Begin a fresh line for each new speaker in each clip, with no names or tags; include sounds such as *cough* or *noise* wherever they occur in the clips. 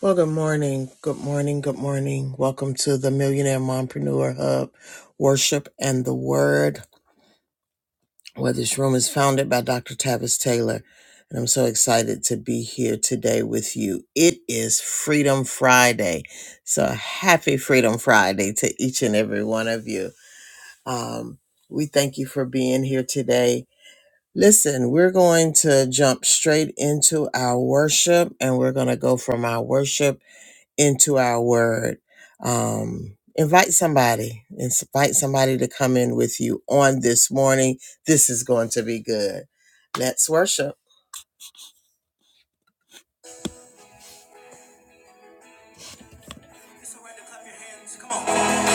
Well, good morning. Good morning. Good morning. Welcome to the Millionaire Mompreneur Hub Worship and the Word, where this room is founded by Dr. Tavis Taylor. And I'm so excited to be here today with you. It is Freedom Friday. So happy Freedom Friday to each and every one of you. Um, we thank you for being here today. Listen, we're going to jump straight into our worship and we're going to go from our worship into our word. Um, invite somebody, invite somebody to come in with you on this morning. This is going to be good. Let's worship. It's all right to clap your hands. Come on.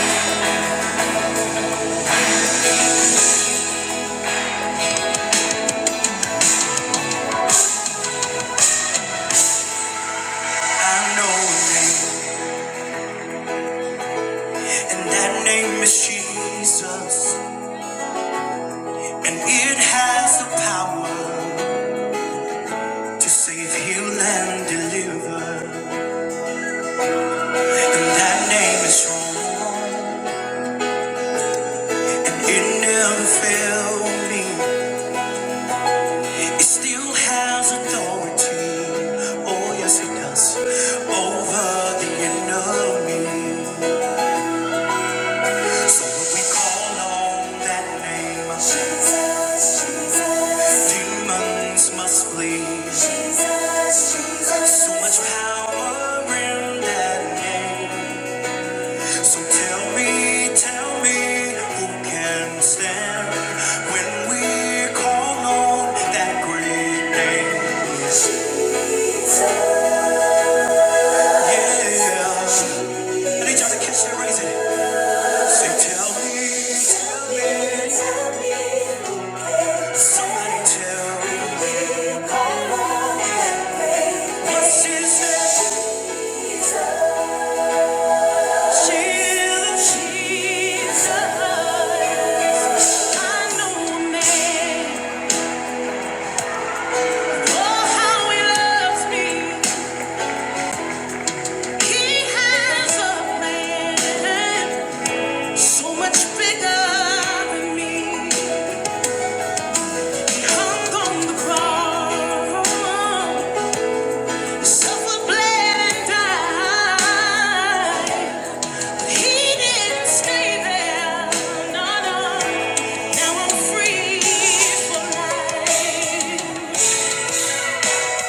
I know a name, and that name is Jesus, and it has the power to save, heal, and deliver. And that name is strong, and it never failed me. It still has authority. Oh, yes, it does. Over the enemy. So when we call on that name, of Jesus, Jesus, demons must flee. So much power in that name. So tell me, tell me, who can stand when we call on that great name? Yeah. They try to catch and raise Say, tell me, tell me, somebody tell me. what What's his She's Jesus. Jesus. I know a man. Oh, how he loves me. He has a plan so much bigger than me. Hung on the cross. Suffer, bled, and died. He didn't stay there. No, no. Now I'm free for life.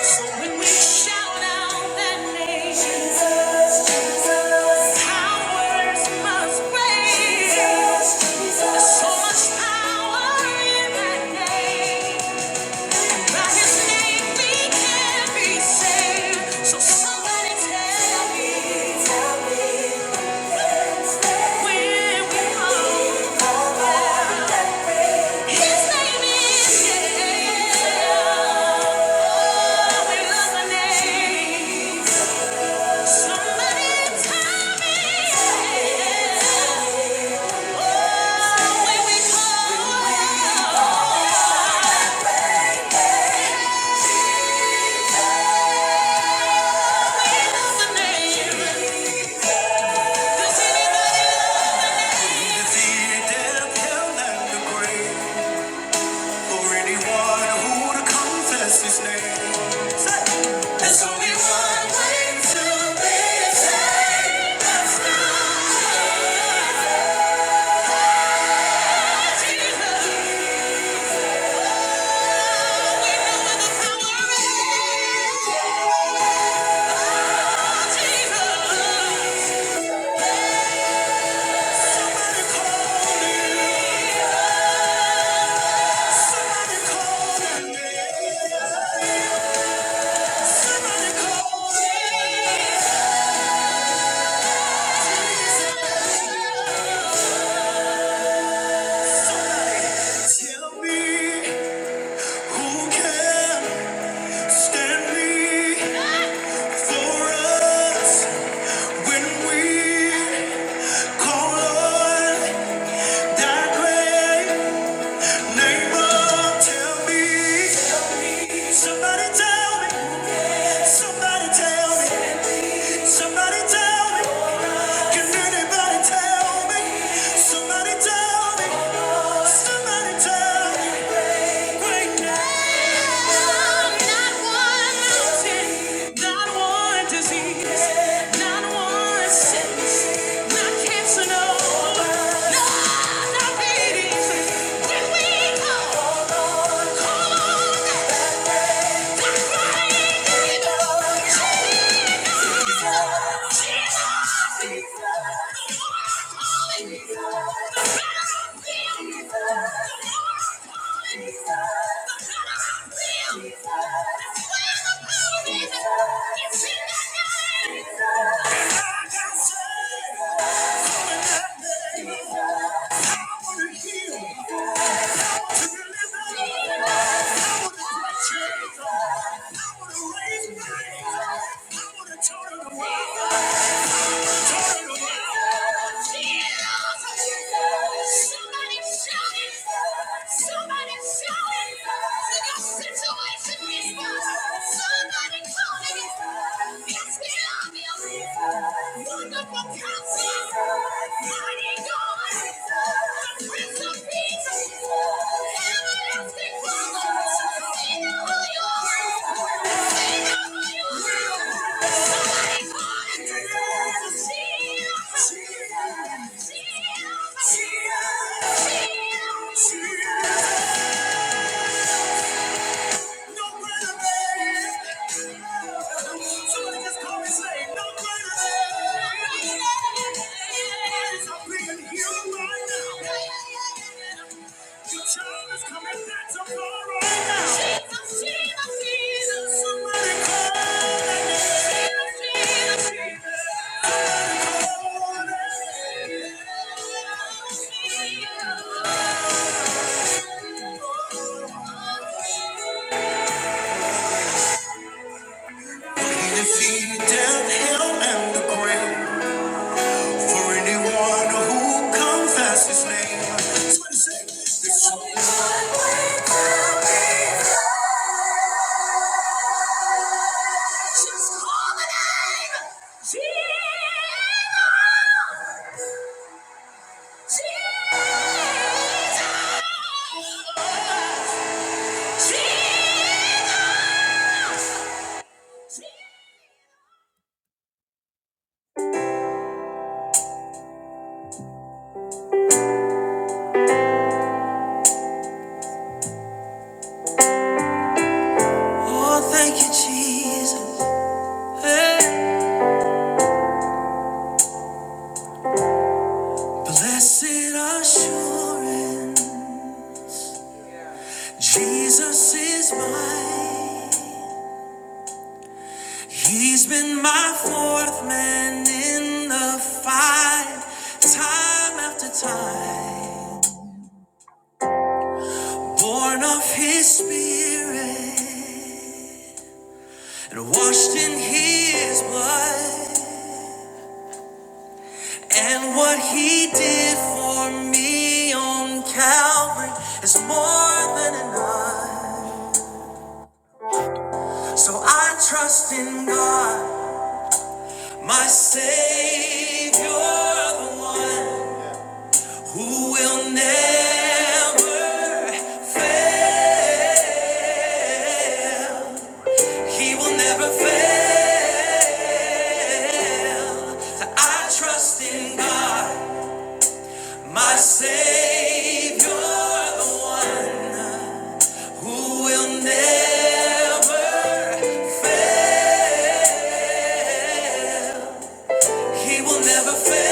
So when we shout out that name, Jesus, Jesus, powers must break. Jesus, Jesus. There's so much power in that name. By His name we can be saved. So somebody tell me, tell me, where we are. His name is Jesus. We love the name. Somebody tell me, where we are. We love the name. Does anybody? There's only one way to be saved. That's Somebody call me. Tell me who can stand me for us when we call on that great name of tell me somebody tell me somebody tell me somebody tell me can anybody tell me somebody tell me somebody tell me Yeah. Jesus, Jesus, the more I fall in love, the better I feel. The more I fall in love, the better I feel. Where the power is, I can sing that name. Wonderful counselor, mighty God, Somebody just call me, say, no greater than. I'm being healed right now. Jesus, Jesus, Jesus. Somebody call that Jesus, Jesus, Jesus. Somebody call that name. Defeated hell, and the grave. For anyone who confesses His name. That's what he said. There's only one way. Just call the name Jesus. Jesus. Jesus. Oh, thank you, Jesus. Hey. Blessed assurance, Jesus is mine. He's been my fourth man in the fight, time after time. Born of his spirit and washed in his blood. And what he did for me on Calvary is more than enough. So I trust in God, my Savior, the one. Who will never fail? He will never fail. So I trust in God, my Savior, the one who will never fail. He will never fail.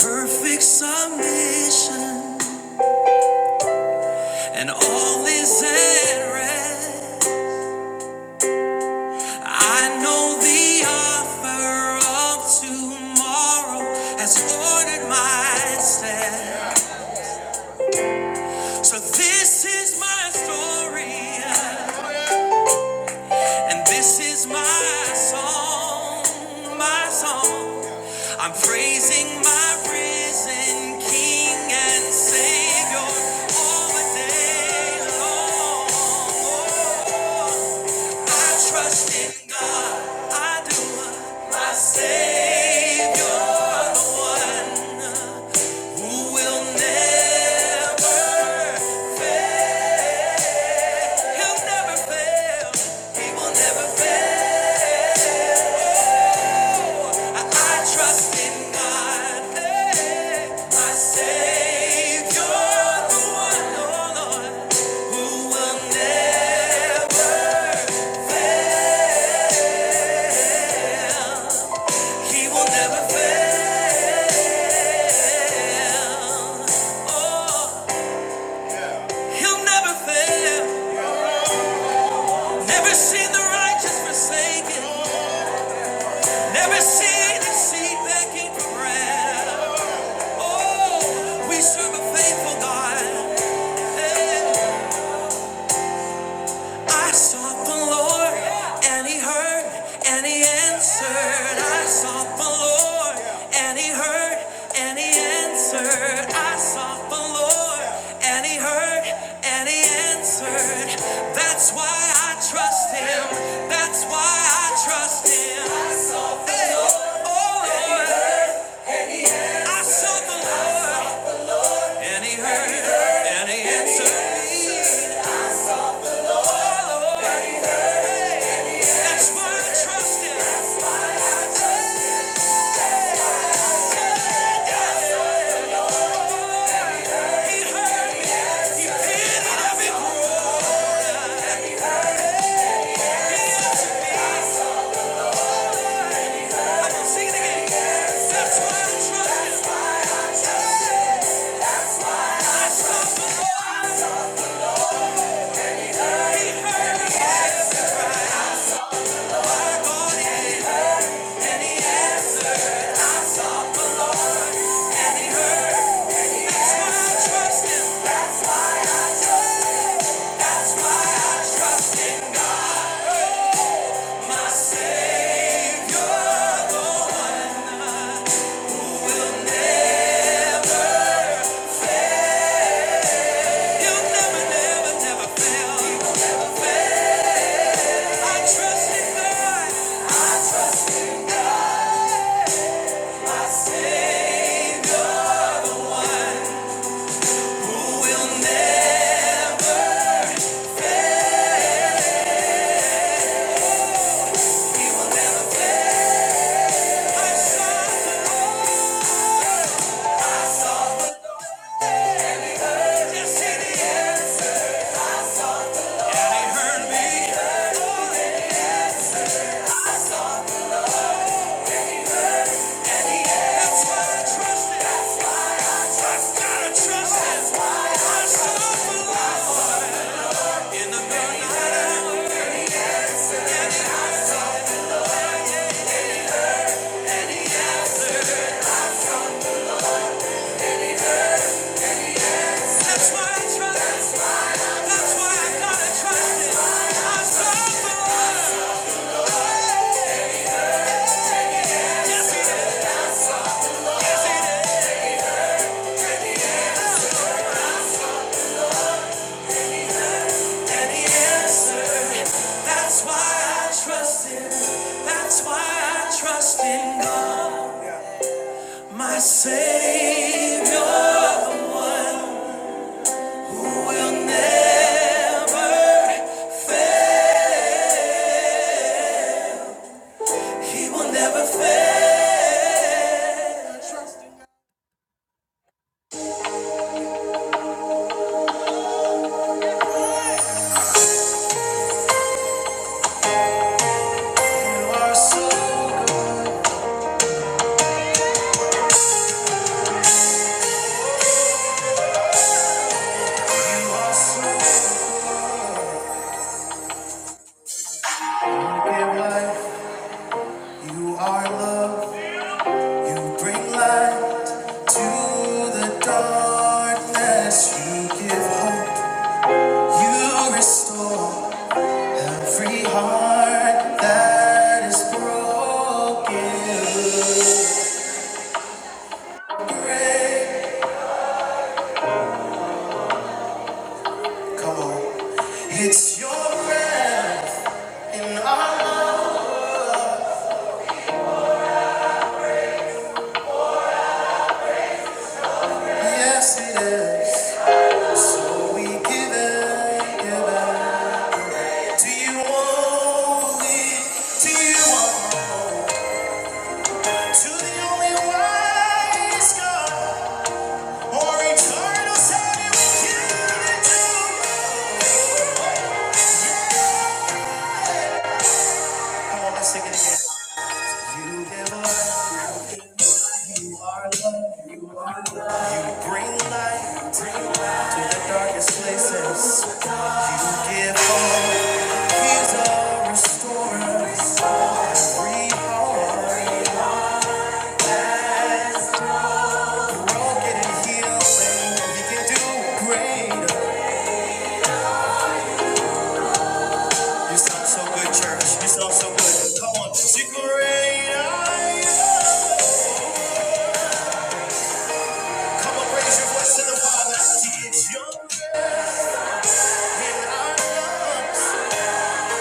Perfect submission. And all is at rest. I know the offer of tomorrow has ordered my steps. So this is my story, yeah. and this is my song, my song. I'm praising my risen King and Savior all the day long. I trust in God. I do. My Savior, the one who will never fail. He'll never fail. He will never fail. I trust in God. My Savior, the one, oh who will never, He will never fail. He'll never fail. Never seen the righteous forsaken. Never seen his seed begging for bread. Oh, we serve a faithful God. Hey. I sought the Lord, and He heard, and He answered. I sought the Lord, and He heard, and He answered. I sought the Lord, and He heard, and He answered. That's why I trust Him. That's why I trust Him. I sought the Hey. Lord, oh Lord, I sought the Lord, and He heard, and He answered me. That's why I trust Him. Never failed. He was saved. My Savior will never fail. He will never fail. You are so, you are so. You give life, you are love. You bring light to the darkness. You give hope. You restore every heart that is broken. Great. Come on. It's your breath in our lungs. Yes, it is. So we give it, give it to you only. To you only. you Come on, let's sing it again. sound so good, church. You sound so good. Come on, sing greater. Come on, raise your voice to the Father. He is young our lungs.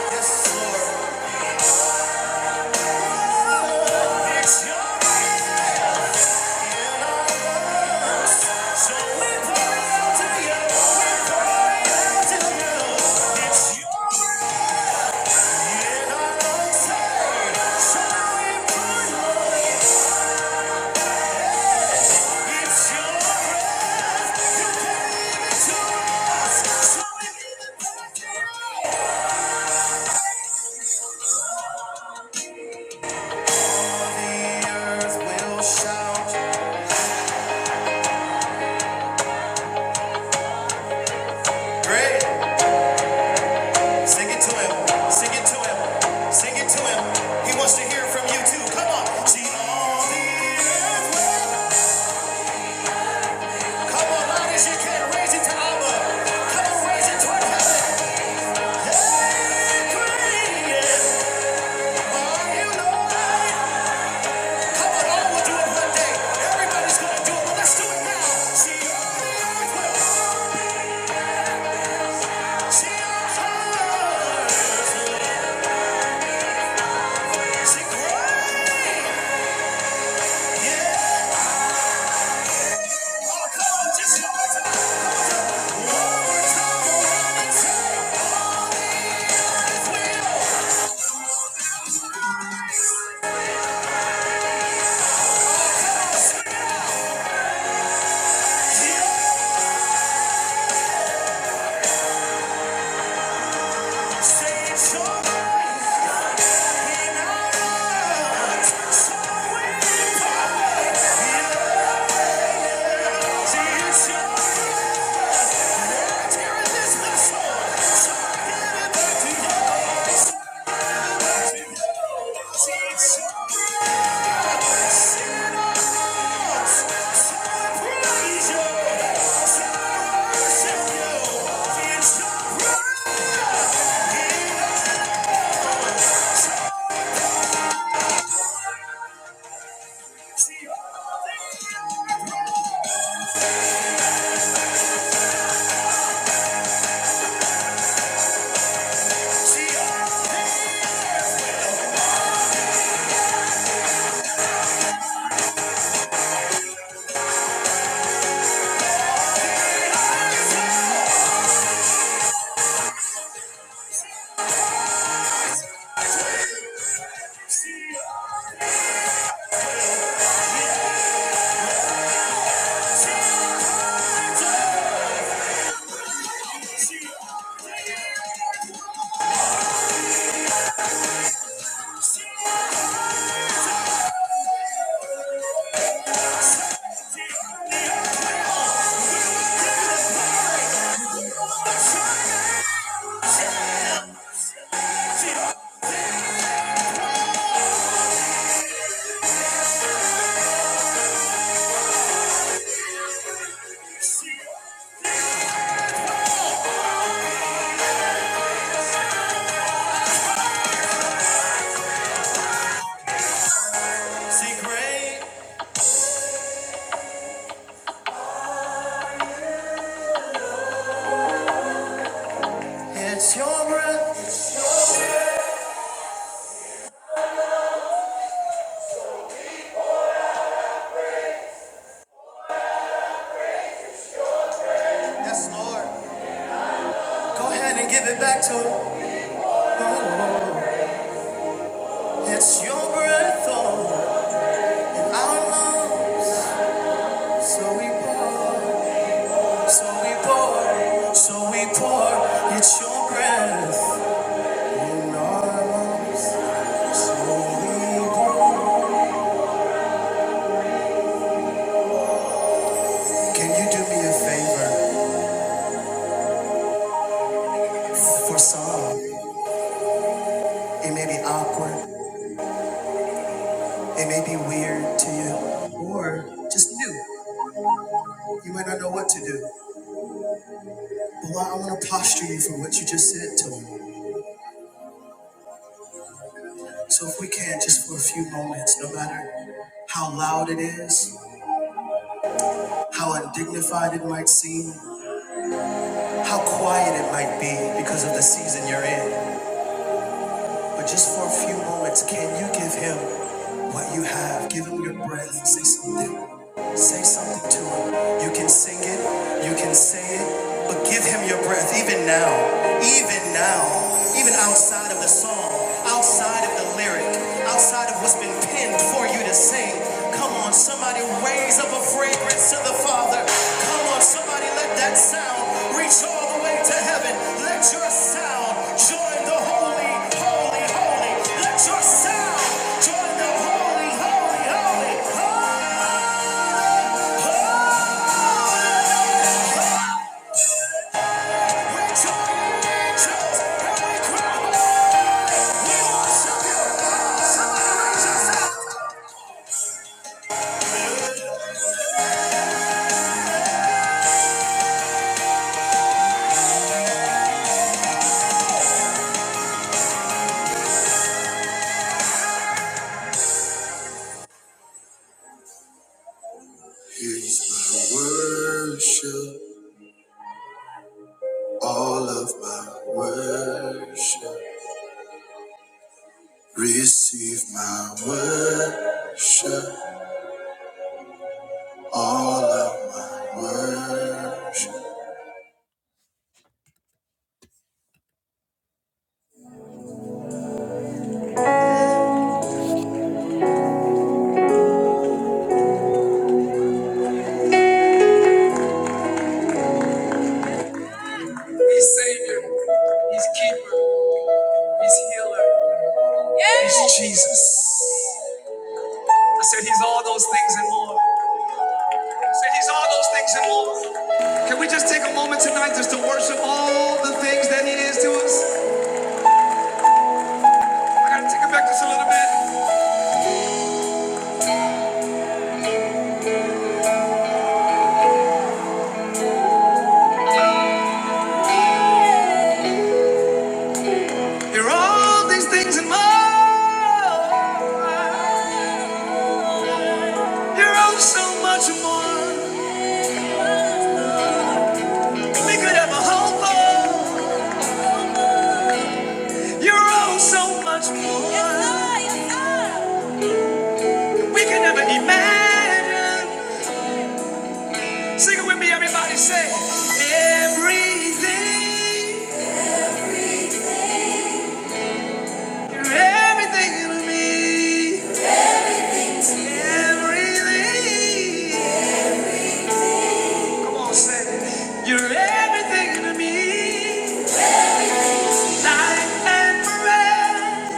Yes, Lord. It's young. So we're pouring out to you. We're pouring out to you. It's young in our lungs. Hey, we pour it out? It's your You gave it to us. So we give it back. Great. Sing it to him. Sing it to him. Sing it to him. He wants to hear from you too. Come on. She on the earth. Come on, loud as you can. Raise it to Abba. Come on, raise it toward heaven. Hey, created, are you Lord? Come on, all will do it one day. Everybody's gonna do it, but let's do it now. She on the earth. will- She on her. She great. Oh, come on, just one more time. One more time around and circle. Yeah. See, great, it's your breath. Yes, Lord. Go ahead and give it back to him. Oh. It's your breath on our lungs, so we pour, so we pour, so we pour. It's your breath in our lungs, so we pour. Can you do me a favor? For some, it may be awkward, it may be weird to you, or just new. You might not know what to do. But why I want to posture you for what you just said to me. So if we can, just for a few moments, no matter how loud it is, How undignified it might seem, how quiet it might be because of the season you're in. But just for a few moments, can you give him what you have? Give him your breath. Say something. Say something to him. You can sing it, you can say it, but give him your breath, even now, even now, even outside of the song, outside of the lyric, outside of what's been penned for you to say. Come on, somebody raise up a fragrance to the Father. Come on, somebody let that sound reach all the way to heaven. Let your sound join the holy, holy, holy. Let your sound join the holy, holy, holy, holy. Worship, worship, receive my worship, all of my worship. He's Savior, He's Keeper, He's Healer, He's Jesus. I said He's all those things and more. I said He's all those things and more. Can we just take a moment tonight just to worship all the things that He is to us? I gotta take it back just a little bit. You're all these things and more. You're all so much more. We could have a whole for. You're all so much more. We could never imagine. Sing it with me, everybody. Say everything. You're everything to me. Everything. Come on, say it. You're everything to me. Life and forever.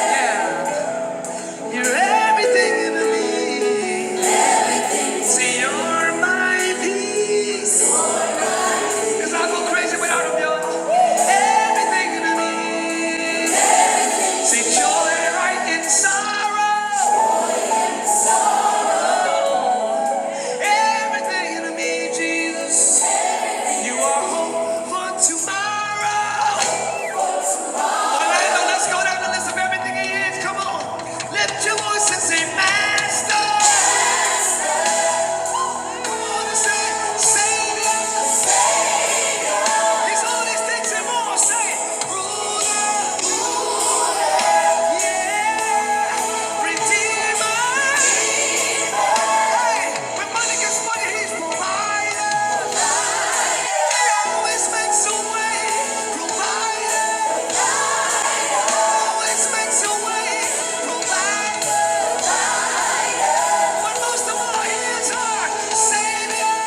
Yeah. You're everything to me. See, you're my peace. 'Cause I go crazy without a Everything to me. See, joy right in sorrow. Everything to me, Jesus. You are hope for tomorrow. let's go down the list of everything he is. Come on. Lift your voice and say, Master. Come on and say, Savior. It's all these things and more. Say, it. ruler, yeah, redeemer. Hey, when money gets money, he's provider. He always makes a way, provider. Always makes a way, provider. When most of all, he is our savior.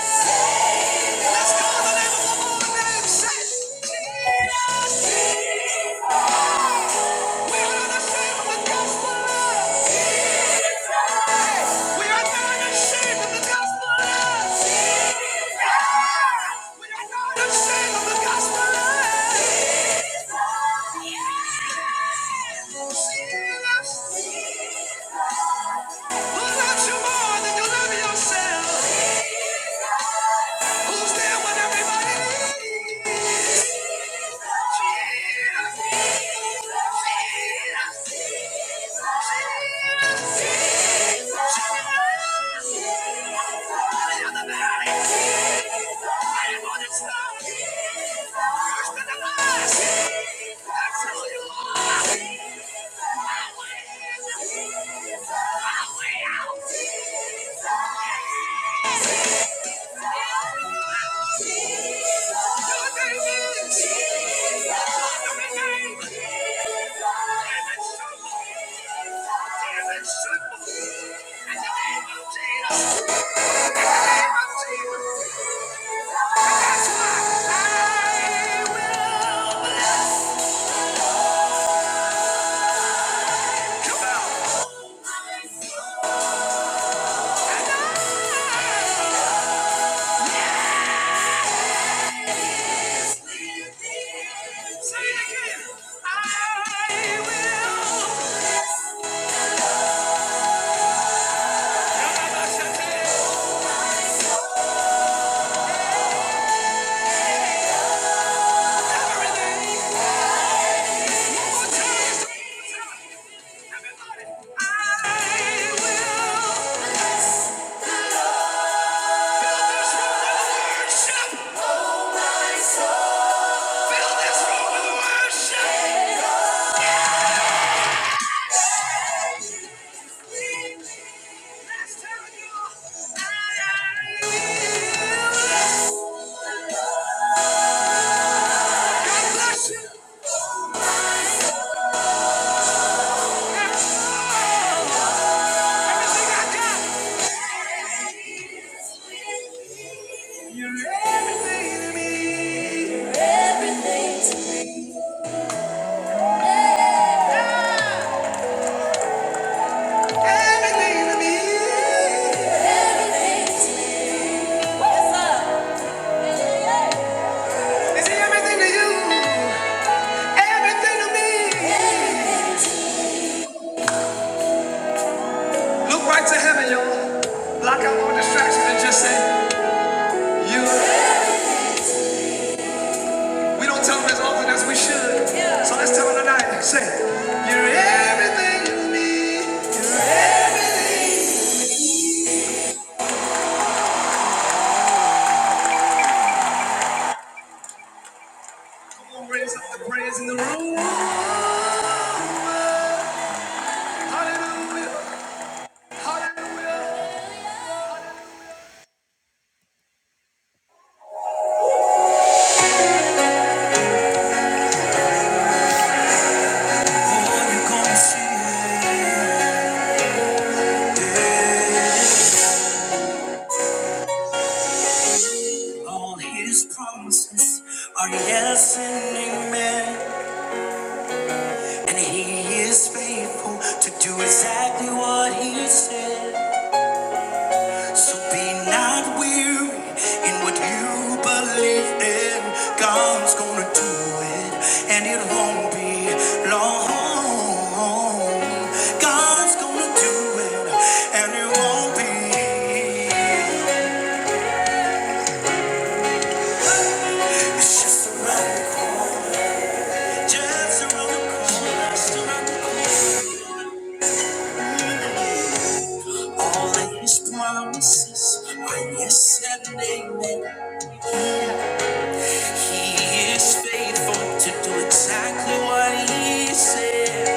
Let's call the name of the Lord name. Say, it. Jesus. We are the same of the gospel. We are not ashamed of the gospel Jesus. We are not ashamed of the gospel of Jesus. Jesus. Jesus. Who loves you more than you love yourself? Who's there when everybody needs? Come on! Say it again. I will. You're everything to me. You're everything to me. Everything to me. What's up? Is everything to you? Everything to me. Look right to heaven, y'all. Block out all distractions and just say, You. We don't tell them as often as we should. Yeah. So let's tell them tonight. Say, You're everything to me. Gonna Raise up the praise in the room. Hallelujah. Hallelujah. All you gonna see all his promises are yes and amen. And he is faithful to do exactly what he said. So be not weary in what you believe in. God's gonna do it, and it won't be long. God's gonna do it, and it won't be. It's just around the corner. Just around the corner. Just around the corner. All of His promises are yes and amen. He is faithful to do exactly what he said.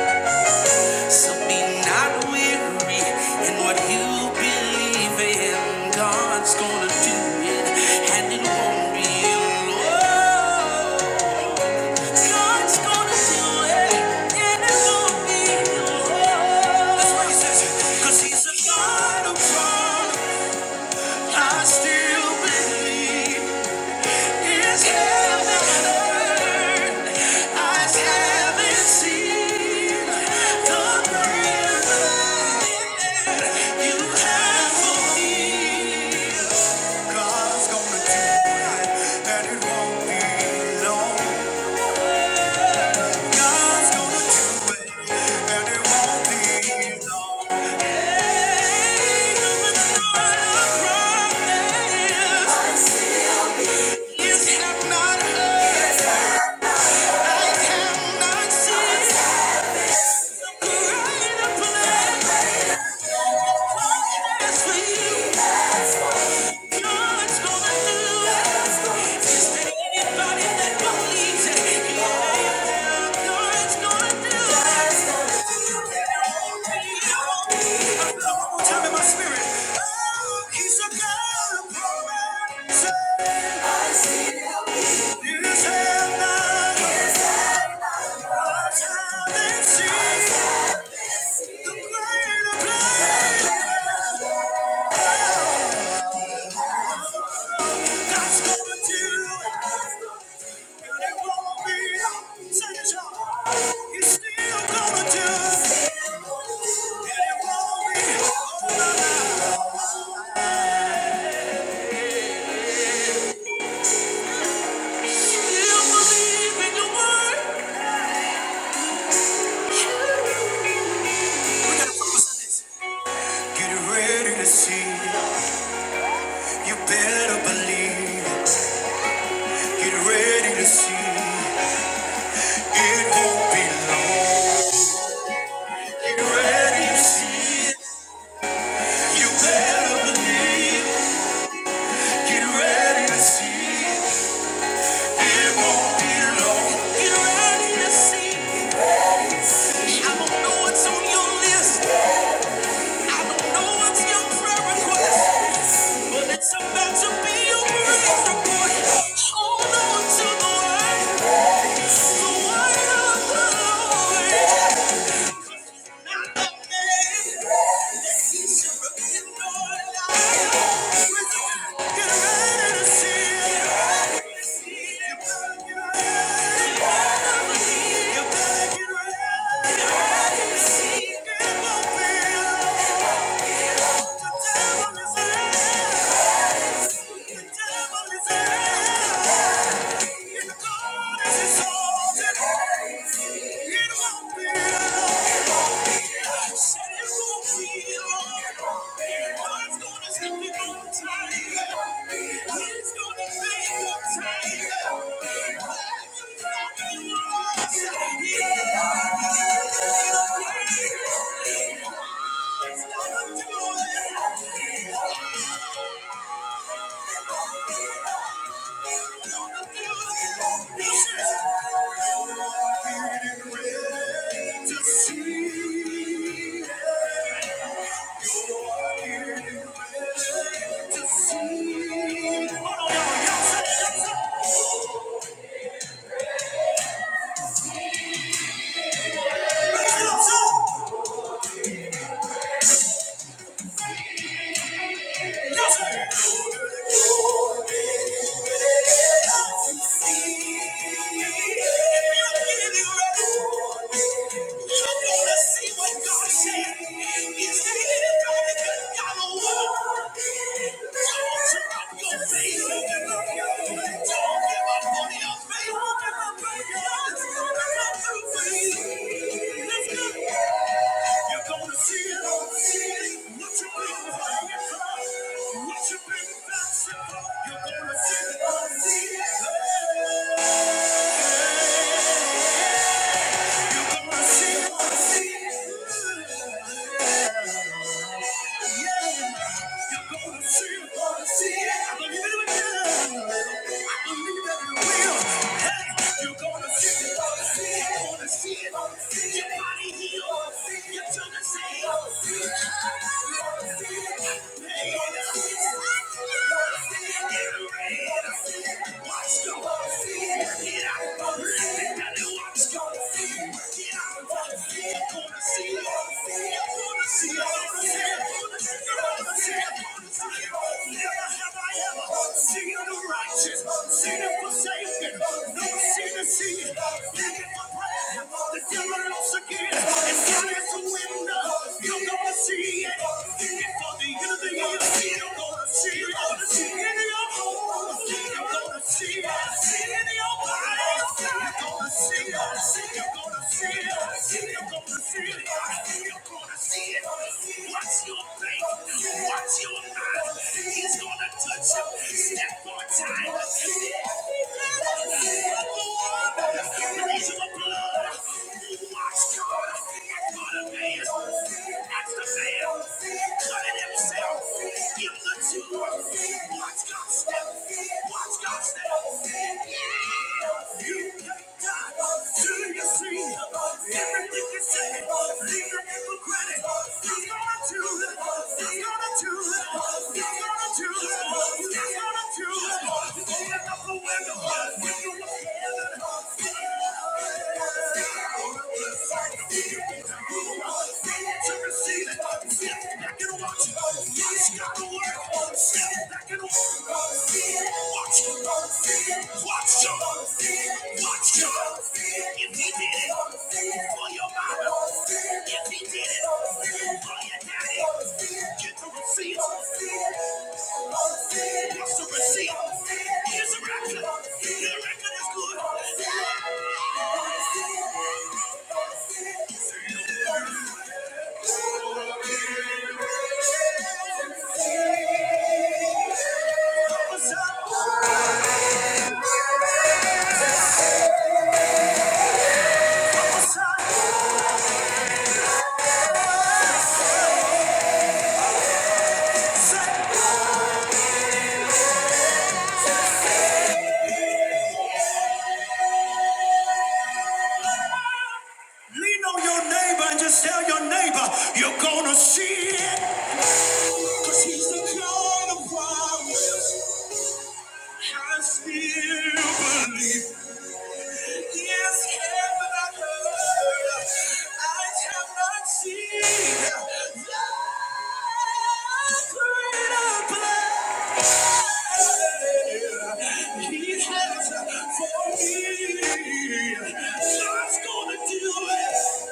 So be not weary in what you believe in. God's gonna do it, and it won't be alone. God's gonna do it, and it won't be alone. That's what he says. 'Cause he's a God of promise. I still believe heaven heard? Eyes haven't seen the greater you have for me. God's gonna do it, and it won't be long. God's gonna do it, and it won't be long. Hey, the promise. You I have not seen. The greater plan God's gonna do. it. Get ready to see, you better believe. Get ready to see, it won't be long. Get ready to see, you better believe. Get ready to see, it won't be long. Get ready to see, I don't know what's on your list. I don't know what's your prayer request, but it's about to be your praise report. Hold on to the word, the word of the Lord. Not of man, that he should your life. Get ready to see Get ready to see You better get ready. You better get ready. Get ready to see It's gonna be Yeah. Thank you. Let's go. You're gonna see it all. What you've been praying for, what you've been fasting for, you're gonna see it all. You're gonna see it all. You're gonna see it all. I believe it. again. I believe that it will. You're gonna see it. You're gonna see it. Your body healed. Your children saved. You're gonna see it. You're gonna see it. You're gonna see it. Get ready. You're gonna see it. Watch the Lord. Work it out. Let it down and watch the Lord. Work it out. You're gonna see it. You're gonna see it. You're gonna see it. You're gonna see it. Never have I ever seed of the righteous, seed of forsaken, no seed of it begging for bread, the devil looks again, and God is a window, you're gonna see it, begging for the end of the year, you're gonna see it, gonna see it in your home, you're gonna see it, see it in your life, you're gonna see it, you're gonna see it, you're gonna see it, you're gonna see it, What's your faith, Watch your eyes. He's gonna touch you. Step on time. Release of the blood. Watch God. That's gonna pay us. That's the man. Cutting himself. Give the two. Watch God step. Watch God step. Yeah. You can't die till you see everything you say. Watch, watch, watch, watch. If he did it for your mama, if he did it for your daddy, get the receipt. What's the receipt? Here's a record. The record is good. What's up? Sunset. Lean on your neighbor and just tell your neighbor you're gonna see it. Cause he's the God of promise. I still believe. Yes, heaven I heard. I have not seen thy greater plan. He has for me. God's gonna do it.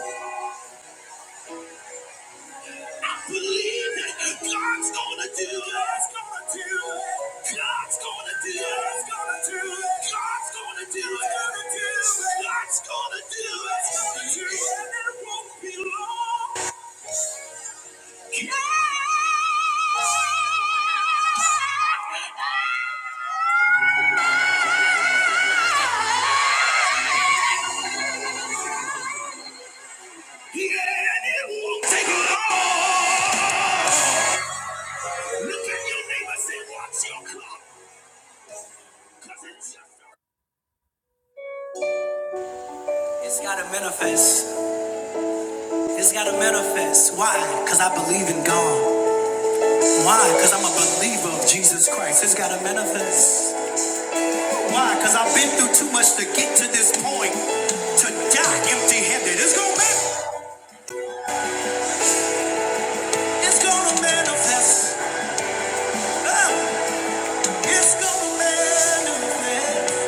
Believe it. God's gonna do it. God's gonna do it. God's gonna do it. God's gonna do it. God's gonna do it. God's Gonna do it. God's Gonna do it. And it won't be long. Yeah. Yeah. It won't. Look at your neighbor. Say, watch your clock. It's gotta manifest. It's gotta manifest. Why? Cause I believe in God. Why? Cause I'm a believer of Jesus Christ. It's gotta manifest. Why? Because I've been through too much to get to this point. To die empty handed. It's gonna manifest. It's gonna manifest. Ah, it's gonna manifest.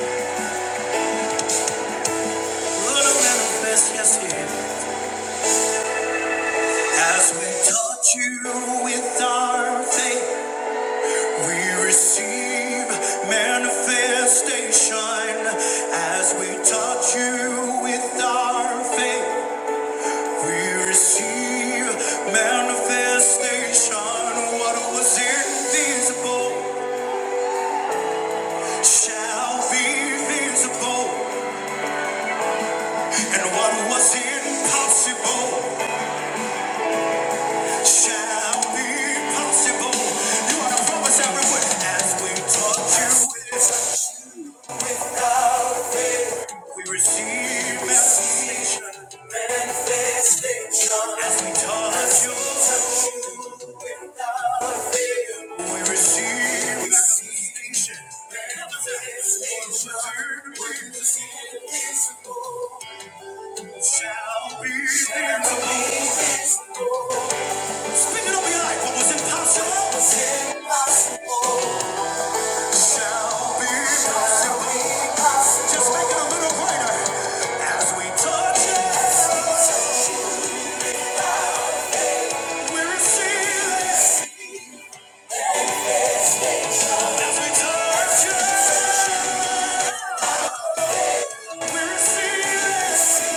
Gonna manifest, yes, yeah. As we touch you with our faith, we receive manifestation. As we touch you with our faith. We receive manifestation. What was invisible shall be visible, and what was impossible shall be possible. You want to promise everyone as we touch you with. God. We receive manifestation, manifestation as we touch you. We receive manifestation, manifestation. Where the invisible shall be visible. Speak it over your life. What Was impossible. shall be possible. Just make it a little greater as we touch it. We receive it. As we touch it, we receive it.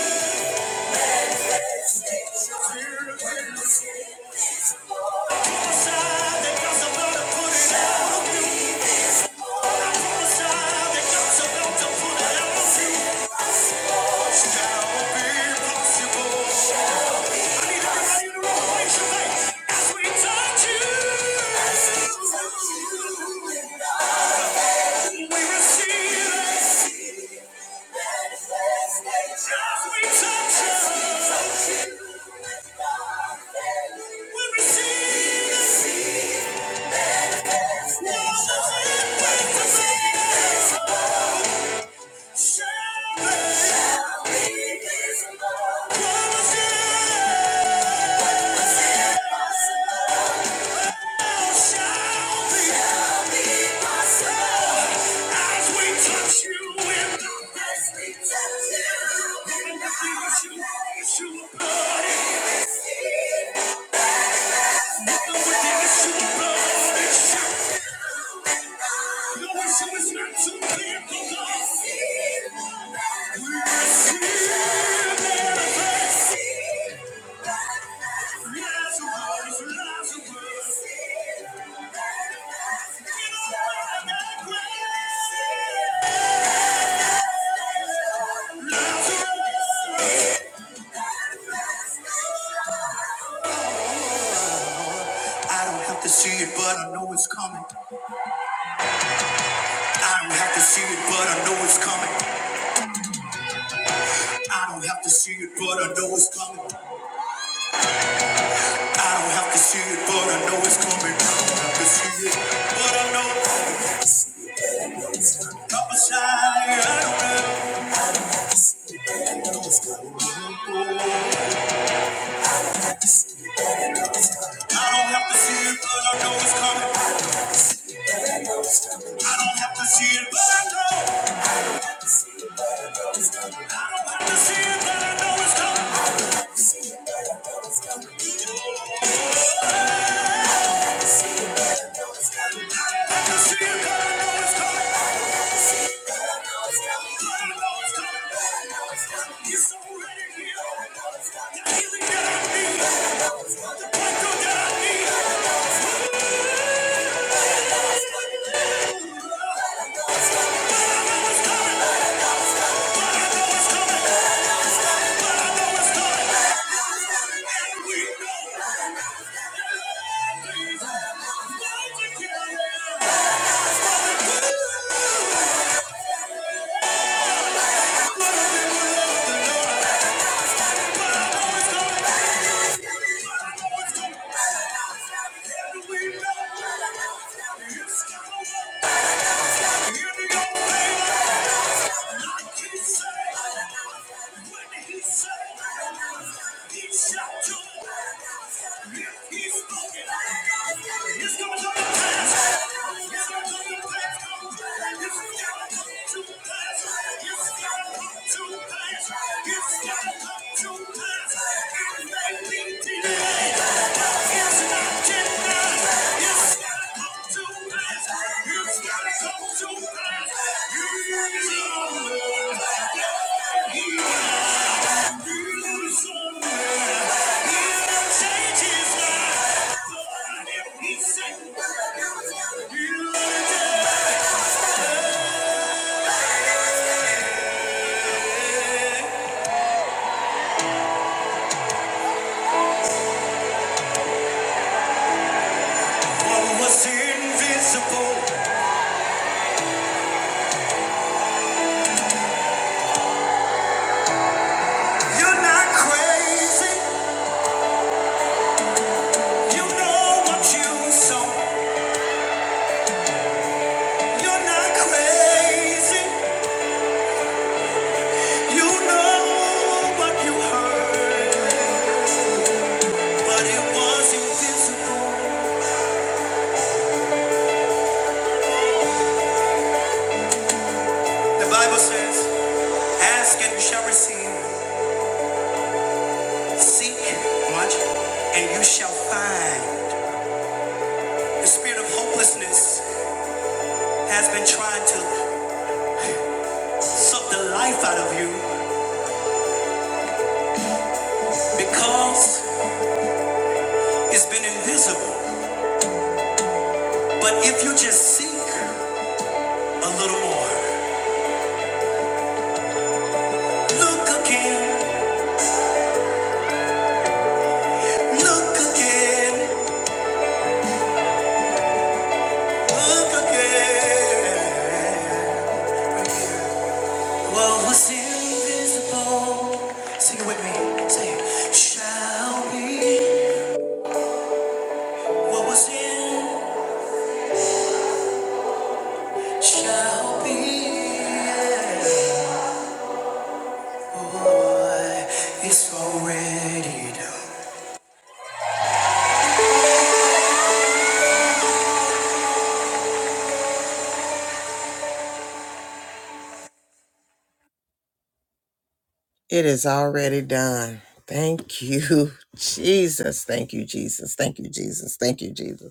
Prophesy that God's to put it out of you. I to put it out be possible. Shall we be visible. we Thank you. I don't have to see it, but I know it's coming. I don't have to see it, but I know it's coming. I don't have to see it, but I know it's coming. I don't have to see it, but I know it's coming. I don't have to see it, but I know. i a shining light on I don't have to see it, but I know it's coming. I don't have to see it, but I know. I don't have to see it, but I know it's coming. I don't have to see it, but I know it's coming. I don't have to see it, but I know it's coming. I don't have to see it, but I know it's coming. I don't have to see it, but I know it's coming. I don't have to see it, but I know it's coming. But I know it's coming. But I know it's coming. It's already here. But I know it's coming. The healing that I need. But I know it's coming. The breakthrough that I need. He's spoken. He's going to the past. He's going to the What was invisible? The Bible says, Ask and you shall receive. Seek, watch, and you shall find. The spirit of hopelessness has been trying to suck the life out of you because it's been invisible. But if you just seek a little more, look again. Yeah. It is already done. Thank you, *laughs* Jesus. Thank you, Jesus. Thank you, Jesus. Thank you, Jesus.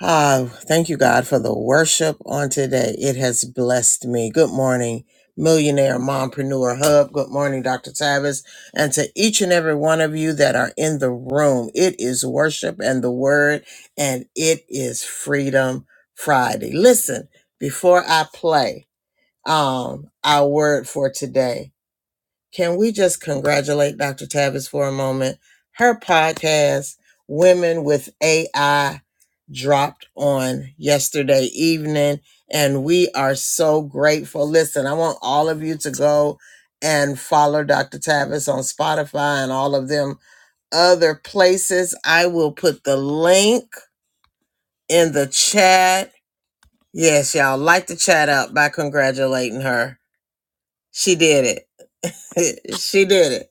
Ah, thank you, God, for the worship on today. It has blessed me. Good morning, Millionaire Mompreneur Hub. Good morning, Dr. Tavis. And to each and every one of you that are in the room, it is worship and the word, and it is Freedom Friday. Listen, before I play um, our word for today, can we just congratulate Dr. Tavis for a moment? Her podcast, Women with AI, dropped on yesterday evening, and we are so grateful. Listen, I want all of you to go and follow Dr. Tavis on Spotify and all of them other places. I will put the link in the chat. Yes, y'all, light the chat up by congratulating her. She did it. *laughs* she did it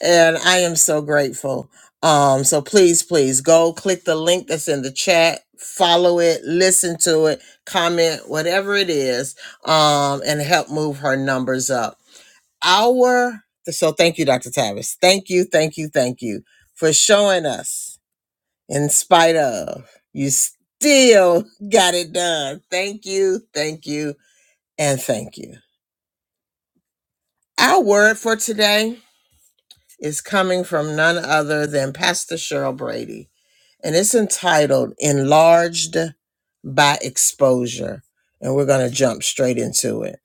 and I am so grateful. Um, so please, please go click the link that's in the chat, follow it, listen to it, comment, whatever it is, um, and help move her numbers up. Our so thank you, Dr. Tavis. Thank you, thank you, thank you for showing us, in spite of you still *laughs* got it done. Thank you, thank you, and thank you. Our word for today is coming from none other than Pastor Cheryl Brady, and it's entitled Enlarged by Exposure. And we're going to jump straight into it.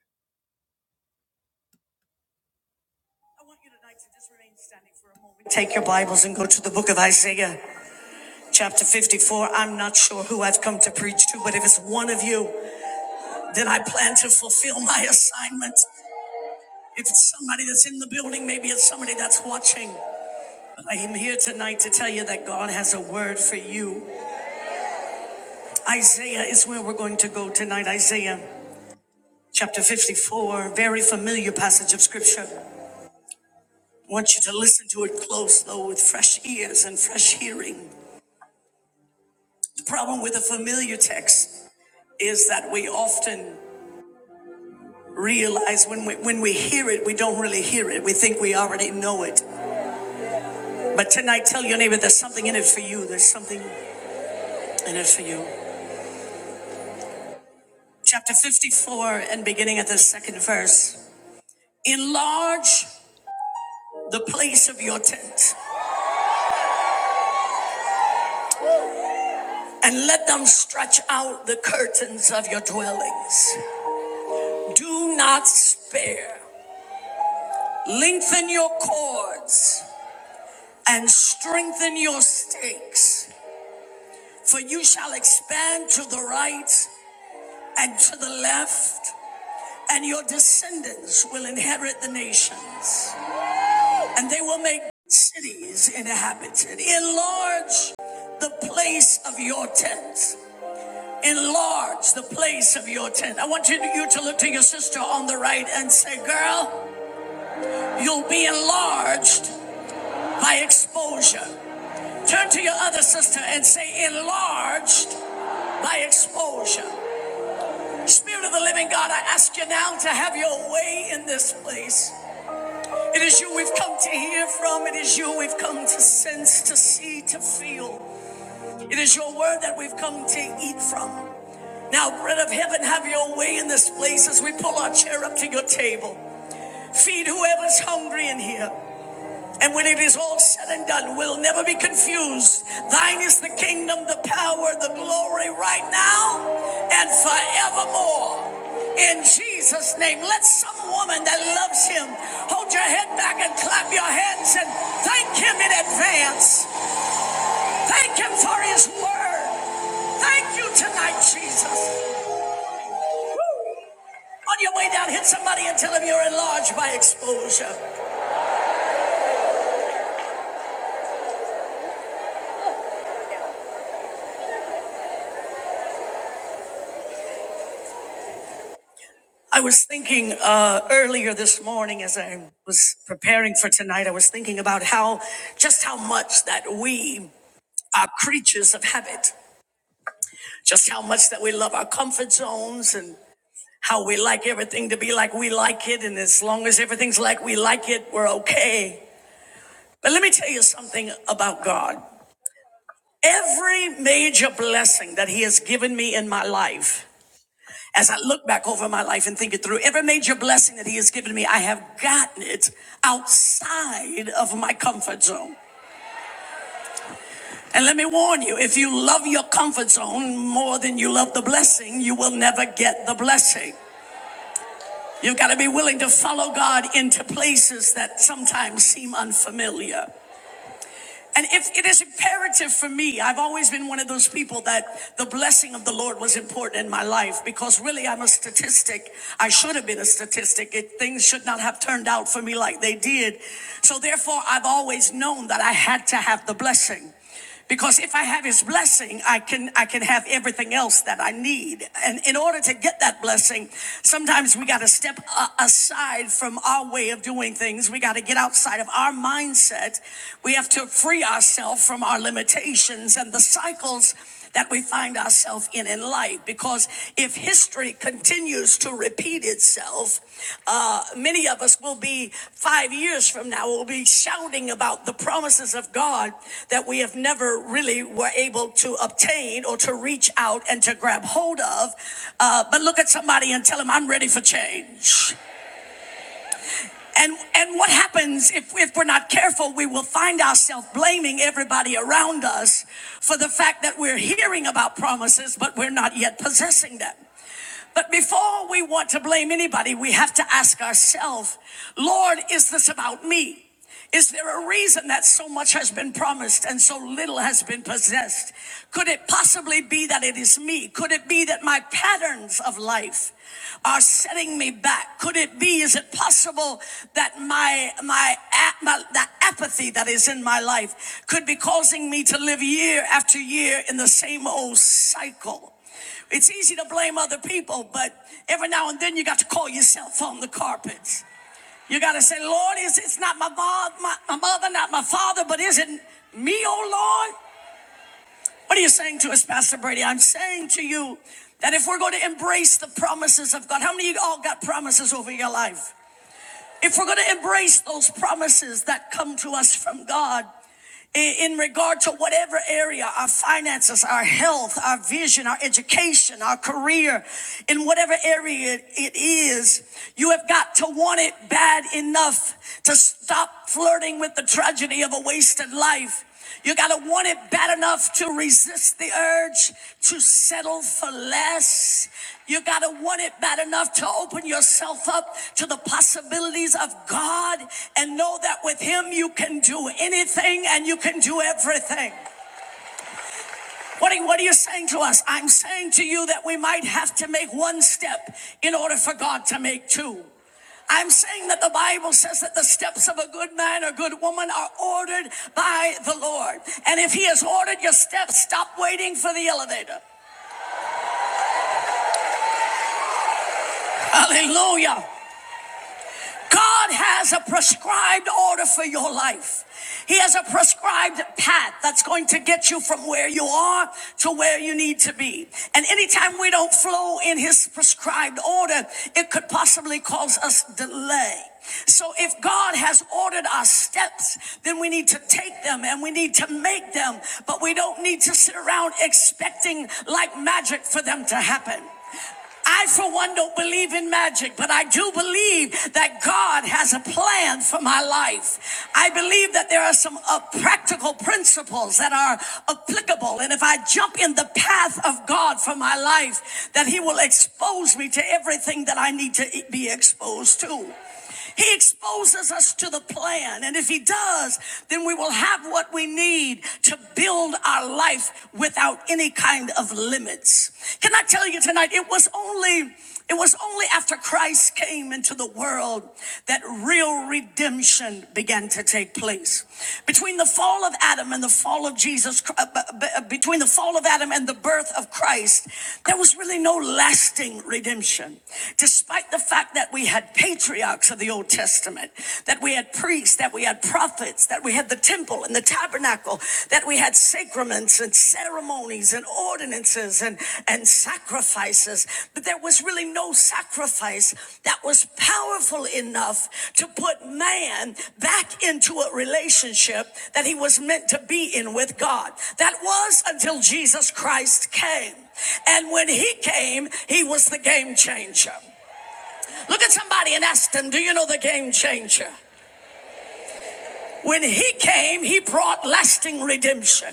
Take your Bibles and go to the book of Isaiah, chapter 54. I'm not sure who I've come to preach to, but if it's one of you, then I plan to fulfill my assignment. If it's somebody that's in the building, maybe it's somebody that's watching. But I am here tonight to tell you that God has a word for you. Isaiah is where we're going to go tonight. Isaiah chapter 54, very familiar passage of scripture. I want you to listen to it close, though, with fresh ears and fresh hearing. The problem with a familiar text is that we often realize when we, when we hear it, we don't really hear it. We think we already know it. But tonight, tell your neighbor there's something in it for you. There's something in it for you. Chapter 54, and beginning at the second verse Enlarge the place of your tent, and let them stretch out the curtains of your dwellings. Do not spare. Lengthen your cords and strengthen your stakes, for you shall expand to the right and to the left, and your descendants will inherit the nations, and they will make cities inhabited. Enlarge the place of your tent. Enlarge the place of your tent. I want you to, you to look to your sister on the right and say, Girl, you'll be enlarged by exposure. Turn to your other sister and say, enlarged by exposure. Spirit of the living God, I ask you now to have your way in this place. It is you we've come to hear from, it is you we've come to sense, to see, to feel. It is your word that we've come to eat from. Now, bread of heaven, have your way in this place as we pull our chair up to your table. Feed whoever's hungry in here. And when it is all said and done, we'll never be confused. Thine is the kingdom, the power, the glory right now and forevermore. In Jesus' name, let some woman that loves him hold your head back and clap your hands and thank him in advance. Thank him for his word. Thank you tonight, Jesus. On your way down, hit somebody and tell them you're enlarged by exposure. I was thinking uh, earlier this morning as I was preparing for tonight, I was thinking about how just how much that we are creatures of habit, just how much that we love our comfort zones and how we like everything to be like we like it. And as long as everything's like we like it, we're okay. But let me tell you something about God. Every major blessing that He has given me in my life As I look back over my life and think it through, every major blessing that He has given me, I have gotten it outside of my comfort zone. And let me warn you, if you love your comfort zone more than you love the blessing, you will never get the blessing. You've got to be willing to follow God into places that sometimes seem unfamiliar. And if it is imperative for me, I've always been one of those people that the blessing of the Lord was important in my life because really I'm a statistic. I should have been a statistic. It, things should not have turned out for me like they did. So therefore, I've always known that I had to have the blessing. Because if I have his blessing, I can I can have everything else that I need. And in order to get that blessing, sometimes we got to step aside from our way of doing things. We got to get outside of our mindset. We have to free ourselves from our limitations and the cycles that we find ourselves in in life because if history continues to repeat itself, uh, many of us will be five years from now, will be shouting about the promises of God that we have never really were able to obtain or to reach out and to grab hold of. Uh, but look at somebody and tell them, I'm ready for change. And, and what happens if, if we're not careful, we will find ourselves blaming everybody around us for the fact that we're hearing about promises, but we're not yet possessing them. But before we want to blame anybody, we have to ask ourselves, Lord, is this about me? Is there a reason that so much has been promised and so little has been possessed? Could it possibly be that it is me? Could it be that my patterns of life are setting me back? Could it be, is it possible that my, my, my that apathy that is in my life could be causing me to live year after year in the same old cycle? It's easy to blame other people, but every now and then you got to call yourself on the carpet. You got to say, Lord, is it's not my, vo- my, my mother, not my father, but is it me, oh Lord? What are you saying to us, Pastor Brady? I'm saying to you that if we're going to embrace the promises of God, how many of you all got promises over your life? If we're going to embrace those promises that come to us from God in regard to whatever area, our finances, our health, our vision, our education, our career, in whatever area it is, you have got to want it bad enough to stop flirting with the tragedy of a wasted life. You got to want it bad enough to resist the urge to settle for less. You got to want it bad enough to open yourself up to the possibilities of God and know that with Him you can do anything and you can do everything. What are, what are you saying to us? I'm saying to you that we might have to make one step in order for God to make two. I'm saying that the Bible says that the steps of a good man or good woman are ordered by the Lord. And if He has ordered your steps, stop waiting for the elevator. Hallelujah. God has a prescribed order for your life. He has a prescribed path that's going to get you from where you are to where you need to be. And anytime we don't flow in His prescribed order, it could possibly cause us delay. So if God has ordered our steps, then we need to take them and we need to make them, but we don't need to sit around expecting like magic for them to happen. I, for one, don't believe in magic, but I do believe that God has a plan for my life. I believe that there are some uh, practical principles that are applicable. And if I jump in the path of God for my life, that He will expose me to everything that I need to e, be exposed to. He exposes us to the plan. And if He does, then we will have what we need to build our life without any kind of limits. Can I tell you tonight, it was only it was only after Christ came into the world that real redemption began to take place. Between the fall of Adam and the fall of Jesus, uh, between the fall of Adam and the birth of Christ, there was really no lasting redemption. Despite the fact that we we had patriarchs of the Old Testament, that we had priests, that we had prophets, that we had the temple and the tabernacle, that we had sacraments and ceremonies and ordinances and, and sacrifices. But there was really no sacrifice that was powerful enough to put man back into a relationship that he was meant to be in with God. That was until Jesus Christ came. And when he came, he was the game changer. Look at somebody and ask them, Do you know the game changer? When he came, he brought lasting redemption.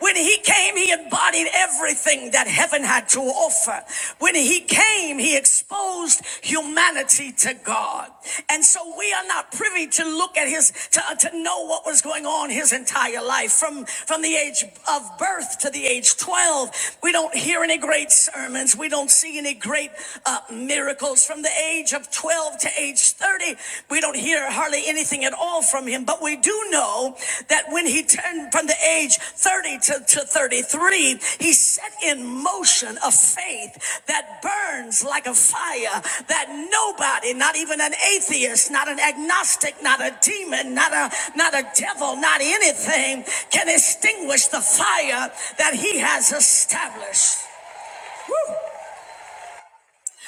When he came, he embodied everything that heaven had to offer. When he came, he exposed humanity to God. And so we are not privy to look at his, to, uh, to know what was going on his entire life. From, from the age of birth to the age 12, we don't hear any great sermons. We don't see any great uh, miracles. From the age of 12 to age 30, we don't hear hardly anything at all from him, but we do know that when he turned from the age 30 to, to 33, he set in motion a faith that burns like a fire that nobody, not even an atheist, not an agnostic, not a demon, not a, not a devil, not anything can extinguish the fire that he has established. Woo!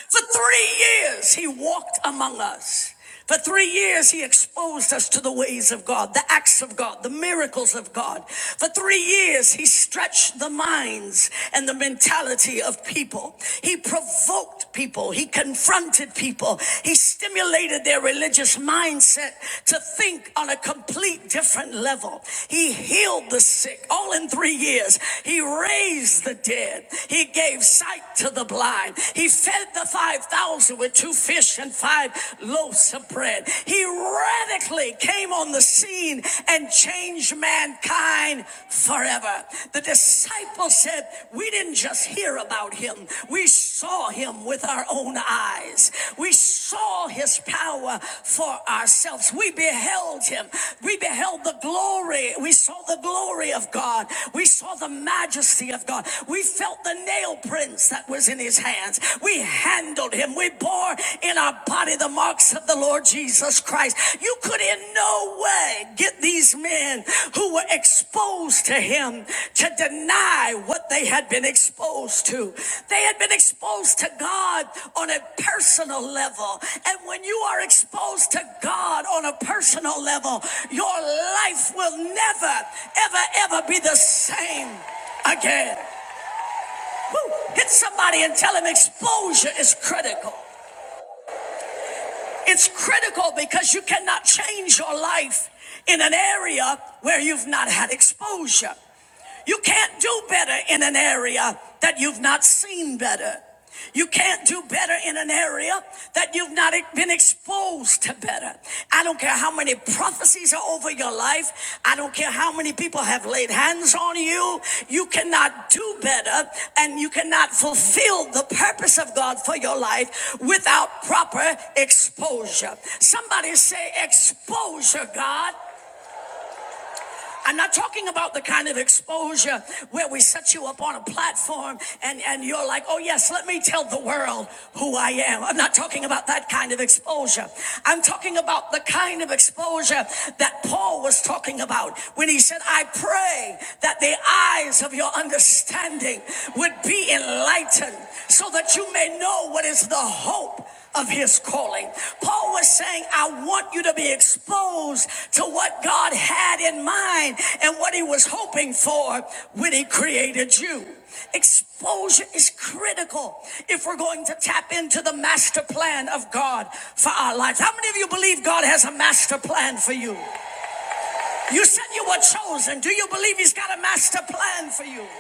For three years, he walked among us. For three years, he exposed us to the ways of God, the acts of God, the miracles of God. For three years, he stretched the minds and the mentality of people. He provoked people. He confronted people. He stimulated their religious mindset to think on a complete different level. He healed the sick all in three years. He raised the dead. He gave sight to the blind line. He fed the 5,000 with two fish and five loaves of bread. He radically came on the scene and changed mankind forever. The disciples said, We didn't just hear about him, we saw him with our own eyes. We saw his power for ourselves. We beheld him. We beheld the glory. We saw the glory of God. We saw the majesty of God. We felt the nail." nail prints that was in his hands. We handled him. We bore in our body the marks of the Lord Jesus Christ. You could in no way get these men who were exposed to him to deny what they had been exposed to. They had been exposed to God on a personal level. And when you are exposed to God on a personal level, your life will never, ever, ever be the same again. Hit somebody and tell them exposure is critical. It's critical because you cannot change your life in an area where you've not had exposure. You can't do better in an area that you've not seen better. You can't do better in an area that you've not e-, been exposed to better. I don't care how many prophecies are over your life. I don't care how many people have laid hands on you. You cannot do better and you cannot fulfill the purpose of God for your life without proper exposure. Somebody say, Exposure, God. I'm not talking about the kind of exposure where we set you up on a platform and, and you're like, oh, yes, let me tell the world who I am. I'm not talking about that kind of exposure. I'm talking about the kind of exposure that Paul was talking about when he said, I pray that the eyes of your understanding would be enlightened so that you may know what is the hope of his calling. Paul was saying, I want you to be exposed to what God had in mind and what he was hoping for when he created you. Exposure is critical if we're going to tap into the master plan of God for our lives. How many of you believe God has a master plan for you? You said you were chosen. Do you believe he's got a master plan for you?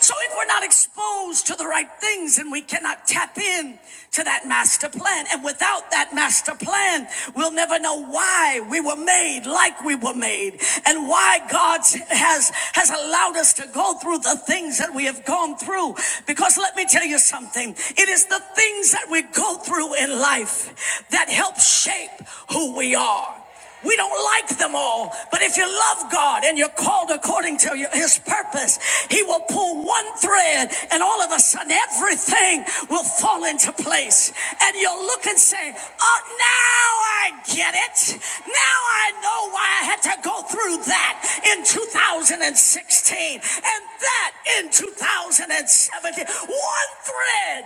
So if we're not exposed to the right things and we cannot tap in to that master plan, and without that master plan, we'll never know why we were made like we were made and why God has, has allowed us to go through the things that we have gone through. Because let me tell you something. It is the things that we go through in life that help shape who we are. We don't like them all, but if you love God and you're called according to His purpose, He will pull one thread and all of a sudden everything will fall into place. And you'll look and say, Oh, now I get it. Now I know why I had to go through that in 2016 and that in 2017. One thread,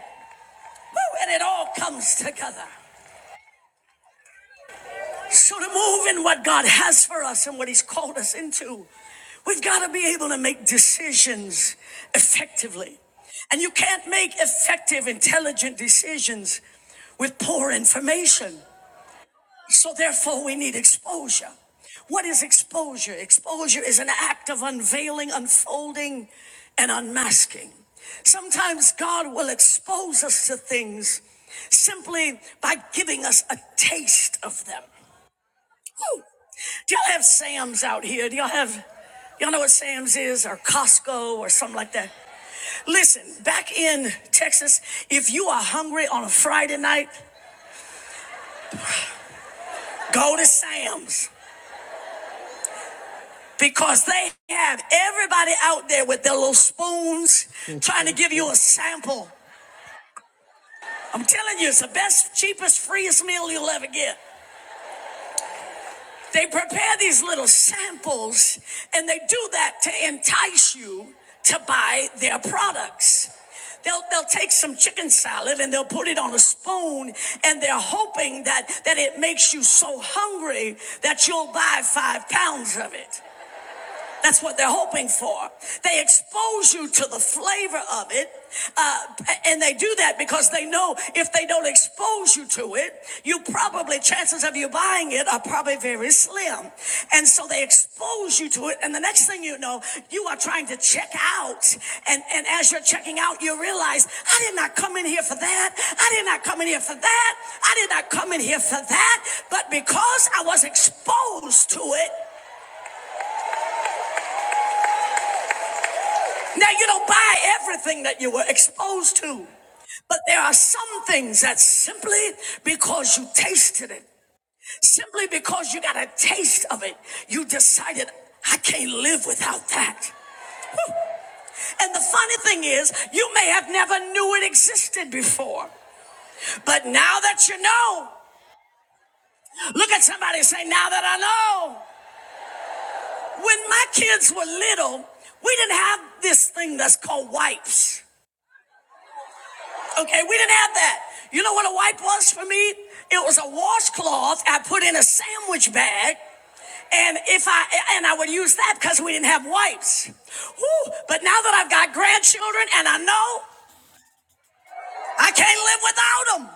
and it all comes together. So to move in what God has for us and what He's called us into, we've got to be able to make decisions effectively. And you can't make effective, intelligent decisions with poor information. So therefore, we need exposure. What is exposure? Exposure is an act of unveiling, unfolding, and unmasking. Sometimes God will expose us to things simply by giving us a taste of them. Woo. Do y'all have Sam's out here? Do y'all have, y'all know what Sam's is or Costco or something like that? Listen, back in Texas, if you are hungry on a Friday night, go to Sam's because they have everybody out there with their little spoons *laughs* trying to give you a sample. I'm telling you, it's the best, cheapest, freest meal you'll ever get. They prepare these little samples and they do that to entice you to buy their products. They'll, they'll take some chicken salad and they'll put it on a spoon and they're hoping that, that it makes you so hungry that you'll buy five pounds of it. That's what they're hoping for. They expose you to the flavor of it. uh, and they do that because they know if they don't expose you to it, you probably, chances of you buying it are probably very slim. And so they expose you to it. And the next thing you know, you are trying to check out. And, and as you're checking out, you realize, I did not come in here for that. I did not come in here for that. I did not come in here for that. But because I was exposed to it, Now, you don't buy everything that you were exposed to, but there are some things that simply because you tasted it, simply because you got a taste of it, you decided, I can't live without that. And the funny thing is, you may have never knew it existed before, but now that you know, look at somebody and say, Now that I know. When my kids were little, we didn't have this thing that's called wipes. Okay, we didn't have that. You know what a wipe was for me? It was a washcloth I put in a sandwich bag. And if I and I would use that because we didn't have wipes. Whew, but now that I've got grandchildren and I know I can't live without them.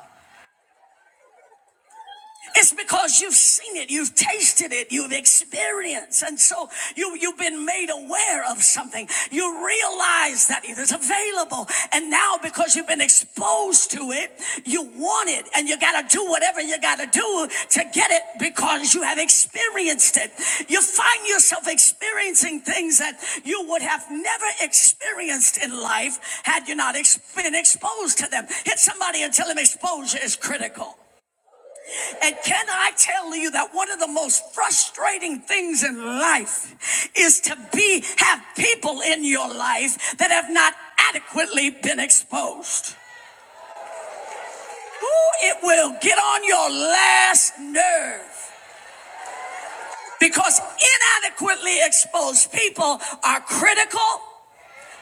It's because you've seen it, you've tasted it, you've experienced, and so you you've been made aware of something. You realize that it is available, and now because you've been exposed to it, you want it, and you gotta do whatever you gotta do to get it because you have experienced it. You find yourself experiencing things that you would have never experienced in life had you not ex- been exposed to them. Hit somebody and tell them exposure is critical. And can I tell you that one of the most frustrating things in life is to be have people in your life that have not adequately been exposed. Ooh, it will get on your last nerve because inadequately exposed people are critical,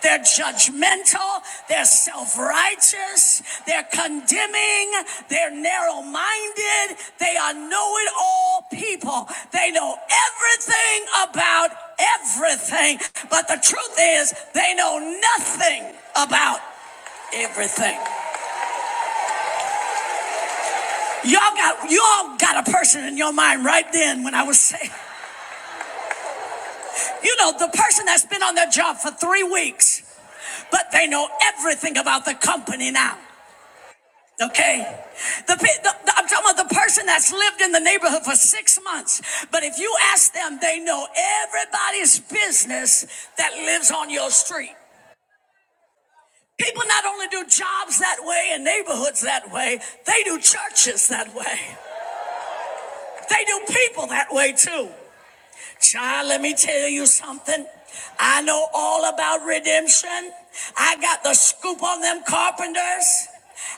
They're judgmental. They're self righteous. They're condemning. They're narrow minded. They are know it all people. They know everything about everything. But the truth is, they know nothing about everything. Y'all got y'all got a person in your mind right then when I was saying, you know, the person that's been on their job for three weeks, but they know everything about the company now. Okay. The, the, the- I'm talking about the person that's lived in the neighborhood for six months. But if you ask them, they know everybody's business that lives on your street. People not only do jobs that way and neighborhoods that way, they do churches that way. They do people that way too. Child, let me tell you something. I know all about redemption. I got the scoop on them carpenters.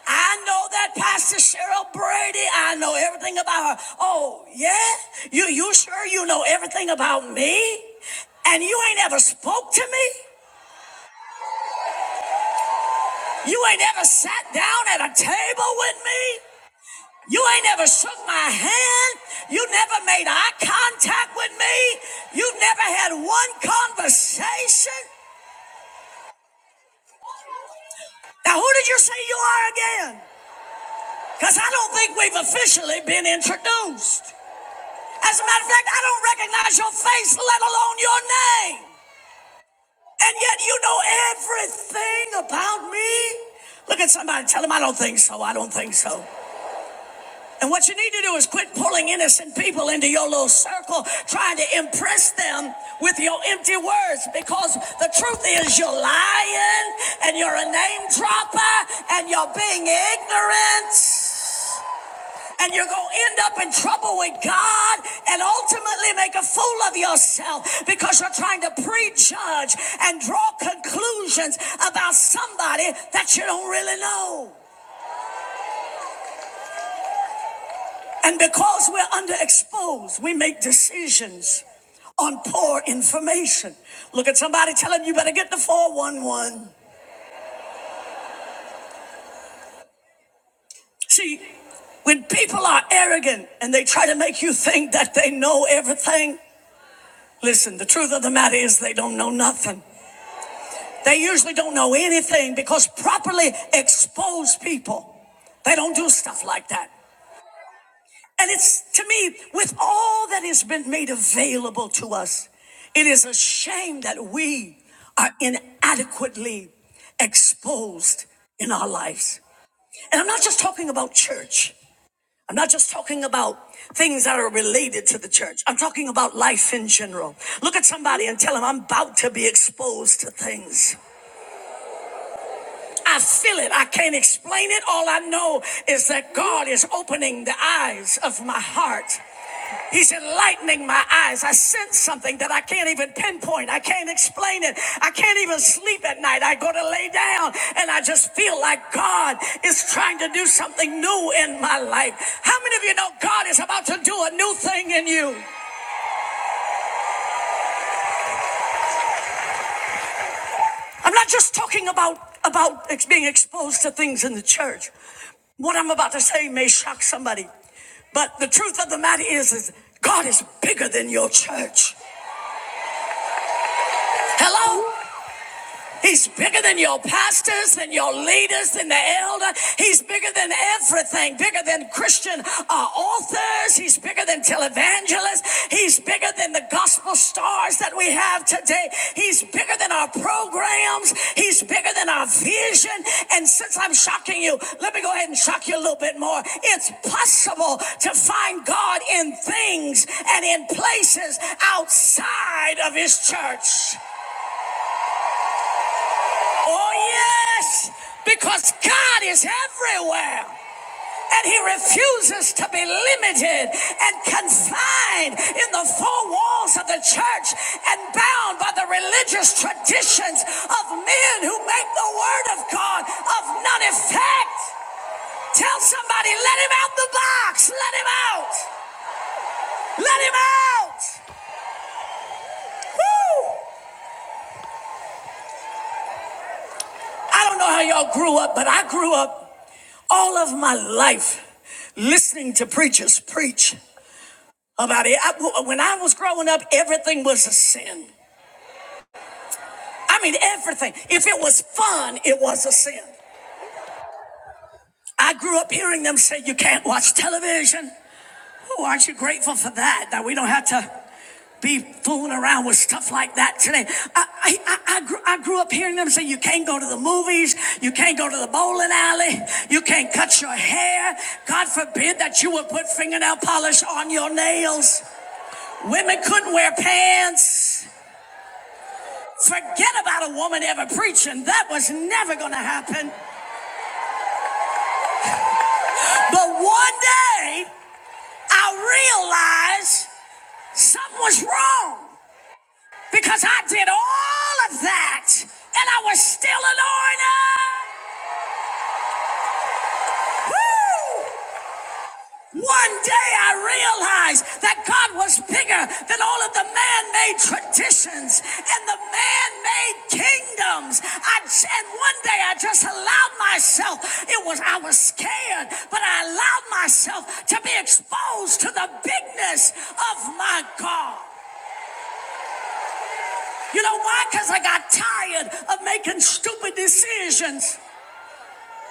I know that Pastor Cheryl Brady. I know everything about her. Oh, yeah? You you sure you know everything about me? And you ain't ever spoke to me? You ain't ever sat down at a table with me. You ain't ever shook my hand. You never made eye contact with me. You never had one conversation. Now, who did you say you are again? Because I don't think we've officially been introduced. As a matter of fact, I don't recognize your face, let alone your name. And yet you know everything about me. Look at somebody, tell them I don't think so. I don't think so. And what you need to do is quit pulling innocent people into your little circle, trying to impress them with your empty words, because the truth is you're lying and you're a name dropper and you're being ignorant. And you're going to end up in trouble with God and ultimately make a fool of yourself because you're trying to prejudge and draw conclusions about somebody that you don't really know. And because we're underexposed, we make decisions on poor information. Look at somebody telling you better get the 411. See, when people are arrogant and they try to make you think that they know everything, listen, the truth of the matter is they don't know nothing. They usually don't know anything because properly exposed people, they don't do stuff like that. And it's to me, with all that has been made available to us, it is a shame that we are inadequately exposed in our lives. And I'm not just talking about church. I'm not just talking about things that are related to the church. I'm talking about life in general. Look at somebody and tell them I'm about to be exposed to things. I feel it. I can't explain it. All I know is that God is opening the eyes of my heart. He's enlightening my eyes. I sense something that I can't even pinpoint. I can't explain it. I can't even sleep at night. I go to lay down and I just feel like God is trying to do something new in my life. How many of you know God is about to do a new thing in you? I'm not just talking about about being exposed to things in the church. What I'm about to say may shock somebody, but the truth of the matter is, is God is bigger than your church. Hello, He's bigger than your pastors and your leaders and the elder. He's bigger than everything, bigger than Christian uh, authors. He's bigger than televangelists. He's bigger than the gospel stars that we have today. He's bigger than our programs. He's bigger than our vision. And since I'm shocking you, let me go ahead and shock you a little bit more. It's possible to find God in things and in places outside of his church. Oh, yes, because God is everywhere. And he refuses to be limited and confined in the four walls of the church and bound by the religious traditions of men who make the word of God of none effect. Tell somebody, let him out the box. Let him out. Let him out. Woo! I don't know how y'all grew up, but I grew up all of my life listening to preachers preach about it. I- when I was growing up, everything was a sin. I mean, everything. If it was fun, it was a sin. I grew up hearing them say you can't watch television. Oh, aren't you grateful for that? That we don't have to be fooling around with stuff like that today. I, I, I, I, grew, I grew up hearing them say you can't go to the movies, you can't go to the bowling alley, you can't cut your hair. God forbid that you would put fingernail polish on your nails. Women couldn't wear pants. Forget about a woman ever preaching. That was never going to happen. But one day, I realized something was wrong because I did all of that and I was still an orphan. Woo! One day I realized that God was bigger than all of the man-made traditions and the man-made kingdoms. I, j- and one day I just allowed myself, it was, I was scared, but I allowed myself to be exposed to the bigness of my God. You know why? Because I got tired of making stupid decisions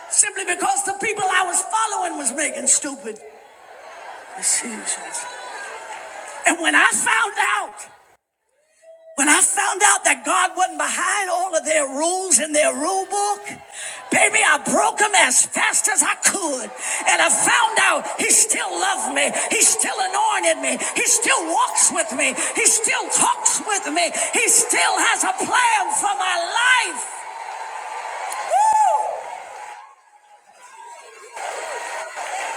simply because the people I was following was making stupid decisions. And when I found out, when I found out that God wasn't behind all of their rules in their rule book, baby, I broke them as fast as I could. And I found out He still loved me. He still anointed me. He still walks with me. He still talks with me. He still has a plan for my life.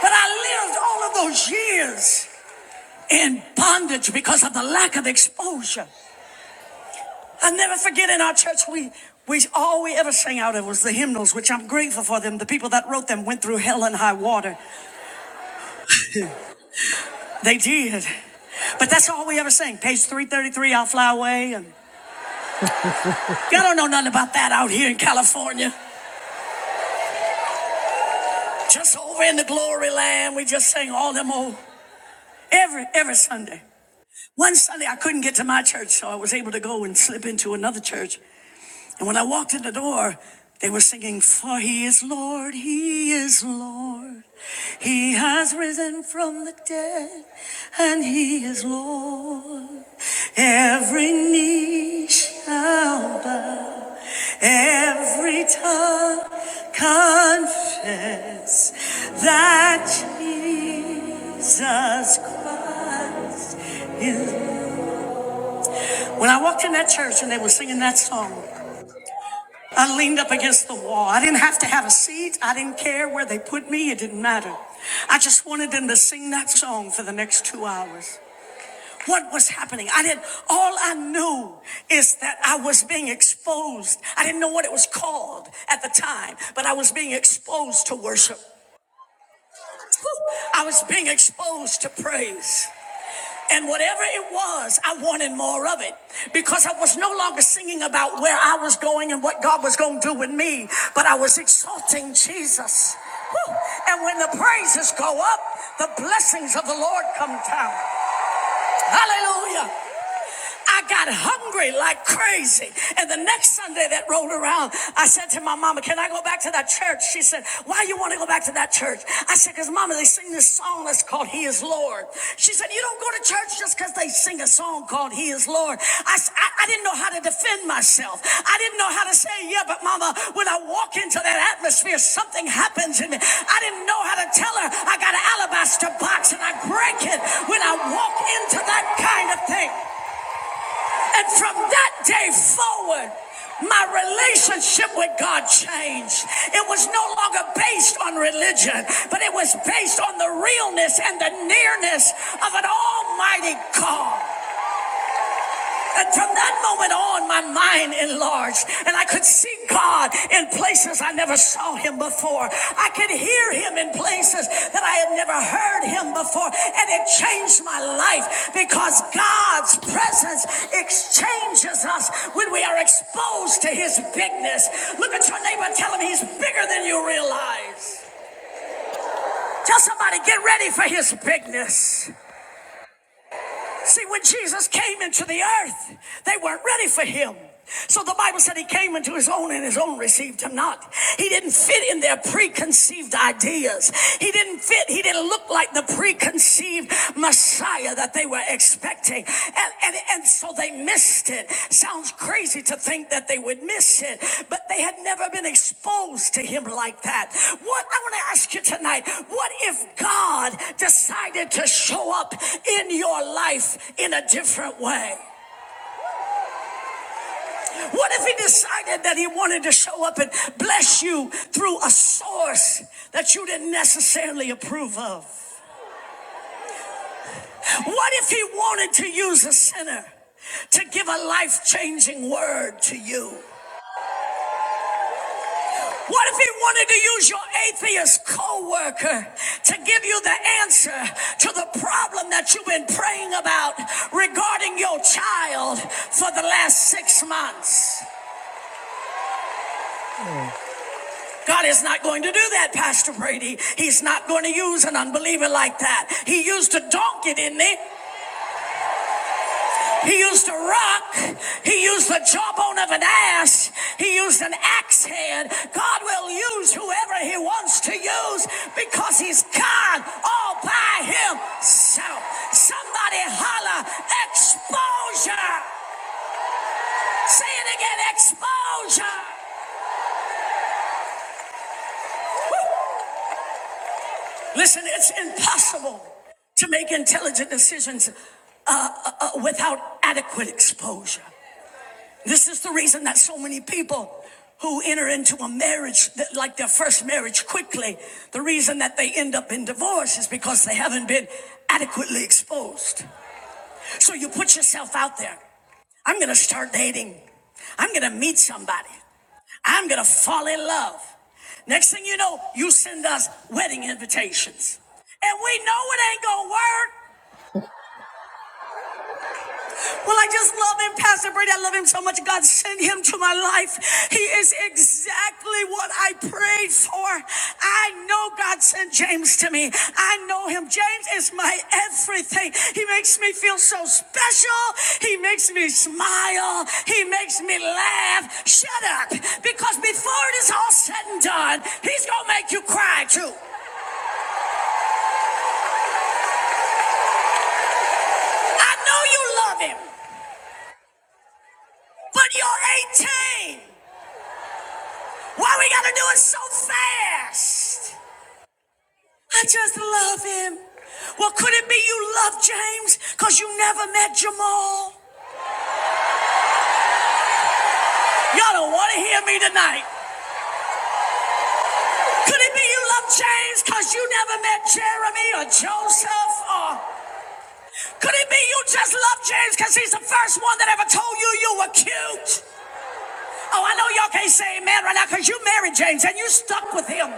But I lived all of those years in bondage because of the lack of exposure. I never forget in our church, we, we all we ever sang out of was the hymnals, which I'm grateful for them. The people that wrote them went through hell and high water. They did. But that's all we ever sang. Page 333, I'll fly away. And y'all don't know nothing about that out here in California. Just over in the glory land, we just sang all them old every every Sunday. One Sunday, I couldn't get to my church, so I was able to go and slip into another church. And when I walked in the door, they were singing, For he is Lord, he is Lord. He has risen from the dead, and he is Lord. Every knee shall bow, Every tongue confess that Jesus Christ is. When I walked in that church and they were singing that song, I leaned up against the wall. I didn't have to have a seat. I didn't care where they put me. It didn't matter. I just wanted them to sing that song for the next two hours what was happening. I didn't, all I knew is that I was being exposed. I didn't know what it was called at the time, but I was being exposed to worship. I was being exposed to praise. And whatever it was, I wanted more of it because I was no longer singing about where I was going and what God was going to do with me, but I was exalting Jesus. Whew. And when the praises go up, the blessings of the Lord come down. Hallelujah. I got hungry like crazy. And the next Sunday that rolled around, I said to my mama, Can I go back to that church? She said, Why you want to go back to that church? I said, Because mama, they sing this song that's called He is Lord. She said, You don't go to church just because they sing a song called He is Lord. I I s- I- I didn't know how to defend myself. I didn't know how to say, Yeah, but mama, when I walk into that atmosphere, something happens in me. I didn't know how to tell her I got an alabaster box and I break it when I walk into that kind of thing. And from that day forward, my relationship with God changed. It was no longer based on religion, but it was based on the realness and the nearness of an almighty God. And from that moment on, my mind enlarged, and I could see God in places I never saw Him before. I could hear Him in places that I had never heard Him before, and it changed my life because God's presence exchanges us when we are exposed to His bigness. Look at your neighbor, and tell him He's bigger than you realize. Tell somebody, get ready for His bigness. See, when Jesus came into the earth, they weren't ready for him. So the Bible said he came into his own and his own received him not. He didn't fit in their preconceived ideas. He didn't fit. He didn't look like the preconceived Messiah that they were expecting. And, and, and so they missed it. Sounds crazy to think that they would miss it, but they had never been exposed to him like that. What I want to ask you tonight what if God decided to show up in your life in a different way? What if he decided that he wanted to show up and bless you through a source that you didn't necessarily approve of? What if he wanted to use a sinner? to give a life changing word to you? What if he wanted to use your atheist coworker to give you the answer to the problem that you've been praying about regarding your child for the last six months? God is not going to do that, Pastor Brady. He's not going to use an unbeliever like that. He used a donkey, didn't he? He used a rock. He used the jawbone of an ass. He used an axe head. God will use whoever He wants to use because He's God all by Himself. Somebody holler, exposure. Say it again, exposure. Listen, it's impossible to make intelligent decisions uh, uh, uh, without adequate exposure. This is the reason that so many people who enter into a marriage, that, like their first marriage, quickly, the reason that they end up in divorce is because they haven't been adequately exposed. So you put yourself out there. I'm going to start dating. I'm going to meet somebody. I'm going to fall in love. Next thing you know, you send us wedding invitations. And we know it ain't going to work. Well, I just love him, Pastor Brady. I love him so much. God sent him to my life. He is exactly what I prayed for. I know God sent James to me. I know him. James is my everything. He makes me feel so special. He makes me smile. He makes me laugh. Shut up. Because before it is all said and done, he's going to make you cry too. I know you love him, but you're 18. Why we gotta do it so fast? I just love him. Well, could it be you love James because you never met Jamal? Y'all don't want to hear me tonight. Could it be you love James because you never met Jeremy or Joseph? Or could it be you just love James because he's the first one that ever told you you were cute? Oh, I know y'all can't say amen right now because you married James and you stuck with him.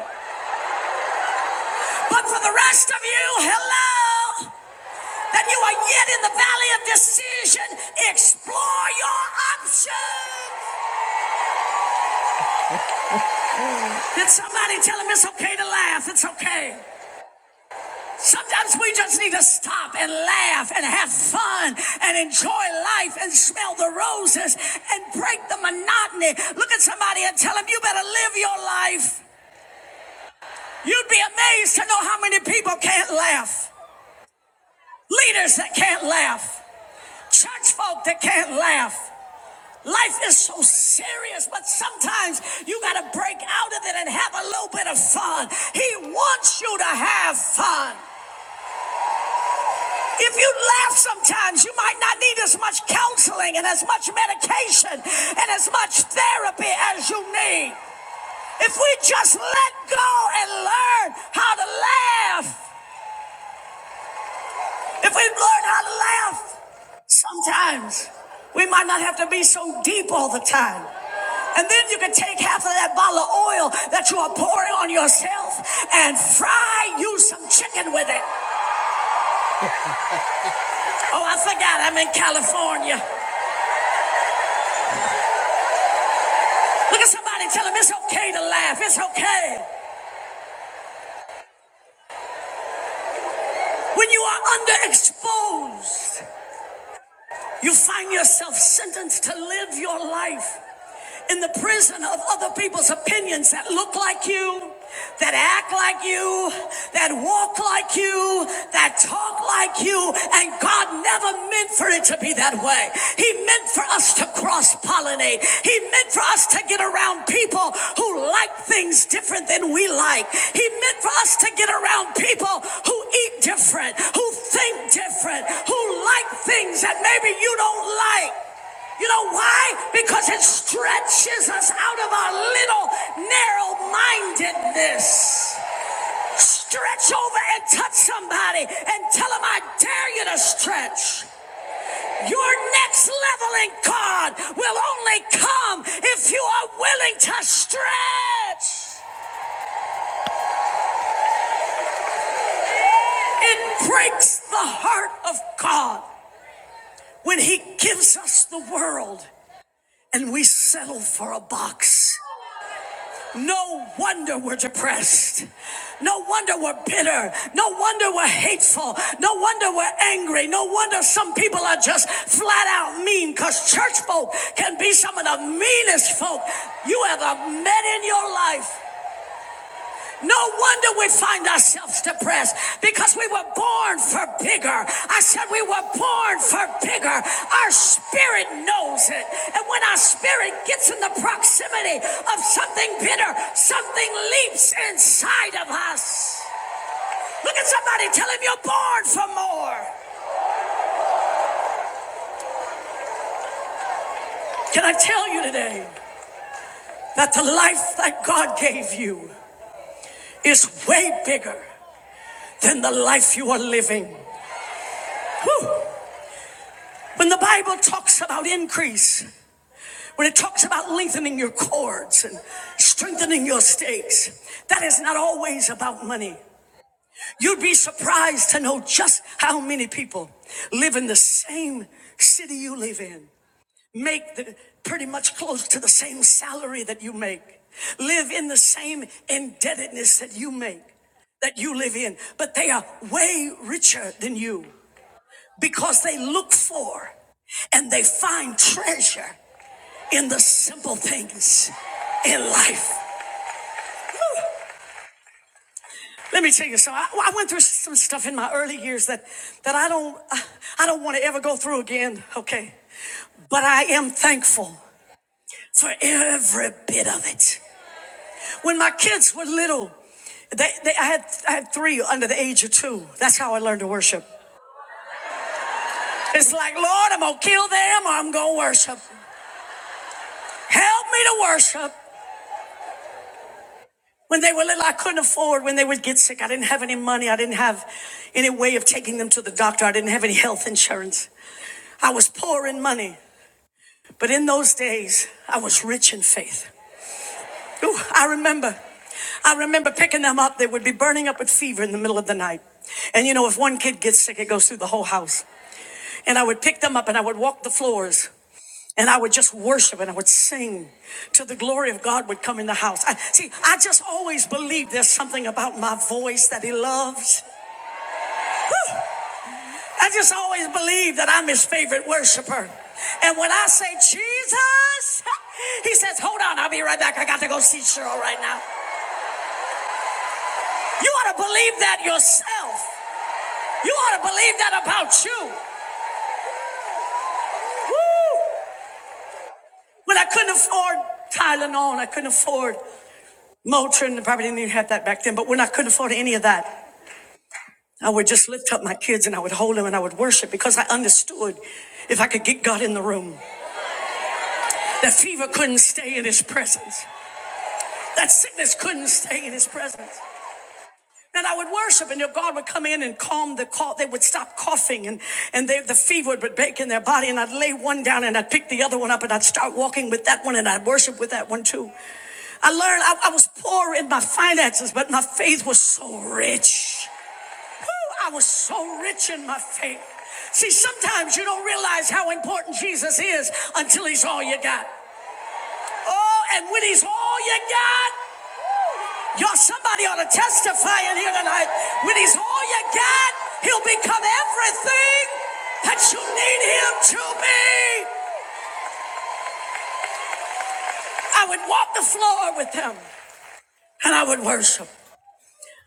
But for the rest of you, hello, that you are yet in the valley of decision, explore your options. Did somebody tell him it's okay to laugh? It's okay. Sometimes we just need to stop and laugh and have fun and enjoy life and smell the roses and break the monotony. Look at somebody and tell them you better live your life. You'd be amazed to know how many people can't laugh. Leaders that can't laugh. church folk that can't laugh. Life is so serious, but sometimes you got to break out of it and have a little bit of fun. He wants you to have fun. If you laugh sometimes, you might not need as much counseling and as much medication and as much therapy as you need. If we just let go and learn how to laugh, If we've learned how to laugh, sometimes we might not have to be so deep all the time. And then you can take half of that bottle of oil that you are pouring on yourself and fry you some chicken with it. Oh, I forgot I'm in California. Look at somebody tell them it's okay to laugh. It's okay. When you are underexposed. You find yourself sentenced to live your life in the prison of other people's opinions that look like you, that act like you, that walk like you, that talk like you, and God never meant for it to be that way. He meant for us to cross pollinate. He meant for us to get around people who like things different than we like. He meant for us to get around people who eat different, who think different, who like things that maybe you don't like. You know why? Because it stretches us out of our little narrow mindedness. Stretch over and touch somebody and tell them, I dare you to stretch. Your next level in God will only come if you are willing to stretch. It breaks the heart of God when He gives us the world and we settle for a box. No wonder we're depressed. No wonder we're bitter. No wonder we're hateful. No wonder we're angry. No wonder some people are just flat out mean because church folk can be some of the meanest folk you ever met in your life. No wonder we find ourselves depressed because we were born for bigger. I said we were born for bigger. Our spirit knows it. And when our spirit gets in the proximity of something bitter, something leaps inside of us. Look at somebody, tell him you're born for more. Can I tell you today that the life that God gave you is way bigger than the life you are living? Whew. When the Bible talks about increase, when it talks about lengthening your cords and strengthening your stakes, that is not always about money. You'd be surprised to know just how many people live in the same city you live in, make the, pretty much close to the same salary that you make, live in the same indebtedness that you make, that you live in, but they are way richer than you because they look for and they find treasure in the simple things in life. Let me tell you something. I, I went through some stuff in my early years that, that I don't, I don't want to ever go through again. Okay. But I am thankful for every bit of it. When my kids were little, they, they, I, had, I had three under the age of two. That's how I learned to worship. It's like, Lord, I'm going to kill them or I'm going to worship. Help me to worship. When they were little, I couldn't afford when they would get sick. I didn't have any money. I didn't have any way of taking them to the doctor. I didn't have any health insurance. I was poor in money. But in those days, I was rich in faith. Ooh, I remember. I remember picking them up. They would be burning up with fever in the middle of the night. And you know, if one kid gets sick, it goes through the whole house. And I would pick them up and I would walk the floors and I would just worship and I would sing till the glory of God would come in the house. I, see, I just always believe there's something about my voice that He loves. I just always believe that I'm His favorite worshiper. And when I say Jesus, *laughs* He says, Hold on, I'll be right back. I got to go see Cheryl right now. You ought to believe that yourself. You ought to believe that about you. Woo! When I couldn't afford Tylenol I couldn't afford Motrin, I probably didn't even have that back then, but when I couldn't afford any of that, I would just lift up my kids and I would hold them and I would worship because I understood if I could get God in the room, that fever couldn't stay in his presence, that sickness couldn't stay in his presence. And I would worship, and God would come in and calm the cough. They would stop coughing, and and they, the fever would break in their body. And I'd lay one down, and I'd pick the other one up, and I'd start walking with that one, and I'd worship with that one too. I learned I, I was poor in my finances, but my faith was so rich. Whew, I was so rich in my faith. See, sometimes you don't realize how important Jesus is until he's all you got. Oh, and when he's all you got, Y'all, somebody ought to testify in here tonight. When he's all you got, he'll become everything that you need him to be. I would walk the floor with them and I would worship.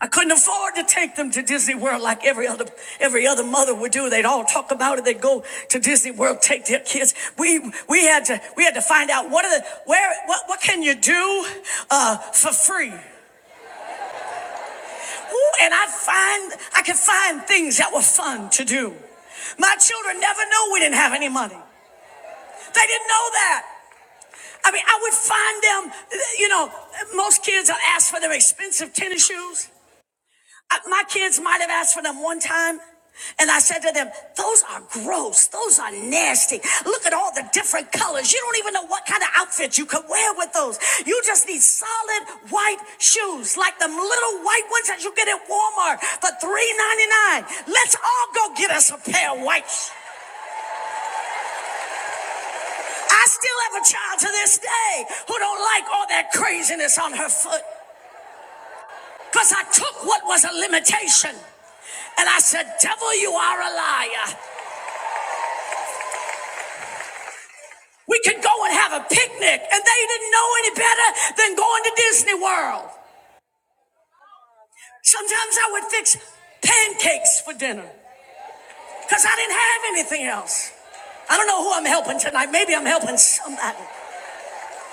I couldn't afford to take them to Disney World like every other every other mother would do. They'd all talk about it. They'd go to Disney World, take their kids. We we had to we had to find out what are the where what what can you do uh, for free. Ooh, and I find I could find things that were fun to do. My children never knew we didn't have any money. They didn't know that. I mean, I would find them, you know, most kids will ask for their expensive tennis shoes. I- my kids might have asked for them one time. And I said to them, those are gross. Those are nasty. Look at all the different colors. You don't even know what kind of outfit you could wear with those. You just need solid white shoes, like them little white ones that you get at Walmart for three ninety-nine. Let's all go get us a pair of whites. I still have a child to this day who don't like all that craziness on her foot because I took what was a limitation and I said, Devil, you are a liar. We could go and have a picnic, and they didn't know any better than going to Disney World. Sometimes I would fix pancakes for dinner because I didn't have anything else. I don't know who I'm helping tonight. Maybe I'm helping somebody.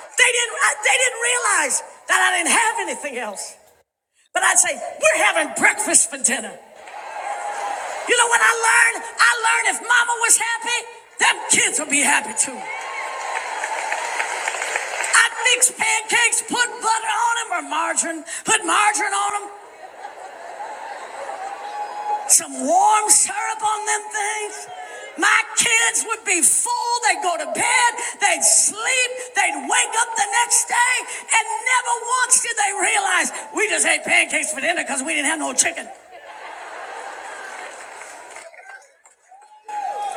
They didn't, they didn't realize that I didn't have anything else. But I'd say, we're having breakfast for dinner. You know what I learned? I learned if mama was happy, them kids would be happy too. I'd mix pancakes, put butter on them or margarine, put margarine on them, some warm syrup on them things. My kids would be full. They'd go to bed. They'd sleep. They'd wake up the next day. And never once did they realize we just had pancakes for dinner because we didn't have no chicken.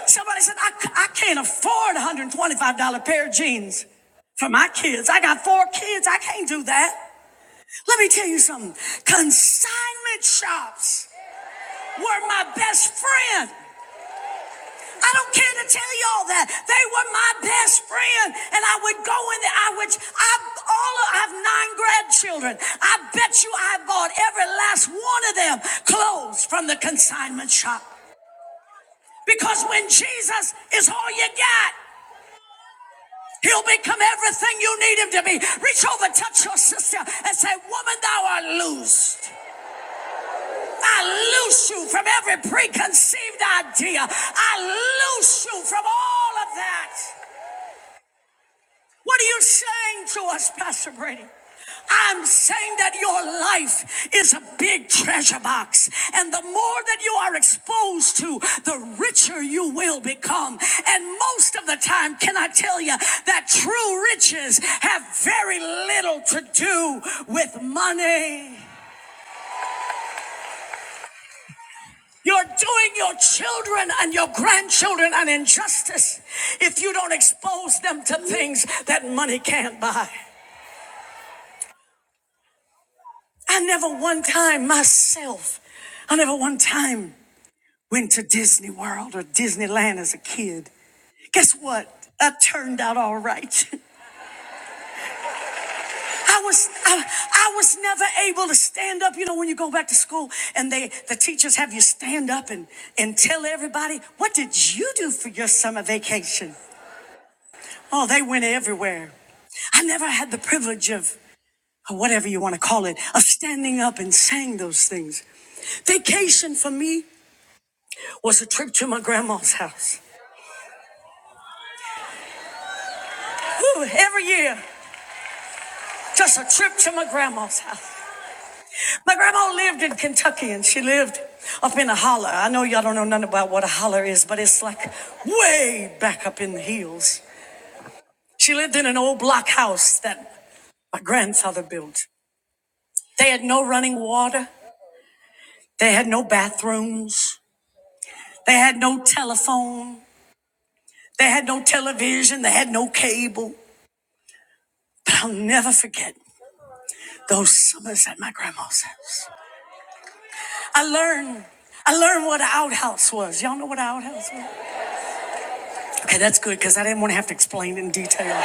Somebody said, "I I c- I can't afford $125 pair of jeans for my kids. I got four kids. I can't do that. Let me tell you something. Consignment shops were my best friend. I don't care to tell y'all that. They were my best friend. And I would go in there. I would, I, all of, I have nine grandchildren. I bet you I bought every last one of them clothes from the consignment shop. Because when Jesus is all you got, he'll become everything you need him to be. Reach over, touch your sister and say, woman, thou art loosed. I loose you from every preconceived idea. I loose you from all of that. What are you saying to us, Pastor Brady? I'm saying that your life is a big treasure box. And the more that you are exposed to, the richer you will become. And most of the time, can I tell you that true riches have very little to do with money? You're doing your children and your grandchildren an injustice if you don't expose them to things that money can't buy. I never one time myself, I never one time went to Disney World or Disneyland as a kid. Guess what? I turned out all right. *laughs* I was I, I was never able to stand up. You know, when you go back to school and they the teachers have you stand up and, and tell everybody, what did you do for your summer vacation? Oh, they went everywhere. I never had the privilege of, or whatever you want to call it, of standing up and saying those things. Vacation for me was a trip to my grandma's house. Whew, every year, just a trip to my grandma's house. My grandma lived in Kentucky and she lived up in a holler. I know y'all don't know nothing about what a holler is, but it's like way back up in the hills. She lived in an old block house that my grandfather built. They had no running water. They had no bathrooms. They had no telephone. They had no television. They had no cable. But I'll never forget those summers at my grandma's house. I learned I learned what an outhouse was. Y'all know what an outhouse was? Okay, that's good because I didn't want to have to explain in detail.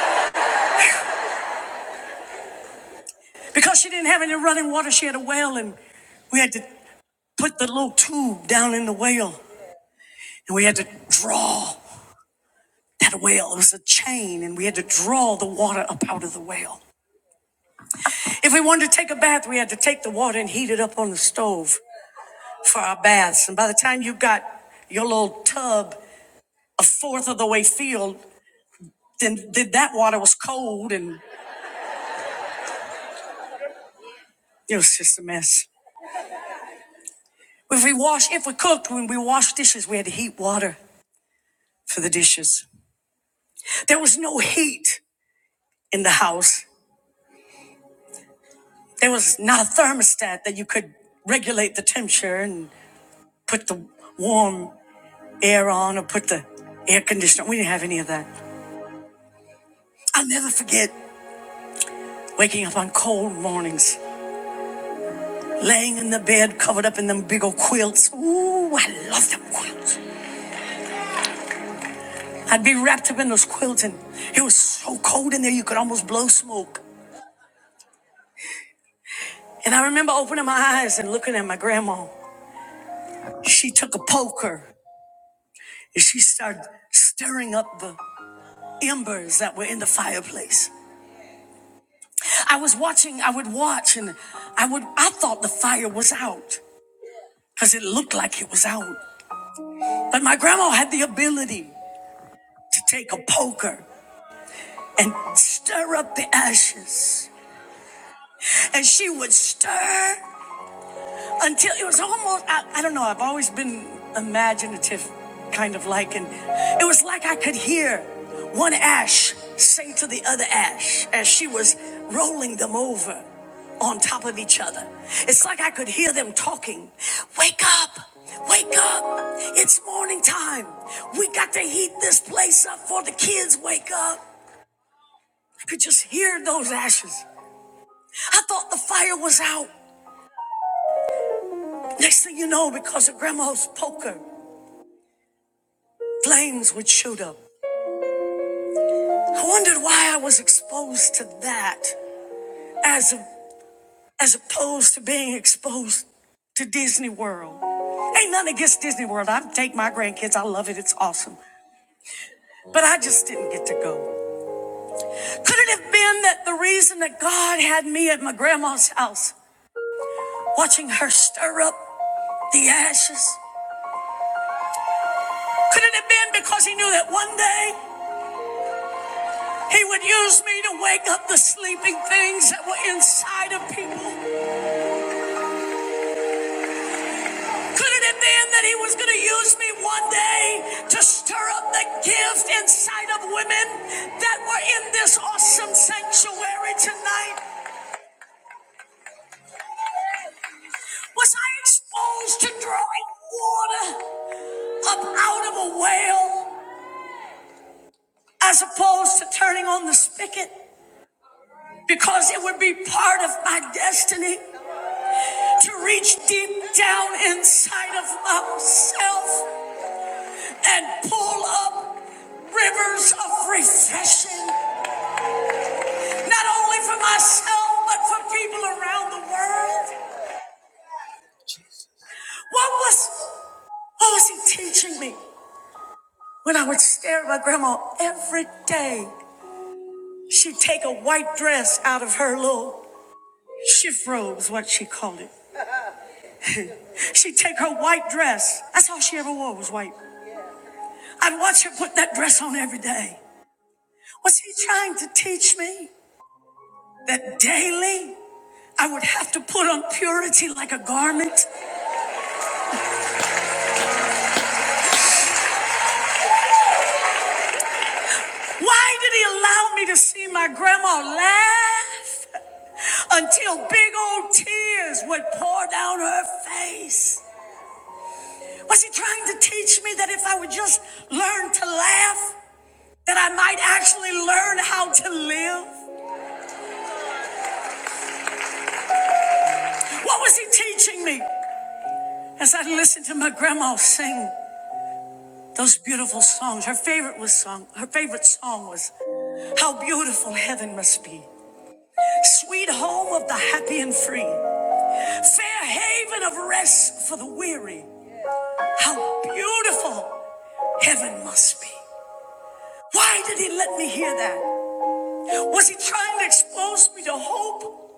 Because she didn't have any running water, she had a well, and we had to put the little tube down in the well, and we had to draw that well. It was a chain, and we had to draw the water up out of the well. If we wanted to take a bath, we had to take the water and heat it up on the stove for our baths. And by the time you got your little tub a fourth of the way filled, then, then that water was cold and It was just a mess. If we washed, if we cooked, when we washed dishes, we had to heat water for the dishes. There was no heat in the house. There was not a thermostat that you could regulate the temperature and put the warm air on or put the air conditioner. We didn't have any of that. I'll never forget waking up on cold mornings, laying in the bed covered up in them big old quilts. Ooh, I love them quilts. I'd be wrapped up in those quilts and it was so cold in there you could almost blow smoke. And I remember opening my eyes and looking at my grandma. She took a poker and she started stirring up the embers that were in the fireplace. I was watching, I would watch and I would I thought the fire was out because it looked like it was out. But my grandma had the ability to take a poker and stir up the ashes. And she would stir until it was almost I, I don't know i've always been imaginative kind of like and it was like i could hear one ash say to the other ash as she was rolling them over on top of each other it's like i could hear them talking wake up wake up it's morning time we got to heat this place up for the kids wake up i could just hear those ashes i thought the fire was out next thing you know because of grandma's poker flames would shoot up. I wondered why I was exposed to that as a, as opposed to being exposed to Disney World. Ain't nothing against Disney World. I take my grandkids. I love it. It's awesome. But I just didn't get to go. Could it have been that the reason that God had me at my grandma's house, watching her stir up the ashes? Could it have been because he knew that one day he would use me to wake up the sleeping things that were inside of people? Could it have been that he was going to use me one day to stir up the gift inside of women that were in this awesome sanctuary tonight? Was I exposed to drawing water up out of a well as opposed to turning on the spigot? Because it would be part of my destiny to reach deep down inside of myself and pull up rivers of refreshing not only for myself, but for people around the world. What was, what was he teaching me? When I would stare at my grandma every day, she'd take a white dress out of her little shift robe, is what she called it. She'd take her white dress. That's all she ever wore was white. I'd watch her put that dress on every day. Was he trying to teach me that daily I would have to put on purity like a garment. Why did he allow me to see my grandma laugh until big old tears would pour down her face? Was he trying to teach me that if I would just learn to laugh, that I might actually learn how to live? What was he teaching me? As I listened to my grandma sing those beautiful songs, her favorite was song, her favorite song was How Beautiful Heaven Must Be. sweet home of the happy and free, fair haven of rest for the weary. How beautiful heaven must be. Why did he let me hear that? Was he trying to expose me to hope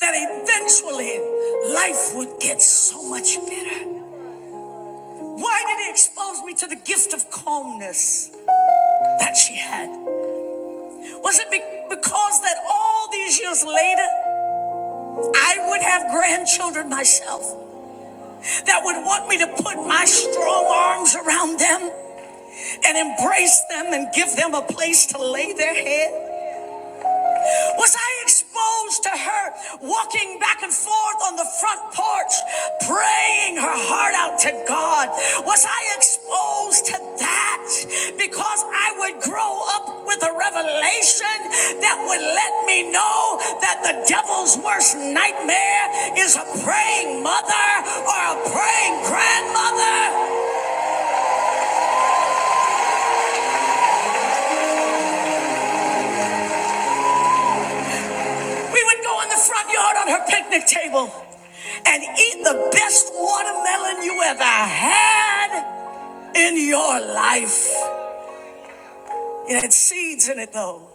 that eventually life would get so much better? Why did he expose me to the gift of calmness that she had? Was it be- because that all these years later, I would have grandchildren myself? that would want me to put my strong arms around them and embrace them and give them a place to lay their head. Was I exposed to her walking back and forth on the front porch, praying her heart out to God? Was I exposed to that because I would grow up with a revelation that would let me know that the devil's worst nightmare is a praying mother or a praying grandmother? We would go in the front yard on her picnic table and eat the best watermelon you ever had in your life. It had seeds in it though.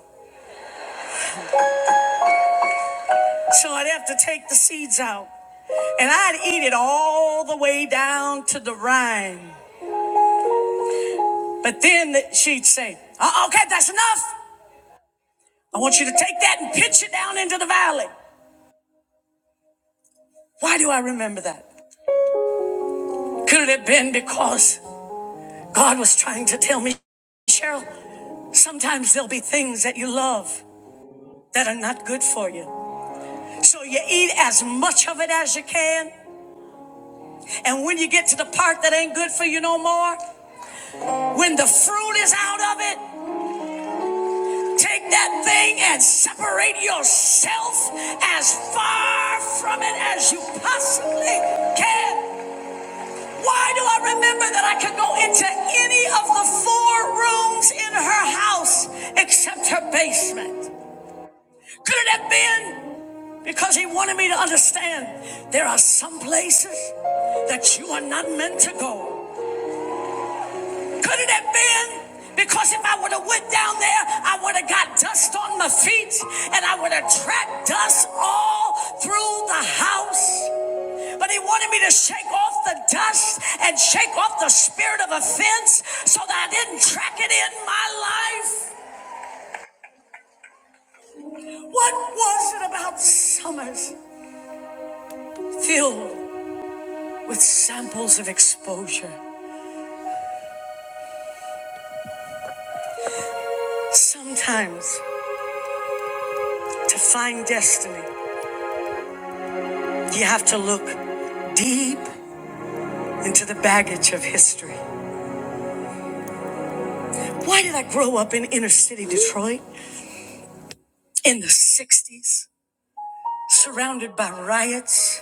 So I'd have to take the seeds out. And I'd eat it all the way down to the rind. But then she'd say, "Uh, okay, that's enough. I want you to take that and pitch it down into the valley. Why do I remember that? Could it have been because God was trying to tell me, Cheryl, sometimes there'll be things that you love that are not good for you. So you eat as much of it as you can. And when you get to the part that ain't good for you no more, when the fruit is out of it, take that thing and separate yourself as far from it as you possibly can. Why do I remember that I could go into any of the four rooms in her house except her basement? Could it have been? Because he wanted me to understand there are some places that you are not meant to go. Could it have been? Because if I would have went down there, I would have got dust on my feet and I would have tracked dust all through the house. But he wanted me to shake off the dust and shake off the spirit of offense so that I didn't track it in my life. What was it about summers filled with samples of exposure. Sometimes to find destiny, you have to look deep into the baggage of history. Why did I grow up in inner city Detroit in the 60s, surrounded by riots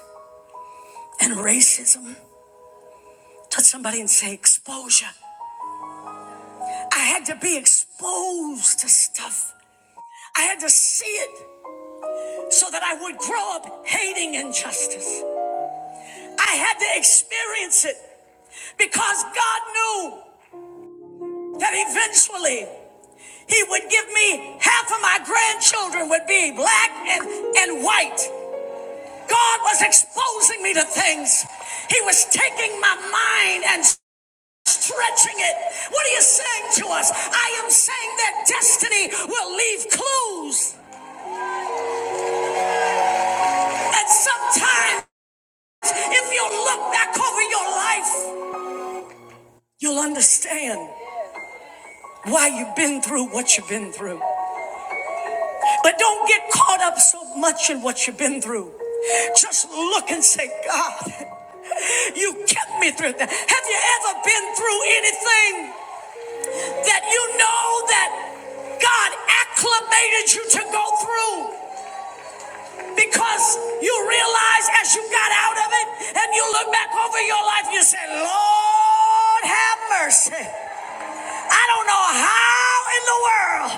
and racism? Touch somebody and say exposure. I had to be exposed to stuff I had to see it so that I would grow up hating injustice. I had to experience it because God knew that eventually He would give me half of my grandchildren would be black and, and white. God was exposing me to things. He was taking my mind and stretching it. What are you saying to us? I am saying that destiny will leave clues. And sometimes if you look back over your life, you'll understand. why you've been through what you've been through. But don't get caught up so much in what you've been through. Just look and say, God, you kept me through that. Have you ever been through anything that you know that God acclimated you to go through? because you realize as you got out of it and you look back over your life, you say, Lord, have mercy. I don't know how in the world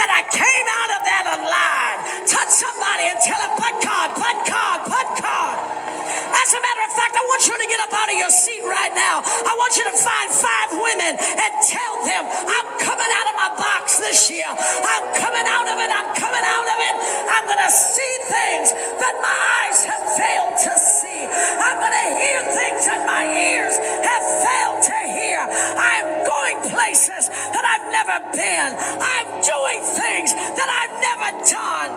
that I came out of that alive. Touch somebody and tell them, but God, but God, but God. As a matter of fact, I want you to get up out of your seat right now. I want you to find five women and tell them, I'm coming out of my box this year. I'm coming out of it. I'm coming out of it. I'm going to see things that my eyes have failed to see. I'm going to hear things that my ears have failed to hear. I'm going places that I've never been. I'm doing things that I've never done.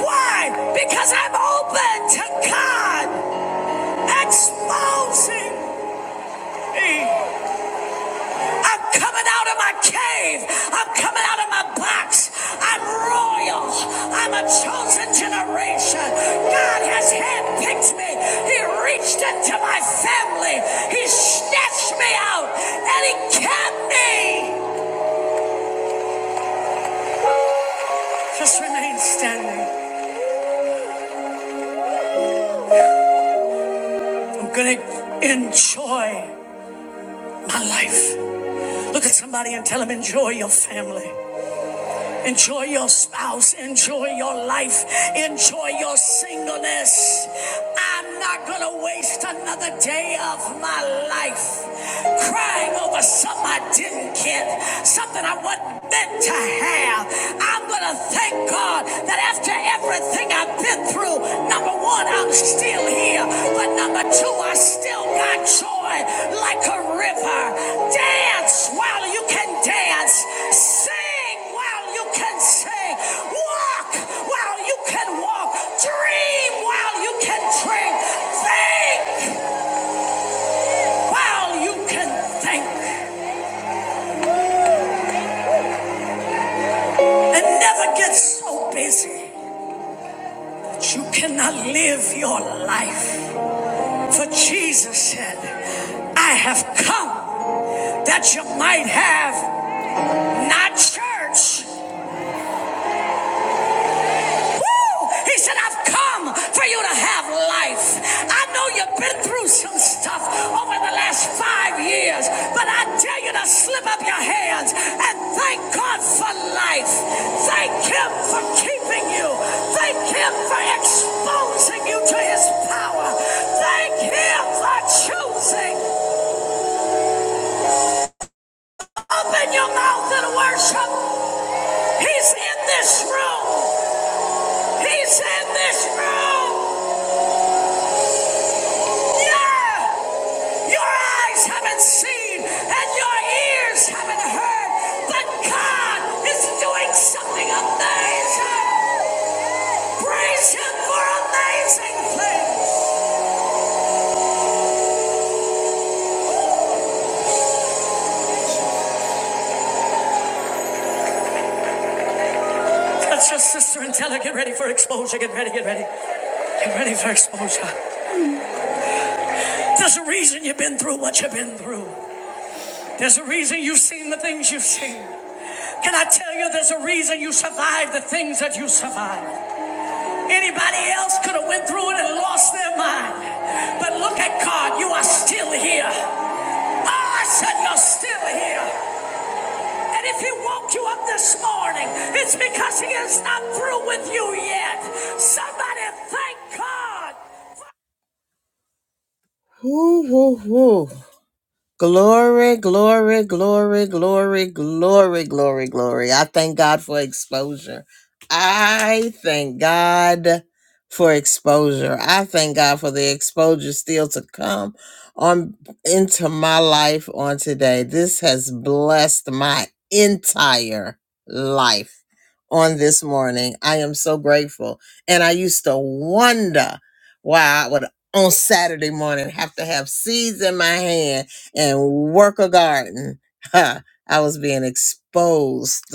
Why? Because I'm open to God exposing me. I'm coming out of my cave. I'm coming out of my box. I'm royal. I'm a chosen generation. God has handpicked me. He reached into my family. He snatched me out and he kept me. Just remain standing. I'm going to enjoy my life. Look at somebody and tell them, enjoy your family. Enjoy your spouse. Enjoy your life. Enjoy your singleness. I'm not going to waste another day of my life crying over something I didn't get, something I wasn't meant to have. I'm going to thank God that after everything I've been through, number one, I'm still here. But number two, I still got joy like a river. Dance while you can dance. Sing while you can sing, walk while you can walk, dream while you can dream, think while you can think, and never get so busy that you cannot live your life. For Jesus said, I have come that you might have not church. Woo! He said, I've come for you to have life. I know you've been through some stuff over the last five years, but I tell you to slip up your hands and thank God for life. Thank Him for keeping you. Thank Him for exposing you to His power. Thank Him for choosing. Open your mouth and worship. He's in this room. He's in this room. Yeah! Your eyes haven't seen and your ears haven't heard that God is doing something amazing. Praise Him for amazing things. That's your sister and tell her, get ready for exposure. Get ready, get ready. Get ready for exposure. There's a reason you've been through what you've been through. There's a reason you've seen the things you've seen. Can I tell you there's a reason you survived the things that you survived? Anybody else could have went through it and lost their mind. But look at God, you are still here. Oh, I said you're still here. And if he woke you up this morning, it's because he is not through with you yet. Somebody thank God. Woo, woo, woo. Glory, glory, glory, glory, glory, glory, glory. I thank God for exposure. I thank God for exposure. I thank God for the exposure still to come on into my life on today. This has blessed my entire life on this morning. I am so grateful. And I used to wonder why I would on Saturday morning have to have seeds in my hand and work a garden. Ha, I was being exposed. *laughs*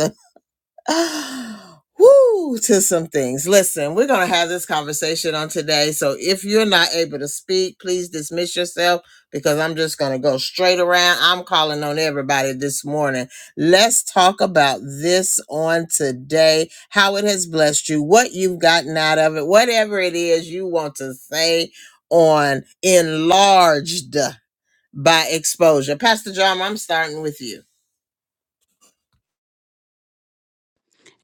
Woo, to some things. Listen, we're going to have this conversation on today. So if you're not able to speak, please dismiss yourself because I'm just going to go straight around. I'm calling on everybody this morning. Let's talk about this on today, how it has blessed you, what you've gotten out of it, whatever it is you want to say on enlarged by exposure. Pastor John, I'm starting with you.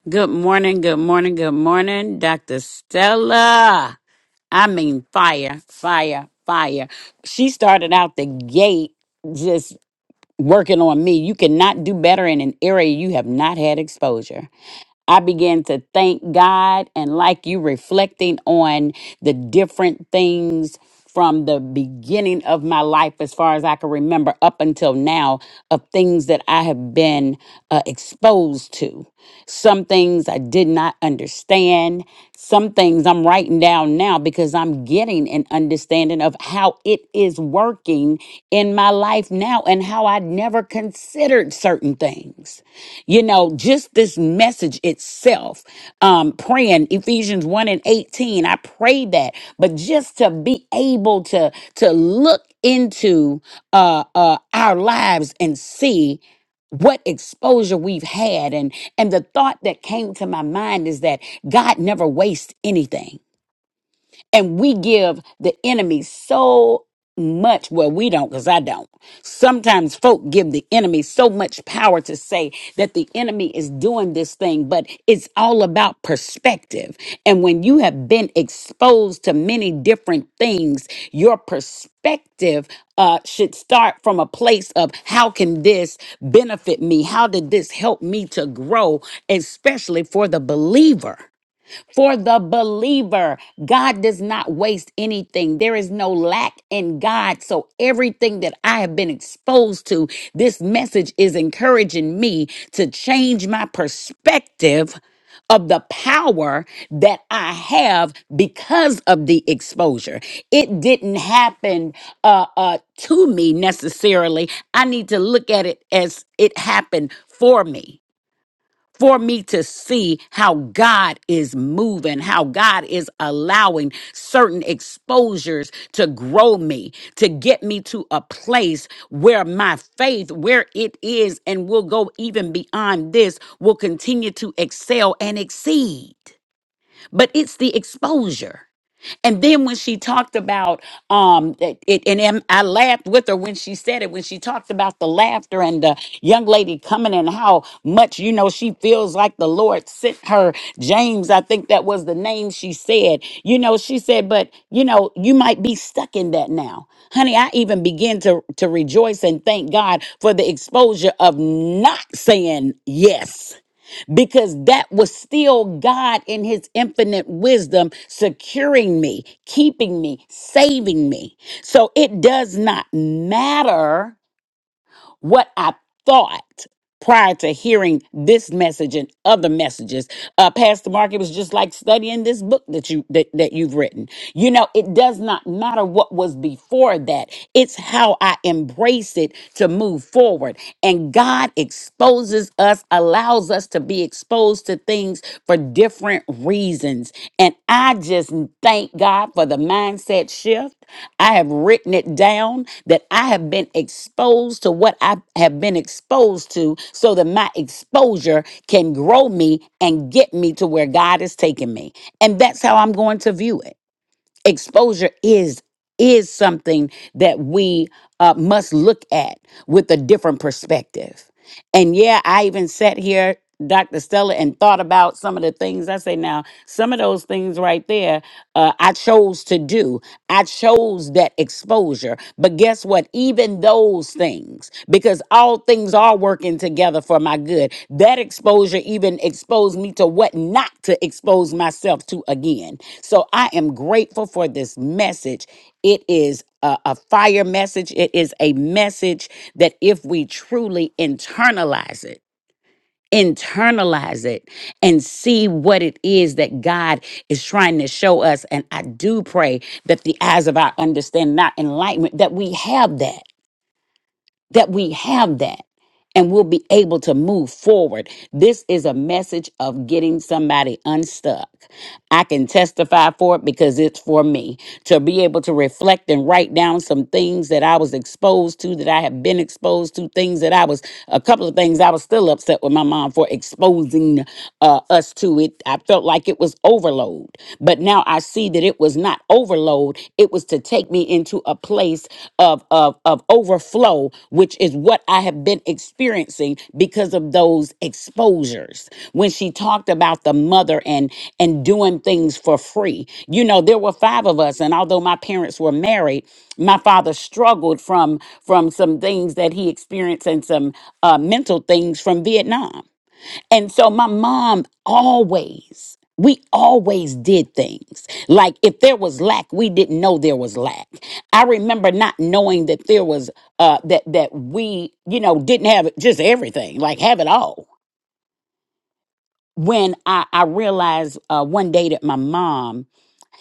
Good morning, good morning, good morning, Dr. Stella. I mean, fire, fire, fire. She started out the gate just working on me. You cannot do better in an area you have not had exposure. I began to thank God and like you reflecting on the different things from the beginning of my life as far as I can remember up until now of things that I have been uh, exposed to. Some things I did not understand, some things I'm writing down now because I'm getting an understanding understanding of how it is working in my life now and how I never considered certain things. You know, just this message itself, um, praying Ephesians 1 and 18, I prayed that, but just to be able to, to look into uh, uh, our lives and see what exposure we've had and and the thought that came to my mind is that god never wastes anything and we give the enemy so much. Well, we don't because I don't. Sometimes folk give the enemy so much power to say that the enemy is doing this thing, but it's all about perspective. And when you have been exposed to many different things, your perspective uh, should start from a place of how can this benefit me? How did this help me to grow, especially for the believer? For the believer, God does not waste anything. There is no lack in God. So everything that I have been exposed to, this message is encouraging me to change my perspective of the power that I have because of the exposure. It didn't happen uh, uh, to me necessarily. I need to look at it as it happened for me for me to see how God is moving, how God is allowing certain exposures to grow me, to get me to a place where my faith, where it is, and will go even beyond this, will continue to excel and exceed. But it's the exposure. And then when she talked about um it, it- and em- I laughed with her when she said it when she talked about the laughter and the young lady coming and how much you know she feels like the Lord sent her James I think that was the name she said. You know she said but you know you might be stuck in that now. Honey, I even begin to to rejoice and thank God for the exposure of not saying yes because that was still God in his infinite wisdom securing me, keeping me, saving me. So it does not matter what I thought prior to hearing this message and other messages. Uh, Pastor Mark, it was just like studying this book that you that, that you've written. You know, it does not matter what was before that. It's how I embrace it to move forward. And God exposes us, allows us to be exposed to things for different reasons. And I just thank God for the mindset shift. I have written it down that I have been exposed to what I have been exposed to so that my exposure can grow me and get me to where God is taking me. And that's how I'm going to view it exposure is is something that we uh, must look at with a different perspective and yeah i even sat here dr stella and thought about some of the things i say now some of those things right there uh, i chose to do i chose that exposure but guess what even those things because all things are working together for my good. That exposure even exposed me to what not to expose myself to again. So I am grateful for this message. It is a, a fire message. It is a message that if we truly internalize it, internalize it and see what it is that God is trying to show us. And I do pray that the eyes of our understanding, our enlightenment, that we have that that we have that and we'll be able to move forward. This is a message of getting somebody unstuck. I can testify for it because it's for me to be able to reflect and write down some things that I was exposed to, that I have been exposed to, things that I was, a couple of things I was still upset with my mom for exposing uh, us to it. I felt like it was overload, but now I see that it was not overload overload, it was to take me into a place of, of, of overflow, which is what I have been experiencing because of those exposures. When she talked about the mother and and doing things for free. You know, there were five of us, and although my parents were married, my father struggled from from some things that he experienced and some uh, mental things from Vietnam. And so my mom always, we always did things. Like if there was lack, we didn't know there was lack. I remember not knowing that there was uh that that we, you know, didn't have just everything, like have it all. When I, I realized uh one day that my mom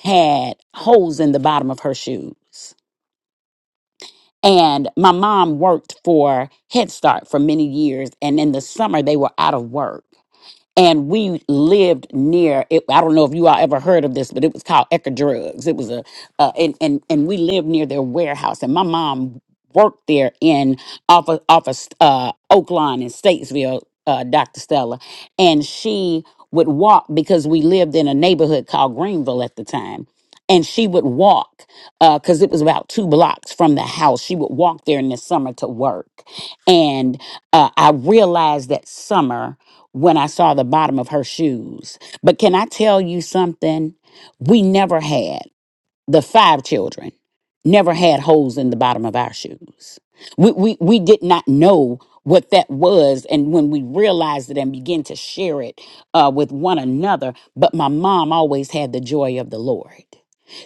had holes in the bottom of her shoes. And my mom worked for Head Start for many years. And in the summer, they were out of work. and we lived near it. I don't know if you all ever heard of this, but it was called Ecker Drugs. It was a uh, and and and we lived near their warehouse, and my mom worked there in off of, off of uh, Oakline in Statesville, uh, Dr. Stella, and she would walk because we lived in a neighborhood called Greenville at the time. And she would walk because it was about two blocks from the house. She would walk there in the summer to work. And uh, I realized that summer when I saw the bottom of her shoes. But can I tell you something? We never had the five children never had holes in the bottom of our shoes. We we we did not know what that was and when we realized it and began to share it uh, with one another but my mom always had the joy of the lord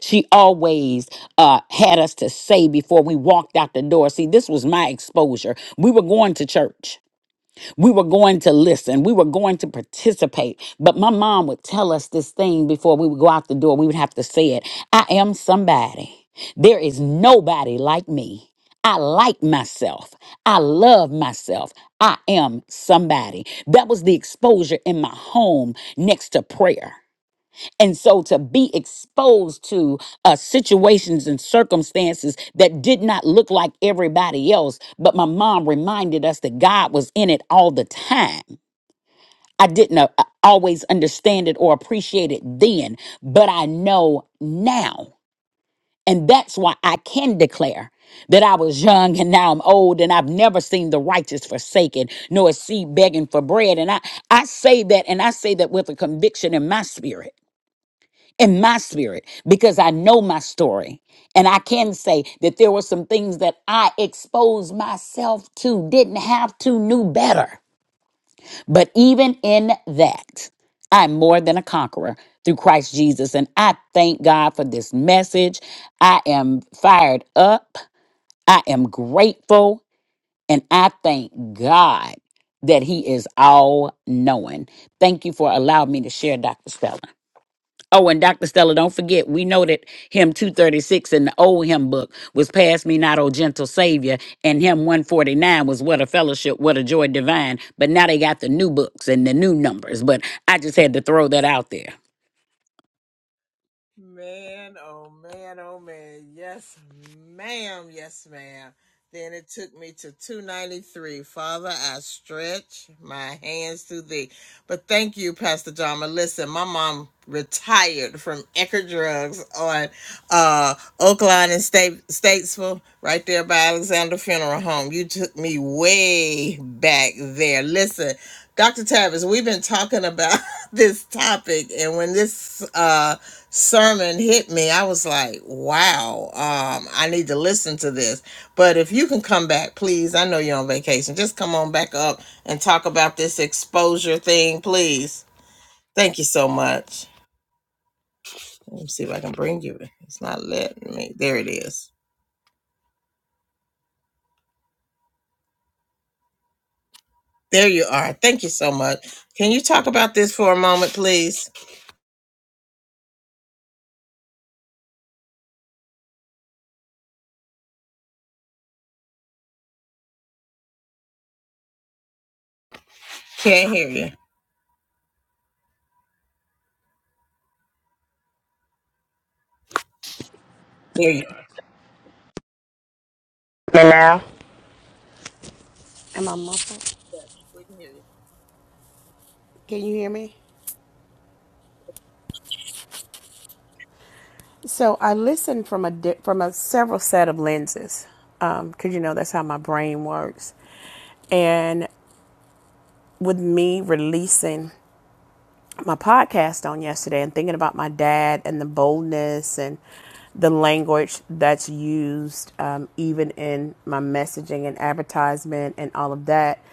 she always uh, had us to say before we walked out the door see this was my exposure we were going to church we were going to listen. We were going to participate. But my mom would tell us this thing before we would go out the door. We would have to say it I am somebody. There is nobody like me. I like myself. I love myself. I am somebody. That was the exposure in my home next to prayer. And so to be exposed to uh, situations and circumstances that did not look like everybody else, but my mom reminded us that God was in it all the time. I didn't uh, uh, always understand it or appreciate it then, but I know now. And that's why I can declare that I was young and now I'm old and I've never seen the righteous forsaken nor a seed begging for bread. And I, I say that and I say that with a conviction in my spirit in my spirit because I know my story. And I can say that there were some things that I exposed myself to, didn't have to, knew better. But even in that, I'm more than a conqueror through Christ Jesus. And I thank God for this message. I am fired up. I am grateful. And I thank God that He is all knowing. Thank you for allowing me to share, Dr. Stella. Oh, and Dr. Stella, don't forget, we know that him 236 in the old hymn book was Pass Me Not, O Gentle Savior, and him 149 was What a Fellowship, What a Joy Divine. But now they got the new books and the new numbers. But I just had to throw that out there.
Man, oh man, oh man. Yes, ma'am. Yes, ma'am. Then it took me to 293. Father, I stretch my hands to thee. But thank you, Pastor Jama. Listen, my mom retired from Ecker Drugs on uh, Oakland and State, Statesville, right there by Alexander Funeral Home. You took me way back there. Listen, Dr. Tavis, we've been talking about *laughs* this topic and when this uh sermon hit me i was like wow um i need to listen to this but if you can come back please i know you're on vacation just come on back up and talk about this exposure thing please thank you so much let me see if i can bring you it's not letting me there it is there you are thank you so much can you talk about this for a moment please can't hear you there you are.
Hello. Am I muffled?
We can hear you.
Can you hear me? So I listen from a di- from a several set of lenses, because um, you know that's how my brain works. And with me releasing my podcast on yesterday and thinking about my dad and the boldness and the language that's used um, even in my messaging and advertisement and all of that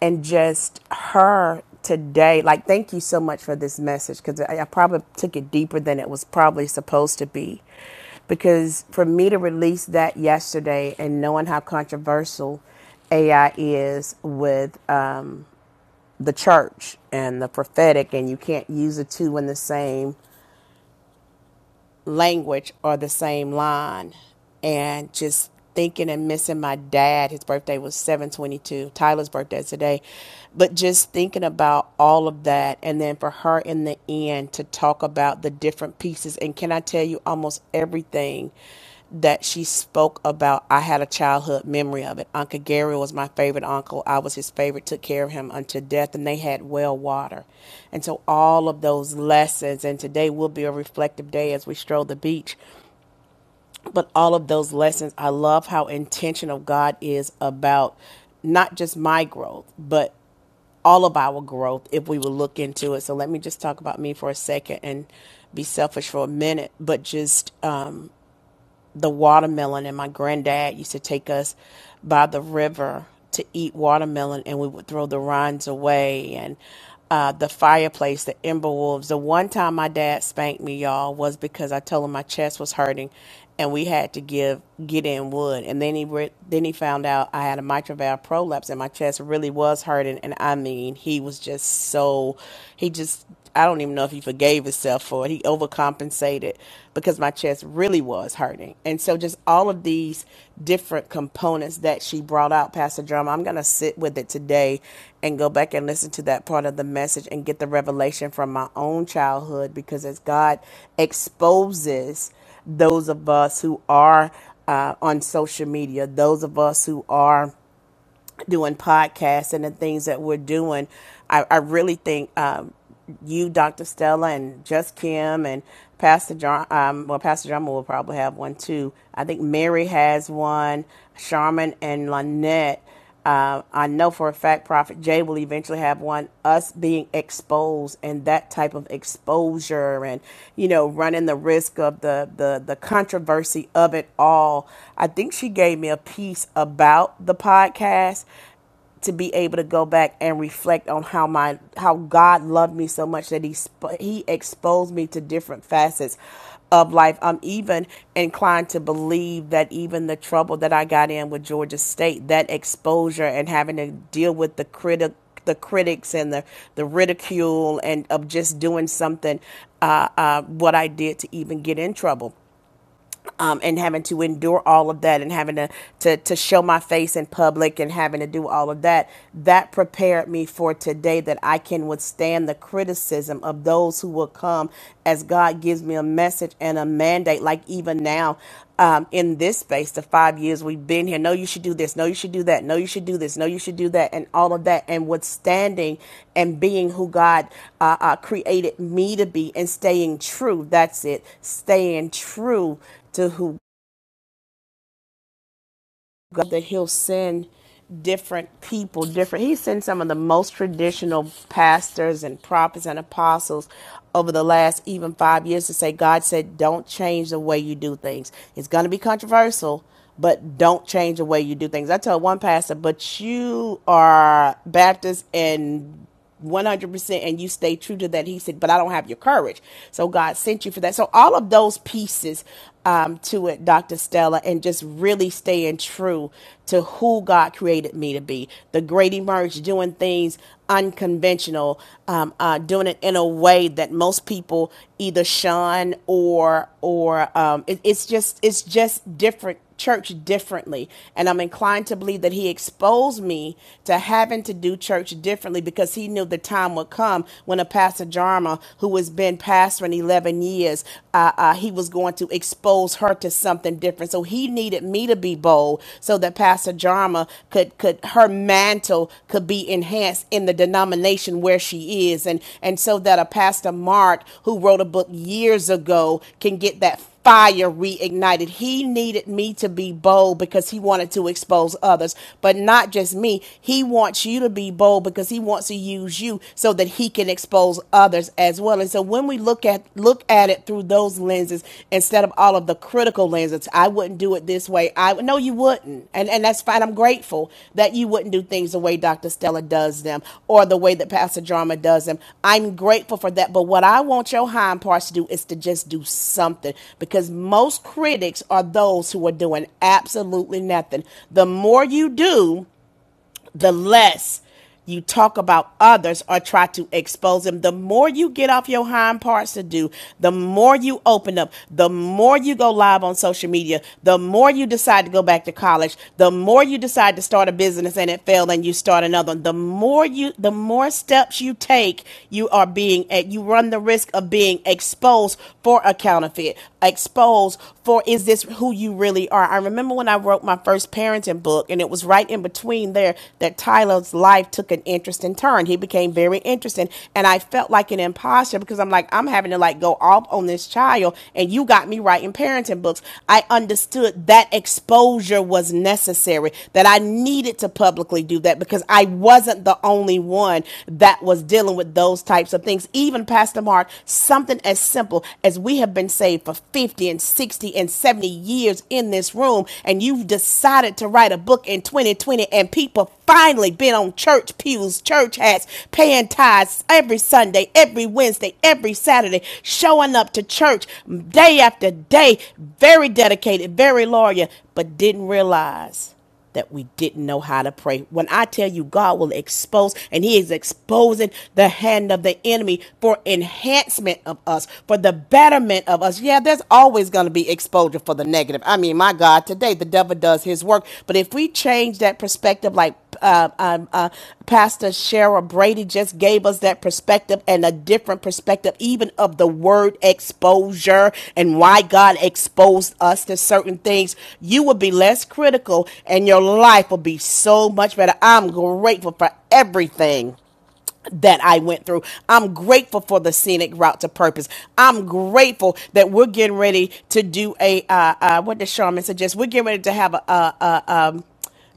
and just her today like thank you so much for this message because I, I probably took it deeper than it was probably supposed to be because for me to release that yesterday and knowing how controversial ai is with the church and the prophetic, and you can't use the two in the same language or the same line. And just thinking and missing my dad. His birthday was 722. Tyler's birthday is today. But just thinking about all of that, and then for her in the end to talk about the different pieces. And can I tell you, almost everything that she spoke about. I had a childhood memory of it. Uncle Gary was my favorite uncle. I was his favorite, took care of him until death, and they had well water. And so, all of those lessons, and today will be a reflective day as we stroll the beach, but all of those lessons, I love how intentional God is about not just my growth, but all of our growth if we would look into it. So let me just talk about me for a second and be selfish for a minute, but just the watermelon, and my granddad used to take us by the river to eat watermelon, and we would throw the rinds away and uh, the fireplace, the ember wolves. The one time my dad spanked me, y'all, was because I told him my chest was hurting, and we had to give get in wood. And then he re- then he found out I had a mitral valve prolapse, and my chest really was hurting. And I mean, he was just so he just I don't even know if he forgave himself for it. He overcompensated because my chest really was hurting. And so, just all of these different components that she brought out, Pastor Drama, I'm going to sit with it today and go back and listen to that part of the message and get the revelation from my own childhood because as God exposes those of us who are uh, on social media, those of us who are doing podcasts and the things that we're doing, I, I really think um, you, Dr. Stella, and just Kim and Pastor John. Um, well, Pastor John will probably have one too. I think Mary has one. Charmin and Lynette. Uh, I know for a fact Prophet Jay will eventually have one. Us being exposed and that type of exposure, and you know, running the risk of the the the controversy of it all. I think she gave me a piece about the podcast to be able to go back and reflect on how my how God loved me so much that he sp- he exposed me to different facets of life. I'm even inclined to believe that even the trouble that I got in with Georgia State, that exposure and having to deal with the critic the critics and the, the ridicule and of just doing something uh, uh, what I did to even get in trouble um, and having to endure all of that and having to, to to show my face in public and having to do all of that that prepared me for today that I can withstand the criticism of those who will come as God gives me a message and a mandate like even now um, in this space, the five years we've been here. No, you should do this. No, you should do that. No, you should do this. No, you should do that. And all of that. And withstanding and being who God uh, uh, created me to be and staying true. That's it. Staying true to who God that He'll send different people, different. He sent some of the most traditional pastors and prophets and apostles over the last even five years to say, God said, don't change the way you do things. It's going to be controversial, but don't change the way you do things. I told one pastor, but you are Baptist and 100% and you stay true to that. He said, but I don't have your courage. So God sent you for that. So all of those pieces um, to it, Dr. Stella, and just really staying true to who God created me to be. The great emerge, doing things unconventional, um, uh, doing it in a way that most people either shun or or um, it, it's just it's just different church differently. And I'm inclined to believe that he exposed me to having to do church differently because he knew the time would come when a Pastor Jarma, who has been pastoring 11 years, uh, uh, he was going to expose her to something different. So he needed me to be bold so that Pastor Jarma could, could her mantle could be enhanced in the denomination where she is. And, and so that a Pastor Mart who wrote a book years ago can get that fire reignited. He needed me to be bold because he wanted to expose others, but not just me. He wants you to be bold because he wants to use you so that he can expose others as well. And so when we look at look at it through those lenses instead of all of the critical lenses, I wouldn't do it this way way I would. no you wouldn't. And and that's fine. I'm grateful that you wouldn't do things the way Dr. Stella does them or the way that Pastor Drama does them. I'm grateful for that. But what I want your hind parts to do is to just do something because most critics are those who are doing absolutely nothing. The more you do, the less you talk about others or try to expose them. The more you get off your hind parts to do, the more you open up, the more you go live on social media, the more you decide to go back to college, the more you decide to start a business and it failed and you start another one. The more you, the more steps you take, you are being, you run the risk of being exposed for a counterfeit, exposed for is this who you really are? I remember when I wrote my first parenting book, and it was right in between there that Tyler's life took an interesting turn. He became very interesting, and I felt like an imposter because I'm like, I'm having to like go off on this child, and you got me writing parenting books. I understood that exposure was necessary, that I needed to publicly do that because I wasn't the only one that was dealing with those types of things. Even Pastor Mark, something as simple as we have been saved for 50 and 60 and 70 years in this room, and you've decided to write a book in 2020, and people finally been on church pews, church hats, paying tithes every Sunday, every Wednesday, every Saturday, showing up to church day after day, very dedicated, very loyal, but didn't realize that we didn't know how to pray. When I tell you God will expose, and He is exposing the hand of the enemy for enhancement of us, for the betterment of us. Yeah, there's always going to be exposure for the negative. I mean, my God, today the devil does his work. But if we change that perspective, like, uh, um, uh, Pastor Cheryl Brady just gave us that perspective and a different perspective, even of the word exposure and why God exposed us to certain things. You will be less critical and your life will be so much better. I'm grateful for everything that I went through. I'm grateful for the scenic route to purpose. I'm grateful that we're getting ready to do a uh, uh, what did Charmin suggest? We're getting ready to have a, a, a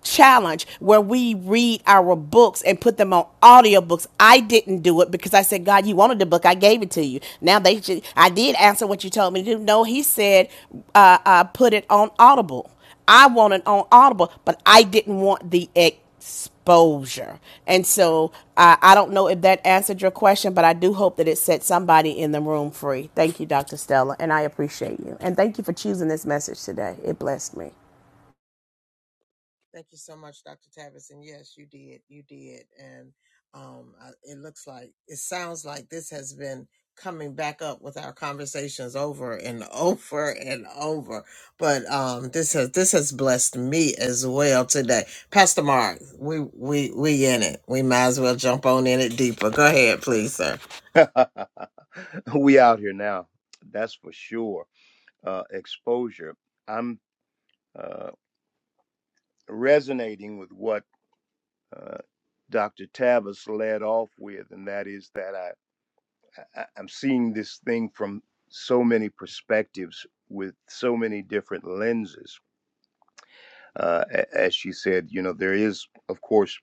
challenge where we read our books and put them on audiobooks. I didn't do it because I said, God, you wanted the book. I gave it to you. Now they should, I did answer what you told me to do. No, he said, uh, uh, put it on Audible. I want it on Audible, but I didn't want the exposure. And so uh, I don't know if that answered your question, but I do hope that it set somebody in the room free. Thank you, Dr. Stella, and I appreciate you. And thank you for choosing this message today. It blessed me.
Thank you so much, Dr. Tavis. And yes, you did. You did. And um, I- it looks like, it sounds like this has been coming back up with our conversations over and *laughs* over and over. But um, this has this has blessed me as well today, Pastor Mark. We we we in it. We might as well jump on in it deeper. Go ahead, please, sir.
*laughs* we out here now. That's for sure. Uh, exposure. I'm uh, resonating with what uh, Dr. Tavis led off with, and that is that I, I I'm seeing this thing from so many perspectives with so many different lenses. Uh, a- as she said, you know, there is, of course,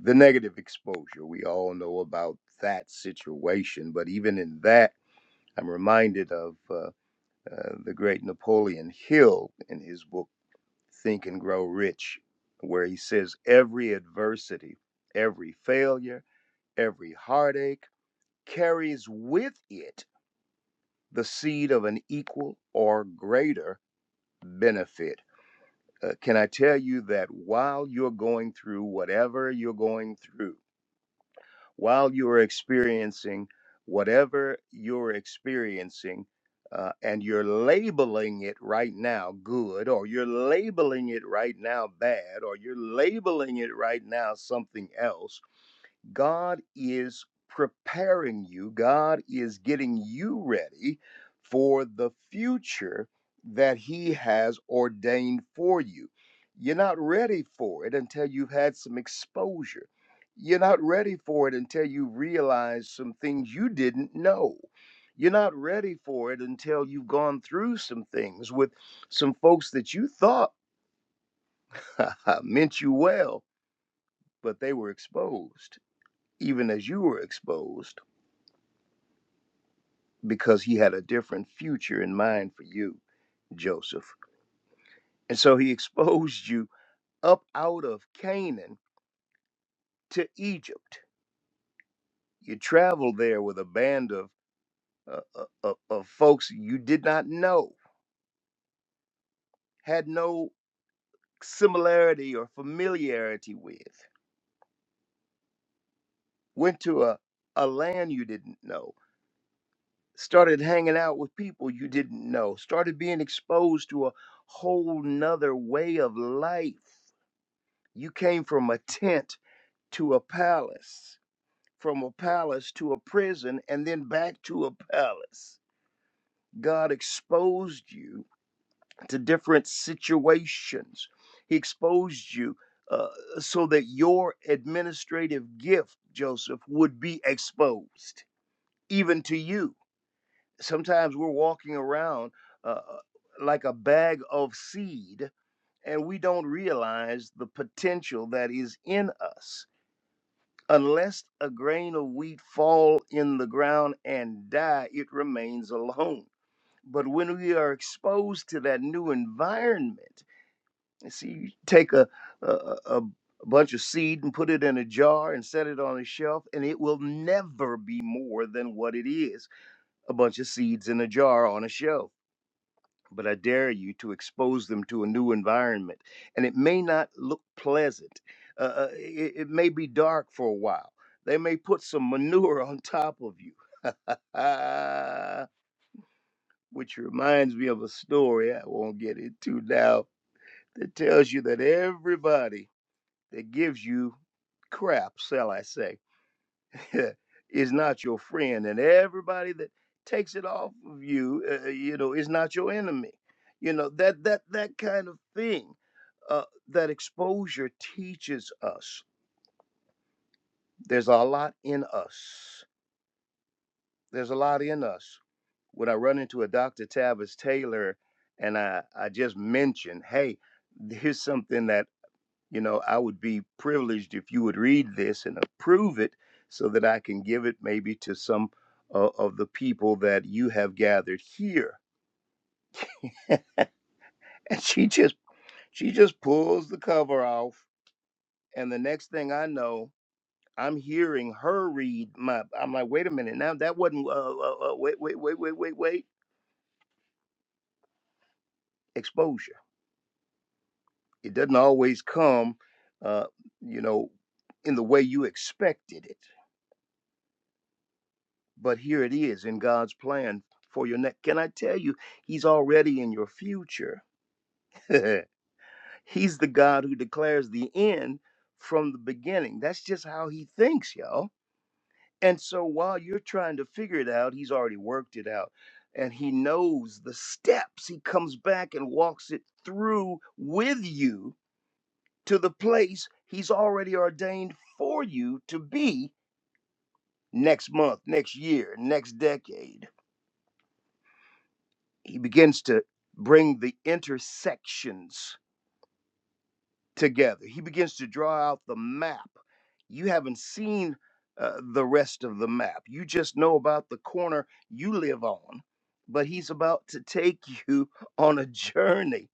the negative exposure. We all know about that situation, but even in that, I'm reminded of. Uh, uh, the great Napoleon Hill in his book Think and Grow Rich, where he says every adversity, every failure, every heartache carries with it the seed of an equal or greater benefit. Uh, can I tell you that while you're going through whatever you're going through, while you are experiencing whatever you're experiencing uh, and you're labeling it right now good or you're labeling it right now bad or you're labeling it right now something else God is preparing you, God is getting you ready for the future that He has ordained for you. You're not ready for it until you've had some exposure. You're not ready for it until you realize some things you didn't know. You're not ready for it until you've gone through some things with some folks that you thought *laughs* meant you well, but they were exposed, even as you were exposed because he had a different future in mind for you, Joseph. And so he *laughs* exposed you up out of Canaan to Egypt. You traveled there with a band of, uh, uh, uh, of folks you did not know, had no similarity or familiarity with, went to a, a land you didn't know, started hanging out with people you didn't know, started being exposed to a whole nother way of life. You came from a tent to a palace, from a palace to a prison, and then back to a palace. God exposed you to different situations. He exposed you uh, so that your administrative gift, Joseph, would be exposed, even to you. Sometimes we're walking around uh, like a bag of seed, and we don't realize the potential that is in us Unless a grain of wheat fall in the ground and die, it remains alone. But when we are exposed to that new environment, and see, you take a, a, a a bunch of seed and put it in a jar and set it on a shelf, and it will never be more than what it is a bunch of seeds in a jar on a shelf but I dare you to expose them to a new environment. And it may not look pleasant. Uh, uh, it, it may be dark for a while. They may put some manure *laughs* on top of you, *laughs* which reminds me of a story I won't get into now that tells you that everybody that gives you crap, shall I say, *laughs* is not your friend, and everybody that takes it off of you, uh, uh, you know, is not your enemy. You know that that that kind of thing. Uh, that exposure teaches us. There's a lot in us. There's a lot in us. When I run into a Dr. Tavis Taylor, and I I just mention, hey, here's something that. You know, I would be privileged if you would read this and approve it so that I can give it maybe to some uh, of the people that you have gathered here. *laughs* And she just she just pulls the cover off and the next thing I know, I'm hearing her read my I'm like, "Wait a minute. Now that wasn't uh, uh, uh, wait wait wait wait wait wait exposure. It doesn't always come uh, you know, in the way you expected it. but here it is in God's plan for your next. Can I tell you, He's already in your future. *laughs* he's the God who declares the end from the beginning. That's just how He thinks, y'all. And so while you're trying to figure it out, He's already worked it out. And He knows the steps. He comes back and walks it through with you to the place He's already ordained for you to be next month, next year, next decade. he begins to bring the intersections together. He begins to draw out the map. You haven't seen uh, the rest of the map. You just know about the corner you live on, but he's about to take *laughs* you on a journey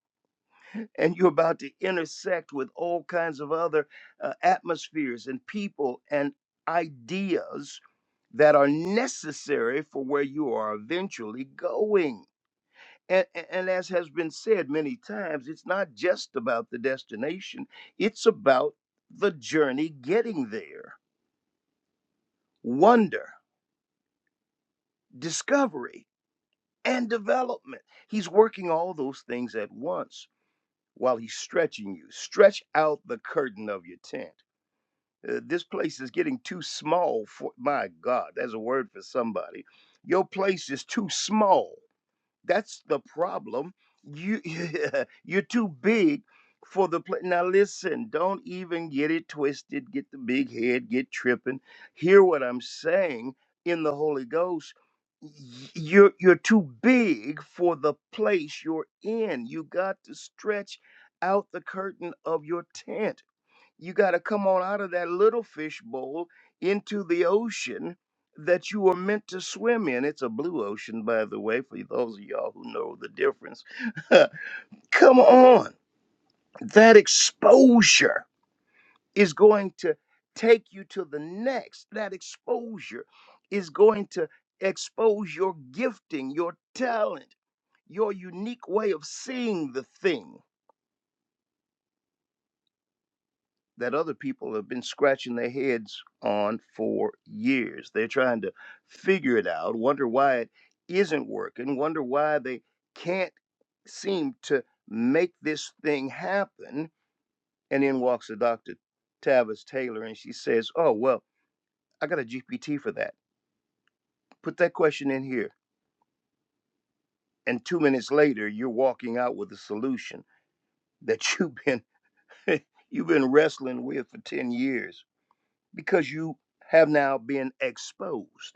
and you're about to intersect with all kinds of other uh, atmospheres and people and ideas that are necessary for where you are eventually going and, and as has been said many times, it's not just about the destination, it's about the journey getting there. Wonder, discovery, and development. He's working all those things at once while he's stretching you. Stretch out the curtain of your tent. Uh, this place is getting too small for my God, that's a word for somebody. Your place is too small. That's the problem. You *laughs* you're too big for the play. Now listen, don't even get it twisted, get the big head, get tripping. Hear what I'm saying in the Holy Ghost. Y- You're you're too big for the place you're in. You got to stretch out the curtain of your tent. You got to come on out of that little fish bowl into the ocean that you were meant to swim in. It's a blue ocean, by the way, for those of y'all who know the difference. *laughs* come on. That exposure is going to take you to the next. That exposure is going to expose your gifting, your talent, your unique way of seeing the thing. that other people have been scratching their heads on for years. They're trying to figure it out, wonder why it isn't working, wonder why they can't seem to make this thing happen. And in walks the Dr. Tavis Taylor and she says, Oh, well, I got a GPT for that. Put that question in here. And two minutes later, you're walking out with a solution that you've been *laughs* you've been wrestling with for 10 years because you have now been exposed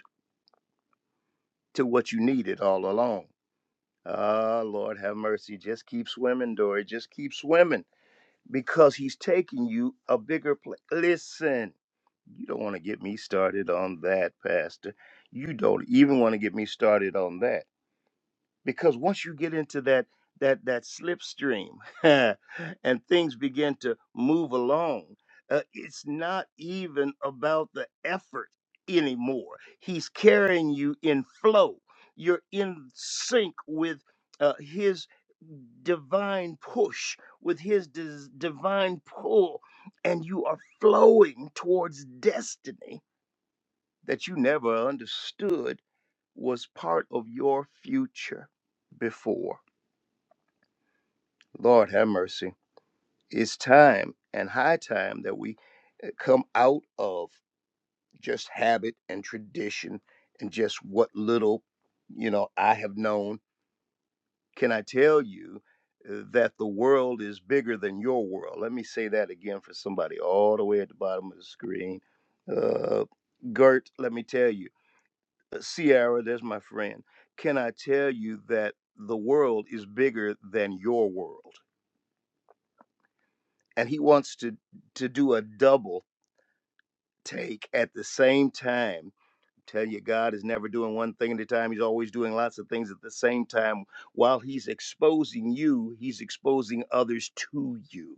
to what you needed all along. Ah, Lord have mercy. Just keep swimming, Dory. Just keep swimming because he's taking you a bigger place. Listen, you don't want to get me started on that, Pastor. You don't even want to get me started on that because once you get into that that that slipstream *laughs* and things begin to move along uh, it's not even about the effort anymore he's carrying you in flow you're in sync with uh, his divine push with his dis- divine pull and you are flowing towards destiny that you never understood was part of your future before. Lord have mercy. It's time and high time that we uh, come out of just habit and tradition and just what little, you know, I have known. Can I tell you uh, that the world is bigger than your world? Let me say that again for somebody all the way at the bottom of the screen. Uh, Gert, let me tell you Sierra, there's my friend. Can I tell you that the world is bigger than your world? And he wants to to do a double take at the same time. Tell you God is never doing one thing at a time. He's always doing lots of things at the same time. While he's exposing you, he's exposing others to you.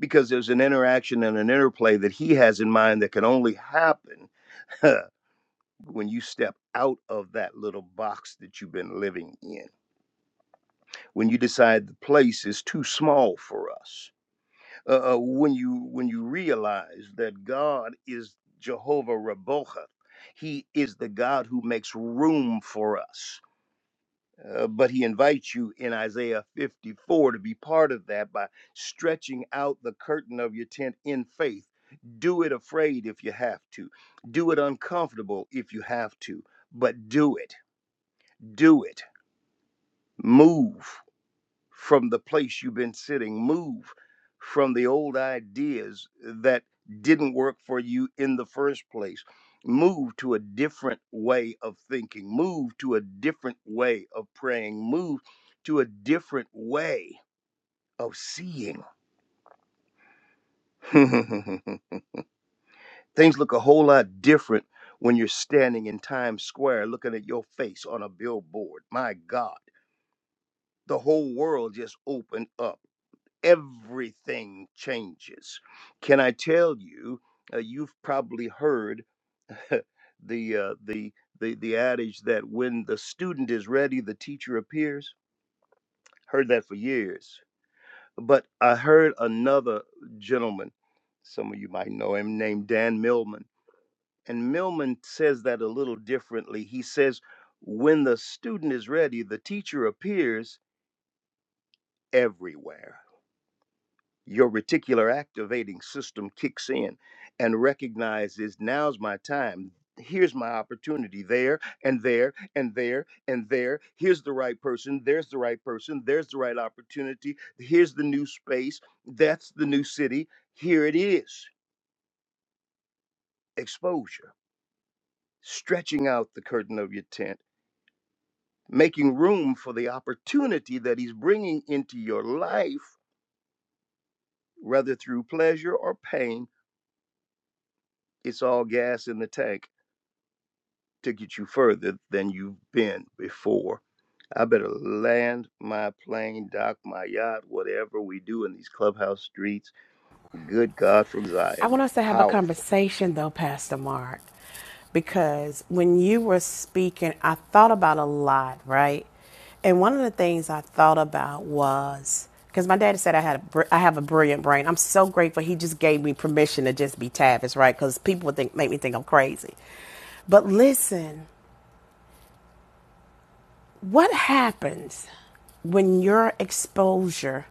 Because there's an interaction and an interplay that he has in mind that can only happen *laughs* when you step out of that little box that you've been living in. when you decide the place is too small for us uh, uh, when you when you realize that god is jehovah Raboha, he is the god who makes room for us Uh, but he invites you in isaiah 54 to be part of that by stretching out the curtain of your tent in faith do it afraid if you have to do it uncomfortable if you have to but do it do it move from the place you've been sitting. Move from the old ideas that didn't work for you in the first place. Move to a different way of thinking. Move to a different way of praying. Move to a different way of seeing. *laughs* Things look a whole lot different when you're standing in Times Square looking at your face on a billboard. My God, the whole world just opened up everything changes. Can I tell you? Uh, you've probably heard *laughs* the uh, the the the adage that when the student is ready, the teacher appears. Heard that for years, but I heard another gentleman. Some of you might know him, named Dan Millman, and Millman says that a little differently. He says, "When the student is ready, the teacher appears everywhere." your reticular activating system kicks in and recognizes now's my time. Here's my opportunity there and there and there and there. Here's the right person. There's the right person. There's the right opportunity. Here's the new space. That's the new city. Here it is. Exposure. Stretching out the curtain of your tent, making room for the opportunity that he's bringing into your life, whether through pleasure or pain. It's all gas in the tank to get you further than you've been before. I better land my plane, dock my yacht, whatever we do in these clubhouse streets. Good God from
I
Zion.
want us to have a
Powerful.
conversation though, Pastor Mark, because when you were speaking, I thought about a lot, right? And one of the things I thought about was because my daddy said I had a, I have a brilliant brain. I'm so grateful he just gave me permission to just be Tavis, right? Because people would think make me think I'm crazy. But listen, what happens when your exposure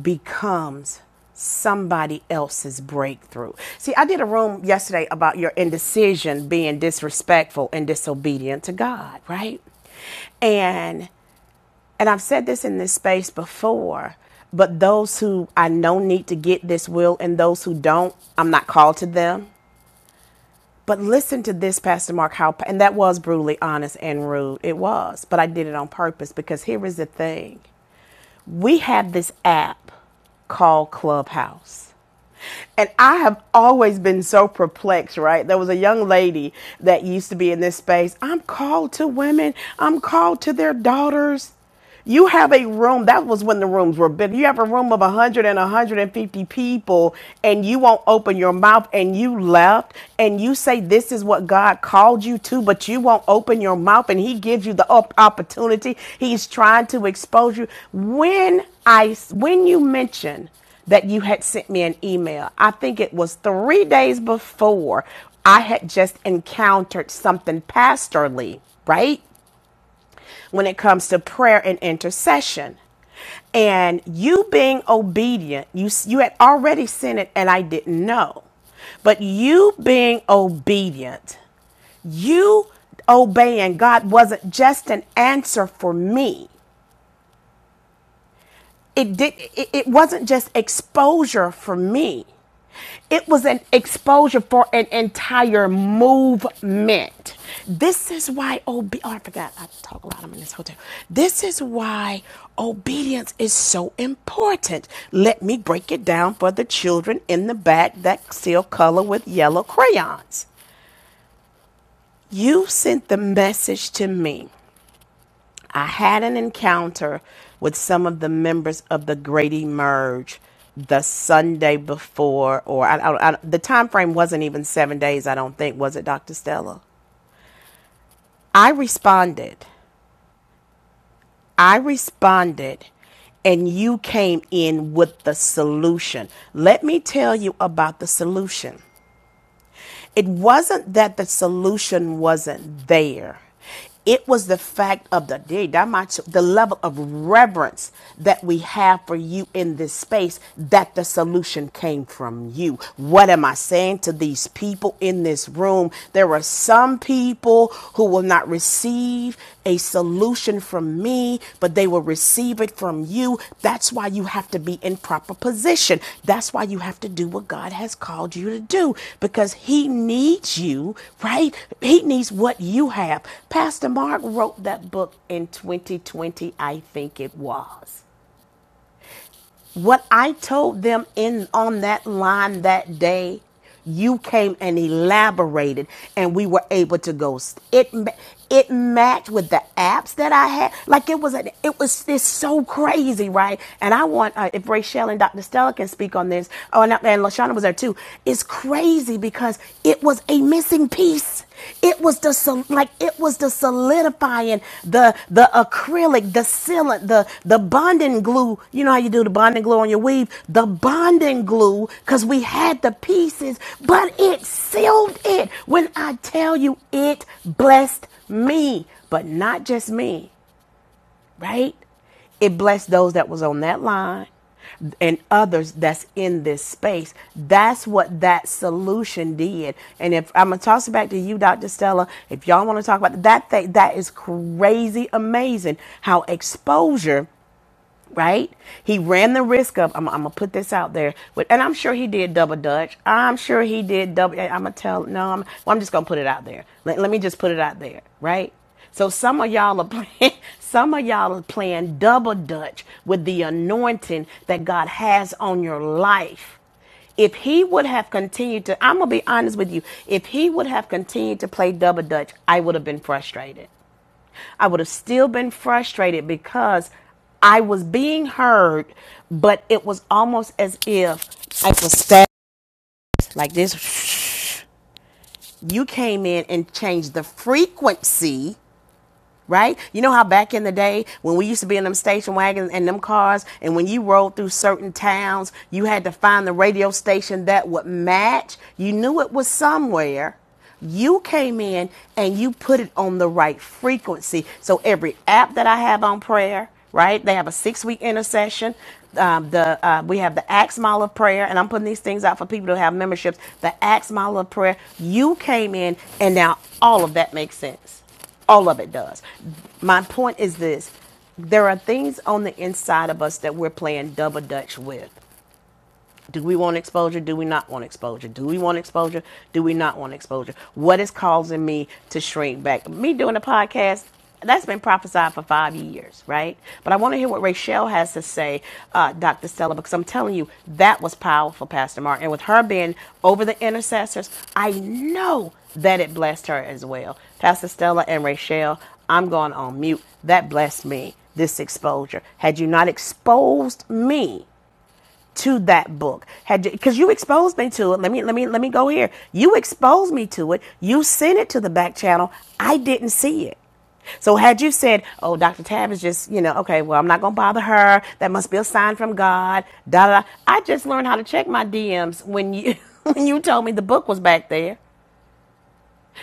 becomes somebody else's breakthrough? See, I did a room yesterday about your indecision being disrespectful and disobedient to God, right? And and I've said this in this space before, but those who I know need to get this will and those who don't, I'm not called to them. But listen to this, Pastor Mark, how, and that was brutally honest and rude. It was, but I did it on purpose because here is the thing. We have this app called Clubhouse. And I have always been so perplexed, right? There was a young lady that used to be in this space. I'm called to women, I'm called to their daughters. You have a room, that was when the rooms were big. You have a room of 100 and 150 people, and you won't open your mouth, and you left, and you say, This is what God called you to, but you won't open your mouth, and He gives you the op- opportunity. He's trying to expose you. When I, when you mention that you had sent me an email. I think it was three days before I had just encountered something pastorally, right? When it comes to prayer and intercession. And you being obedient, you, you had already sent it and I didn't know. But you being obedient, you obeying God wasn't just an answer for me. it did it, it wasn't just exposure for me it was an exposure for an entire movement this is why obe- oh, i forgot i talk a lot i'm in this hotel this is why obedience is so important let me break it down for the children in the back that still color with yellow crayons you sent the message to me I had an encounter with some of the members of the Great Emerge the Sunday before, or I, I, I, the time frame wasn't even seven days, I don't think, was it, Dr. Stella? I responded. I responded, and you came in with the solution. Let me tell you about the solution. It wasn't that the solution wasn't there. It was the fact of the day, that much- the level of reverence that we have for you in this space that the solution came from you. What am I saying to these people in this room? There are some people who will not receive a solution from me, but they will receive it from you. That's why you have to be in proper position. That's why you have to do what God has called you to do because He needs you, right? He needs what you have. Pastor Mark wrote that book in 2020, I think it was. What I told them in on that line that day, you came and elaborated, and we were able to go. It it matched with the apps that I had. Like it was a, it was this so crazy, right? And I want uh, if Rachelle and Dr. Stella can speak on this. Oh, and, and Lashana was there too. It's crazy because it was a missing piece. It was the sol- like it was the solidifying, the the acrylic, the sealant, the the bonding glue. You know how you do the bonding glue on your weave, the bonding glue, because we had the pieces, but it sealed it. When I tell you, it blessed me, but not just me right? It blessed those that was on that line and others that's in this space. That's what that solution did. And if I'm gonna toss it back to you, Dr. Stella, if y'all want to talk about that thing, that is crazy amazing how exposure right? He ran the risk of I'm, I'm gonna put this out there, but and I'm sure he did double dutch. I'm sure he did double. I'm gonna tell no. I'm well, I'm just gonna put it out there. Let, let me just put it out there, right? So some of y'all are playing. *laughs* Some of y'all are playing double dutch with the anointing that God has on your life. If he would have continued to, I'm gonna be honest with you. If he would have continued to play double dutch, I would have been frustrated. I would have still been frustrated because I was being heard, but it was almost as if I was stabbed like this. You came in and changed the frequency right? You know how back in the day when we used to be in them station wagons and them cars, and when you rode through certain towns, you had to find the radio station that would match. You knew it was somewhere. You came in and you put it on the right frequency. So every app that I have on prayer, right? They have a six-week intercession. Um, the uh, we have the Axe Mile of Prayer, and I'm putting these things out for people who have memberships. The Axe Mile of Prayer. You came in, and now all of that makes sense. All of it does. My point is this there are things on the inside of us that we're playing double dutch with. Do we want exposure? Do we not want exposure? Do we want exposure? Do we not want exposure? What is causing me to shrink back? Me doing a podcast, that's been prophesied for five years, right? But I want to hear what Rachelle has to say, uh, Dr. Stella, because I'm telling you, that was powerful, Pastor Mark. And with her being over the intercessors, I know that it blessed her as well. Pastor Stella and Rachelle, I'm going on mute. That blessed me, this exposure. Had you not exposed me, to that book had you, because you, exposed me to it let me let me let me go here you exposed me to it you sent it to the back channel i didn't see it so had you said oh dr tab is just you know okay well i'm not gonna bother her that must be a sign from god da da da. i just learned how to check my dms when you *laughs* when you told me the book was back there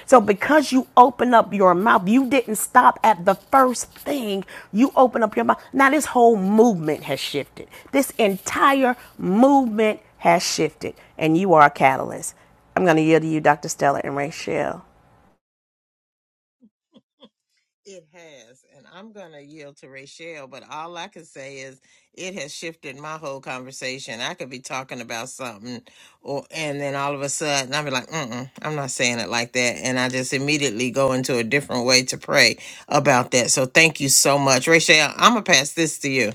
so because you open up your mouth, you didn't stop at the first thing. You open up your mouth. Now this whole movement has shifted. This entire movement has shifted, and you are a catalyst. I'm going to yield to you, Dr. Stella and Rachelle.
It has, and I'm going to yield to Rachelle, but all I can say is it has shifted my whole conversation. I could be talking about something, or and then all of a sudden I'll be like, Mm-mm, I'm not saying it like that, and I just immediately go into a different way to pray about that. So thank you so much, Rachelle. I'm gonna pass this to you.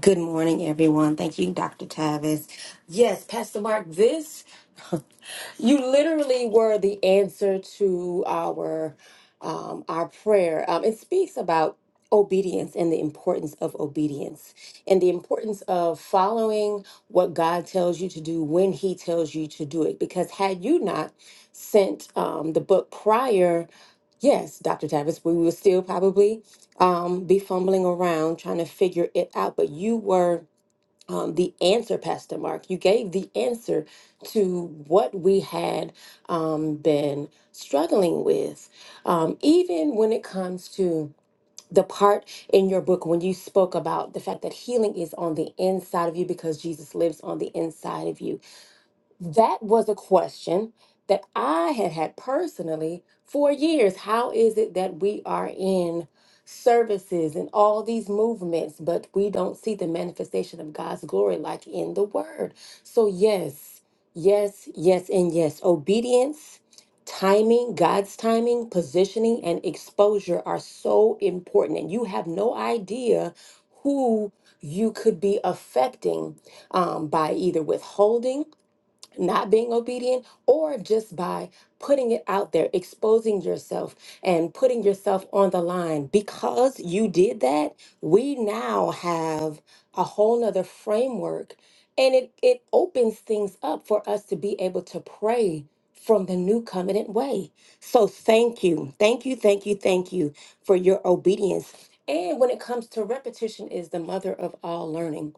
Good morning, everyone. Thank you, Dr. Tavis. Yes, Pastor Mark, this, *laughs* you literally were the answer to our um, our prayer. Um, it speaks about obedience and the importance of obedience and the importance of following what God tells you to do when He tells you to do it. Because had you not sent um, the book prior, yes, Dr. Tavis, we were still probably um, be fumbling around trying to figure it out, but you were um, the answer, Pastor Mark. You gave the answer to what we had um, been struggling with, um, even when it comes to the part in your book when you spoke about the fact that healing is on the inside of you because Jesus lives on the inside of you that was a question that I had had personally for years. How is it that we are in services and all these movements, but we don't see the manifestation of God's glory like in the Word? So, yes, yes, yes, and yes. Obedience, timing, God's timing, positioning, and exposure are so important. And you have no idea who you could be affecting um, by either withholding not being obedient or just by putting it out there, exposing yourself and putting yourself on the line. Because you did that, we now have a whole nother framework and it, it opens things up for us to be able to pray from the new covenant way. So thank you. Thank you, thank you, thank you for your obedience. And when it comes to repetition is the mother of all learning.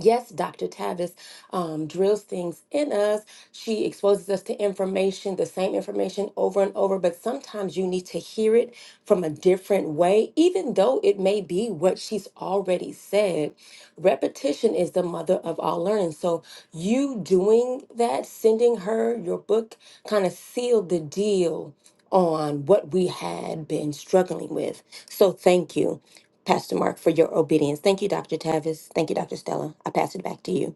Yes, Dr. Tavis um, drills things in us. She exposes us to information, the same information over and over, but sometimes you need to hear it from a different way, even though it may be what she's already said. Repetition is the mother of all learning. So you doing that, sending her your book, kind of sealed the deal on what we had been struggling with. So thank you, Pastor Mark, for your obedience. Thank you, Dr. Tavis. Thank you, Dr. Stella. I pass it back to you.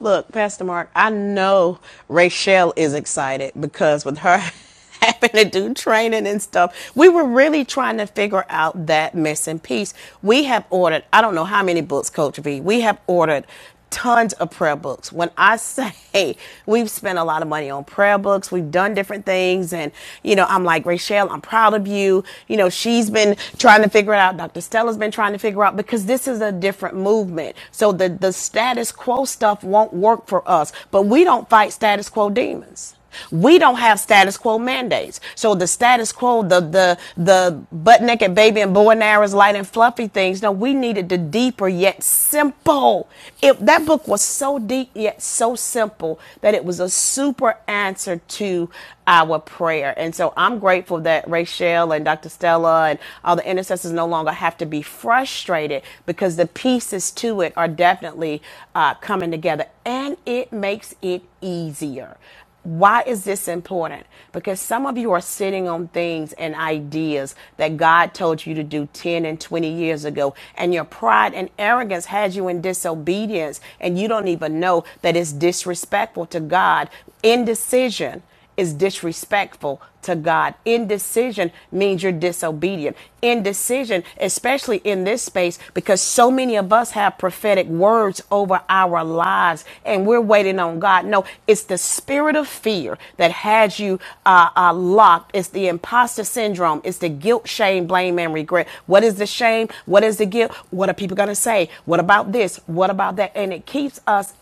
Look, Pastor Mark, I know Rachelle is excited because with her *laughs* having to do training and stuff, we were really trying to figure out that missing piece. We have ordered, I don't know how many books, Coach V, we have ordered tons of prayer books. When I *laughs* say we've spent a lot of money on prayer books, we've done different things. And, you know, I'm like, Rachelle, I'm proud of you. You know, she's been trying to figure it out. Dr. Stella's been trying to figure out because this is a different movement. So the, the status quo stuff won't work for us. But we don't fight status quo demons. We don't have status quo mandates. So the status quo, the the the butt naked baby and boy and arrows, light and fluffy things. No, we needed the deeper yet simple. If that book was so deep yet so simple that it was a super answer to our prayer. And so I'm grateful that Rachel and Dr. Stella and all the intercessors no longer have to be frustrated because the peace pieces to it are definitely uh, coming together and it makes it easier. Why is this important? Because some of you are sitting on things and ideas that God told you to do 10 and 20 years ago, and your pride and arrogance has you in disobedience, and you don't even know that it's disrespectful to God. Indecision is disrespectful to God. Indecision means you're disobedient. Indecision, especially in this space, because so many of us have prophetic words over our lives and we're waiting on God. No, it's the spirit of fear that has you uh, uh, locked. It's the imposter syndrome. It's the guilt, shame, blame, and regret. What is the shame? What is the guilt? What are people going to say? What about this? What about that? And it keeps us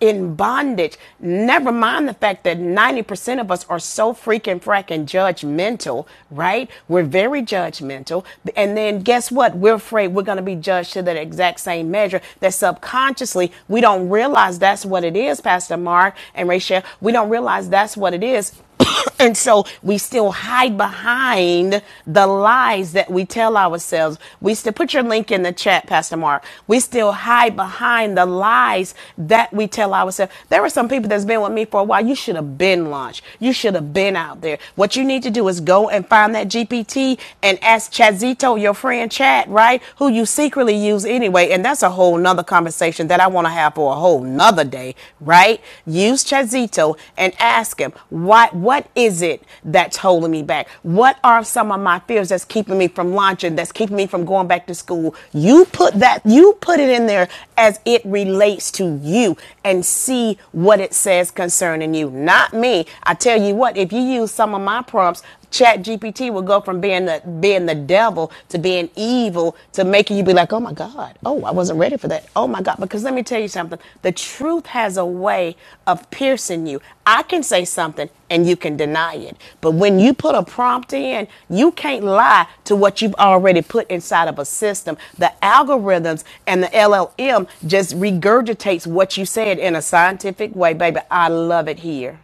in bondage. Never mind the fact that 90% of us are so freaking fracking judgmental, right? We're very judgmental. And then guess what? We're afraid we're going to be judged to that exact same measure that subconsciously we don't realize that's what it is, Pastor Mark and Rachel. We don't realize that's what it is. *coughs* and so we still hide behind the lies that we tell tell ourselves. We still put your link in the chat, Pastor Mark. We still hide behind the lies that we tell ourselves. There are some people that's been with me for a while. You should have been launched. You should have been out there. What you need to do is go and find that GPT and ask Chazito, your friend Chad, right? Who you secretly use anyway. And that's a whole nother conversation that I want to have for a whole nother day, right? Use Chazito and ask him, why, what is it that's holding me back? What are some of my fears that's keeping me from launching, that's keeping me from going back to school? You put that, you put it in there as it relates to you and see what it says concerning you, not me. I tell you what, if you use some of my prompts, Chat GPT will go from being the being the devil to being evil to making you be like, oh my God, oh I wasn't ready for that. Oh my God, because let me tell you something. The truth has a way of piercing you. I can say something and you can deny it, but when you put a prompt in, you can't lie to what you've already put inside of a system. The algorithms and the LLM just regurgitates what you said in a scientific way, baby. I love it here.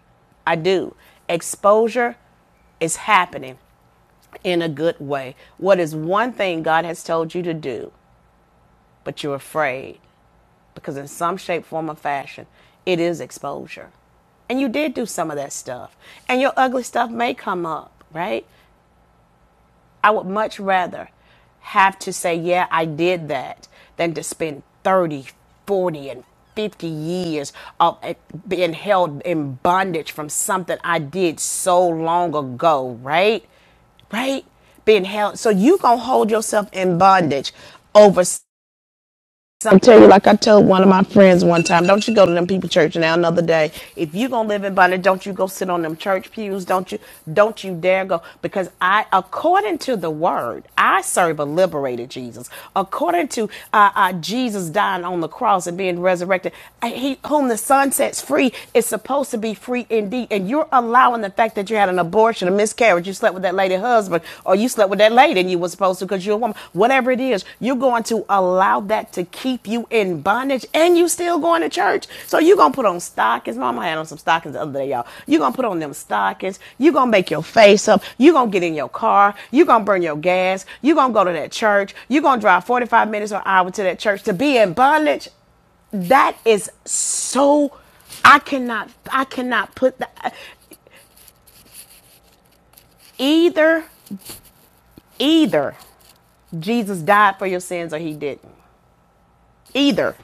I do. Exposure is happening in a good way. What is one thing God has told you to do, but you're afraid because, in some shape, form, or fashion, it is exposure. And you did do some of that stuff. And your ugly stuff may come up, right? I would much rather have to say, yeah, I did that than to spend 30, 40, and 50 years of eh, being held in bondage from something I did so long ago, right? Right? Being held. So you going to hold yourself in bondage over so I'm telling you, like I told one of my friends one time, don't you go to them people church now another day. If you gonna live in bondage, don't you go sit on them church pews. Don't you don't you dare go. Because I according to the word, I serve a liberated Jesus. According to uh, uh, Jesus dying on the cross and being resurrected, he whom the son sets free is supposed to be free indeed. And you're allowing the fact that you had an abortion miscarriage, you slept with that lady husband, or you slept with that lady and you were supposed to because you're a woman. Whatever it is, you're going to allow that to keep you in bondage and you still going to church. So you're gonna put on stockings. Mama had on some stockings the other day, y'all. You're gonna put on them stockings, you're gonna make your face up, you're gonna get in your car, you're gonna burn your gas, you're gonna go to that church, you're gonna drive 45 minutes or an hour to that church to be in bondage. That is so I cannot I cannot put that either either Jesus died for your sins or he didn't. Either.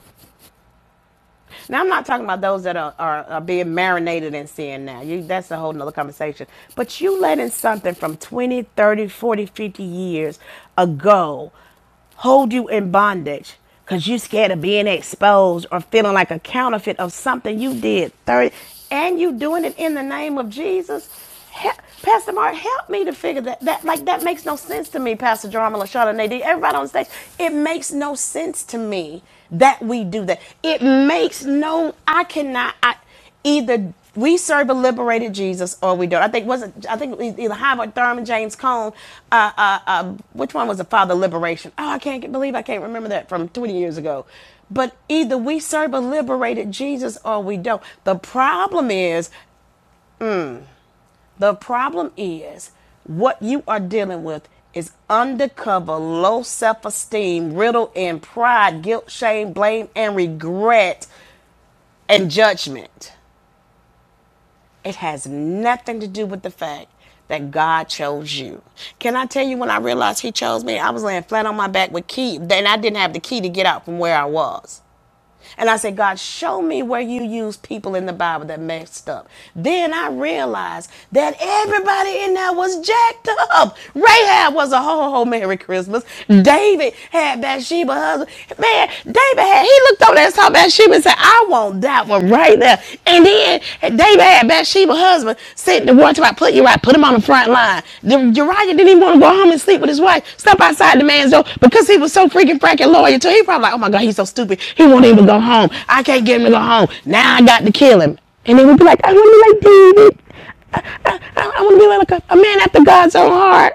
Now I'm not talking about those that are, are, are being marinated in sin now. You that's a whole nother conversation. But you letting something from 20, 30, 40, 50 years ago hold you in bondage because you scared of being exposed or feeling like a counterfeit of something you did 30 and you doing it in the name of jesus Hel- pastor mark help me to figure that that like that makes no sense to me pastor drama lashana nadine everybody on stage it makes no sense to me that we do that it makes no i cannot i Either we serve a liberated Jesus or we don't. I think was not I think e-, either Howard Thurman, James Cone, uh, uh, uh, which one was the Father of Liberation? Oh, I can't believe I can't remember that from 20 years ago. But either we serve a liberated Jesus or we don't. The problem is, the problem is what you are dealing with is undercover low self-esteem riddled in pride guilt shame blame and regret and judgment It has nothing to do with the fact that God chose you. Can I tell you when I realized He chose me? I was laying flat on my back with key, and I didn't have the key to get out from where I was. And I said, God, show me where you use people in the Bible that messed up. Then I realized that everybody in there was jacked up. Rahab was a ho ho Merry Christmas. David had Bathsheba husband. Man, David had, he looked over there and saw Bathsheba and said, I want that one right there. And then David had Bathsheba's husband said the one about put Uriah, put him on the front line. The, Uriah didn't even want to go home and sleep with his wife. Step outside the man's door because he was so freaking fracking loyal to. him. He probably like, oh my god, he's so stupid. He won't even go home. I can't get him to go home. Now I got to kill him. And then we'd be like, I want to be like David. I, I want to be like a, a man after God's own heart.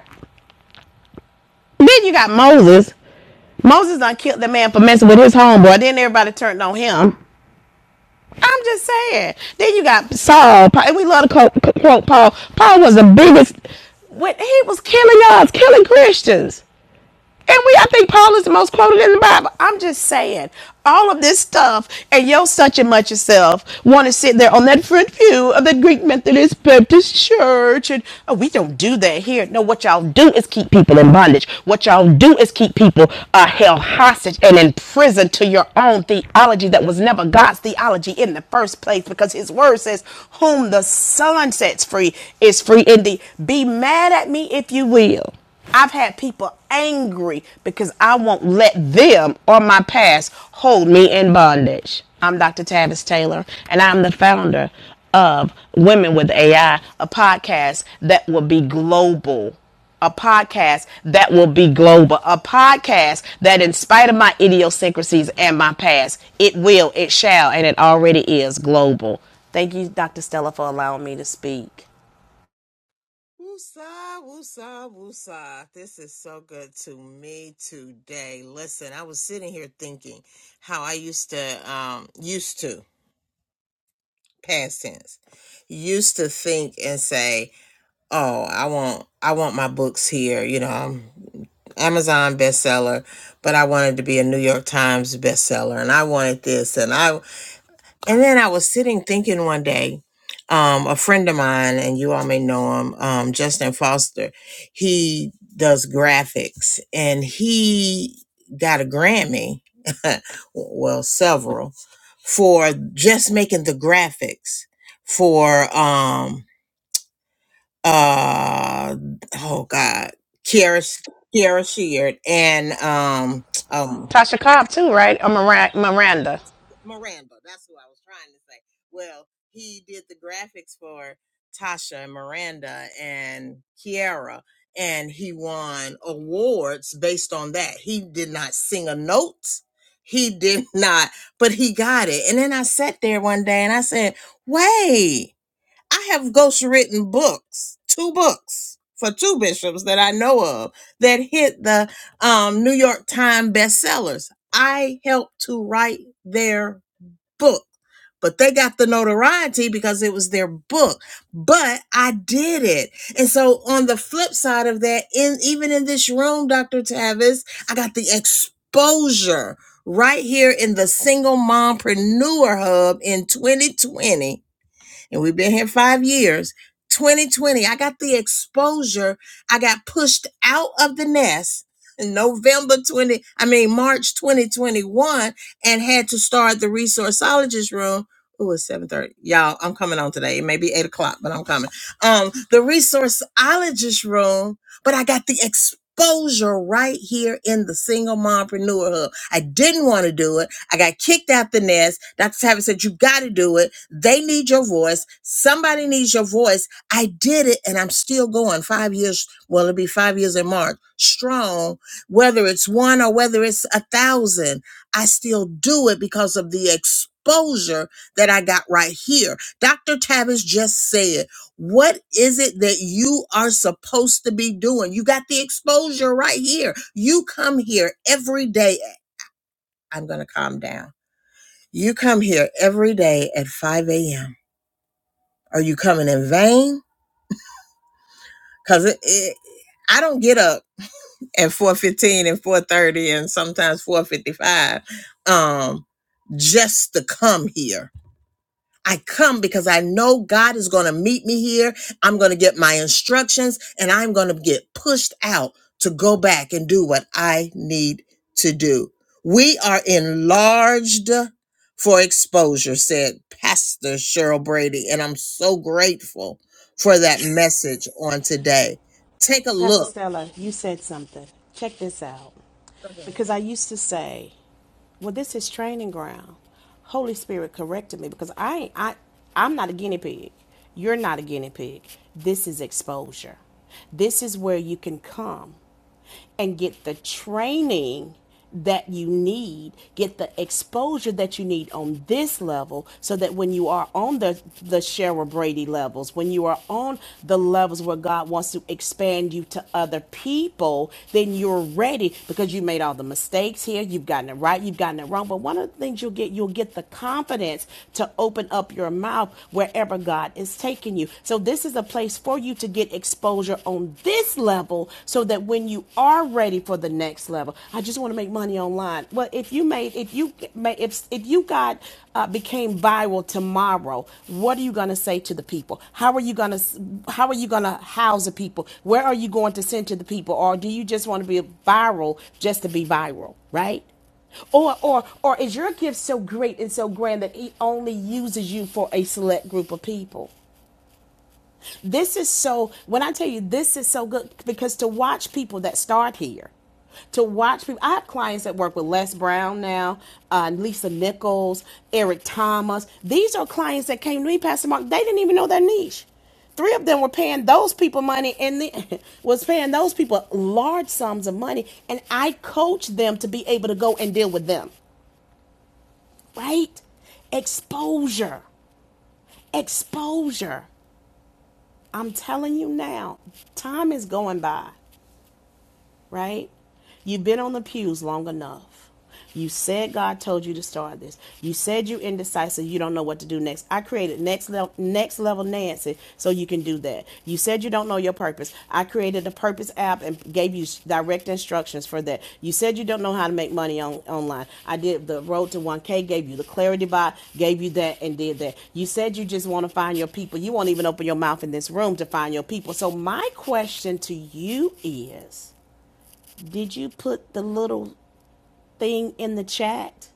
Then you got Moses. Moses done killed the man for messing with his homeboy. Then everybody turned on him. I'm just saying. Then you got Saul, and we love to quote, quote Paul. Paul was the biggest. When he was killing us, killing Christians. And we, I think Paul is the most quoted in the Bible. I'm just saying, all of this stuff, and yo, such and much yourself, want to sit there on that front pew of the Greek Methodist Baptist Church, and oh, we don't do that here. No, what y'all do is keep people in bondage. What y'all do is keep people uh, held hostage and in prison to your own theology that was never God's theology in the first place, because His Word says, "Whom the Son sets free is free indeed." Be mad at me if you will. I've had people angry because I won't let them or my past hold me in bondage. I'm Dr. Tavis Taylor, and I'm the founder of Women with AI, a podcast that will be global. A podcast that will be global. A podcast that, in spite of my idiosyncrasies and my past, it will, it shall, and it already is global. Thank you, Dr. Stella, for allowing me to speak.
Woosah, woosah, woosah. This is so good to me today. Listen, I was sitting here thinking how I used to, um, used to. past tense You used to think and say oh i want i want my books here you know i'm amazon bestseller but i wanted to be a new york times bestseller and i wanted this and i and then I was sitting thinking one day, um, a friend of mine, and you all may know him, um, Justin Foster, he does graphics and he got a Grammy, *laughs* well, several, for just making the graphics for, um, uh, oh God, Kiara, Kiara Sheard and, um, um,
Tasha Cobb, too, right? Or Miranda.
Miranda. That's who I was trying to say. Well, he did the graphics for Tasha and Miranda and Kiara, and he won awards based on that. He did not sing a note. He did *laughs* not, but he got it. And then I sat there one day and I said, wait. I have ghostwritten books, two books for two bishops that I know of that hit the um, New York Times bestsellers. I helped to write their book, but they got the notoriety because it was their book. But I did it. And so on the flip side of that, in even in this room, Dr. Tavis, I got the exposure right here in the single mompreneur hub in 2020 and we've been here five years. 2020, I got the exposure. I got pushed out of the nest in November 20, I mean, March 2021, and had to start the resourceologist room. Ooh, it's 7:30. Y'all, I'm coming on today. It may be eight o'clock, but I'm coming. Um, the resourceologist room, but I got the exposure right here in the single mompreneur hub. I didn't want to do it. I got kicked out the nest. Dr. Tavis said, You got to do it. They need your voice. Somebody needs your voice. I did it and I'm still going five years. Well, it'll be five years in March. Strong, whether it's one or whether it's a thousand, I still do it because of the exposure that I got right here. Dr. Tavis just said, What is it that you are supposed to be doing? You got the exposure right here. You come here every day. I'm going to calm down you come here every day at 5 a.m. Are you coming in vain? Because it, it, I don't get up at 4.15 and 4.30 and sometimes 4.55 um, just to come here I come because I know God is going to meet me here. I'm going to get my instructions and I'm going to get pushed out to go back and do what I need to do. We are enlarged for exposure, said Pastor Cheryl Brady. And I'm so grateful for that message on today. Take a
Pastor
look.
Stella, you said something. Check this out.
*laughs*
Because I used to say, well, this is training ground. Holy Spirit corrected me because I, I, I'm not a guinea pig. You're not a guinea pig. This is exposure. This is where you can come and get the training that you need, get the exposure that you need on this level so that when you are on the the Cheryl Brady levels, when you are on on the levels where God wants to expand you to other people, then you're ready because you made all the mistakes here. You've gotten it right, you've gotten it wrong. But one of the things you'll get, you'll get the confidence to open up your mouth wherever God is taking you. So this is a place for you to get exposure on this level so that when you are ready for the next level, I just want to make money money online. Well, if you made, if you made, if if you got uh, became viral tomorrow, what are you going to say to the people? How are you going to how are you going to house the people? Where are you going to send to the people? Or do you just want to be viral just to be viral, right? Or, or, or is your gift so great and so grand that it only uses you for a select group of people? This is so, when I tell you this is so good, because to watch people that start here, to watch people, I have clients that work with Les Brown now, uh, Lisa Nichols, Eric Thomas. These are clients that came to me, Pastor Mark, they didn't even know their niche. Three of them were paying those people money and the, *laughs* was paying those people large sums of money. And I coached them to be able to go and deal with them, right? Exposure, exposure. I'm telling you now, time is going by right? You've been on the pews long enough. You said God told you to start this. You said you are indecisive. You don't know what to do next. I created next level, next level Nancy, so you can do that. You said you don't know your purpose. I created a purpose app and gave you direct instructions for that. You said you don't know how to make money on online. I did the road to 1K, gave you the clarity bot, gave you that, and did that. You said you just want to find your people. You won't even open your mouth in this room to find your people. So my question to you is did you put the little thing in the chat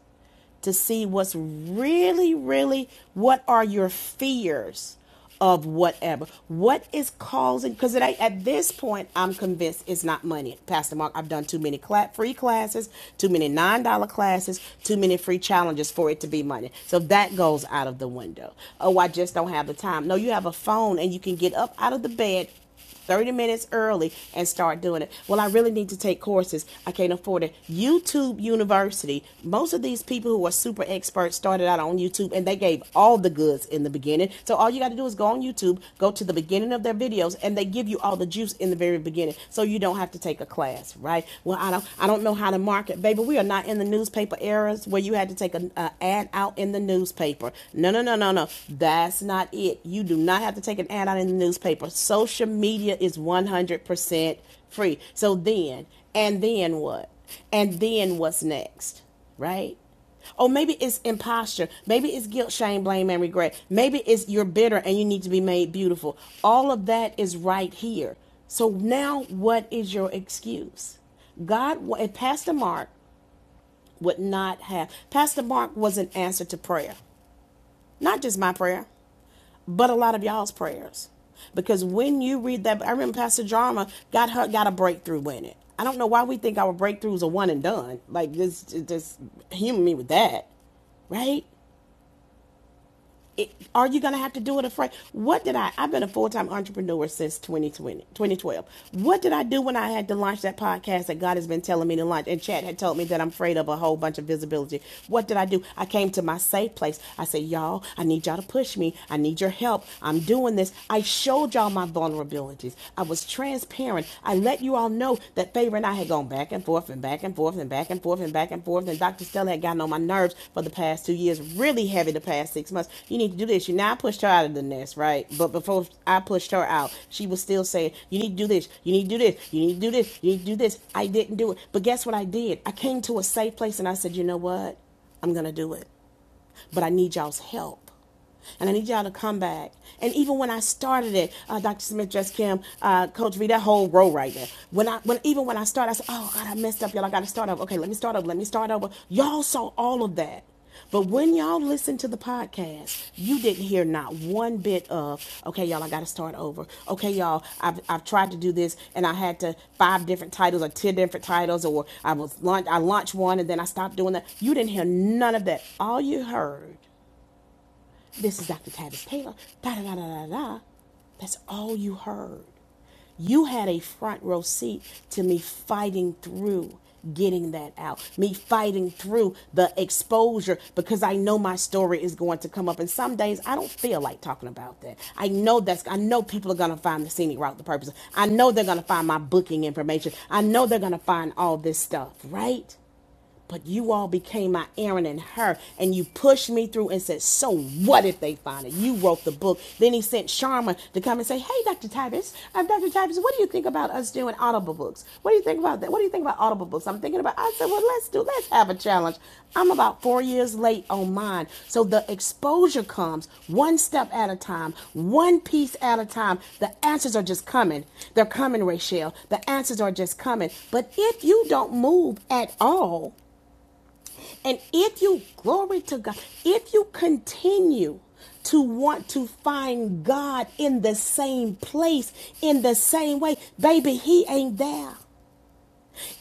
to see what's really, really, what are your fears of whatever? What is causing? Because at, this point, I'm convinced it's not money. Pastor Mark, I've done too many cla- free classes, too many $9 classes, too many free challenges for it to be money. So that goes out of the window. Oh, I just don't have the time. No, you have a phone and you can get up out of the bed 30 minutes early and start doing it. Well, I really need to take courses. I can't afford it. YouTube University. Most of these people who are super experts started out on YouTube and they gave all the goods in the beginning. So all you got to do is go on YouTube, go to the beginning of their videos and they give you all the juice in the very beginning. So you don't have to take a class, right? Well, I don't I don't know how to market. Baby, we are not in the newspaper eras where you had to take an uh, ad out in the newspaper. No, no, no, no, no. That's not it. You do not have to take an ad out in the newspaper. Social media is 100% free. So then, and then what? And then what's next? Right? Or maybe it's imposture. Maybe it's guilt, shame, blame, and regret. Maybe it's you're bitter and you need to be made beautiful. All of that is right here. So now, what is your excuse? God, and Pastor Mark would not have. Pastor Mark was an answer to prayer, not just my prayer but a lot of y'all's prayers. Because when you read that, I remember Pastor Jarma got her got a breakthrough in it. I don't know why we think our breakthroughs are one and done. Like just just humor me with that, right? Are you going to have to do it afraid? What did I? I've been a full time entrepreneur since 2020, What did I do when I had to launch that podcast that God has been telling me to launch? And Chad had told me that I'm afraid of a whole bunch of visibility. What did I do? I came to my safe place. I said, Y'all, I need y'all to push me. I need your help. I'm doing this. I showed y'all my vulnerabilities. I was transparent. I let you all all know that Favor and I had gone back and forth and back and forth and back and forth and back and forth. And Dr. Stella had gotten on my nerves for the past two years, really heavy the past six months. You need to do this. You now I pushed her out of the nest, right? But before I pushed her out, she was still saying, You need to do this, you need to do this, you need to do this, you need to do this. I didn't do it. But guess what I did? I came to a safe place and I said, You know what? I'm gonna do it. But I need y'all's help. And I need y'all to come back. And even when I started it, uh, Dr. Smith, Jess Kim, uh, Coach V, that whole row right there. When I, when even when I started, I said, "Oh God, I messed up, y'all. I got to start over. Okay, let me start over. Let me start over." Y'all saw all of that. But when y'all listened to the podcast, you didn't hear not one bit of, okay, y'all, I got to start over. Okay, y'all, I've, I've tried to do this and I had to five different titles or 10 different titles or I was launch, I launched one and then I stopped doing that. You didn't hear none of that. All you heard this is Dr. Tavis Taylor. Da da da da da da. That's all you heard. You had a front row seat to me fighting through getting that out, me fighting through the exposure because I know my story is going to come up. And some days I don't feel like talking about that. I know that's, I know people are going to find the scenic route, the purpose. I know they're going to find my booking information. I know they're going to find all this stuff, right? But you all became my Aaron and her, and you pushed me through and said, So what if they find it? You wrote the book. Then he sent Sharma to come and say, Hey, Dr. Titus, I'm Dr. Titus, what do you think about us doing audible books? What do you think about that? What do you think about audible books? I'm thinking about, I said, Well, let's do, let's have a challenge. I'm about four years late on mine. So the exposure comes one step at a time, one piece at a time. The answers are just coming. They're coming, Rachelle. The answers are just coming. But if you don't move at all, and if you, glory to God, if you continue to want to find God in the same place, in the same way, baby, He ain't there.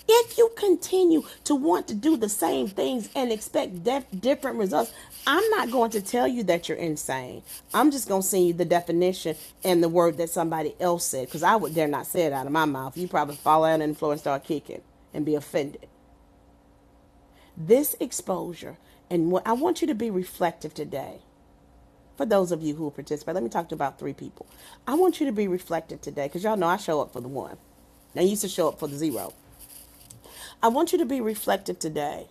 If you continue to want to do the same things and expect def- different results, I'm not going to tell you that you're insane. I'm just going to send you the definition and the word that somebody else said because I would dare not say it out of my mouth. You probably fall out on the floor and start kicking and be offended this exposure and what I want you to be reflective today. For those of you who participate, let me talk to about three people. I want you to be reflective today because y'all know I show up for the one. I used to show up for the zero. I want you to be reflective today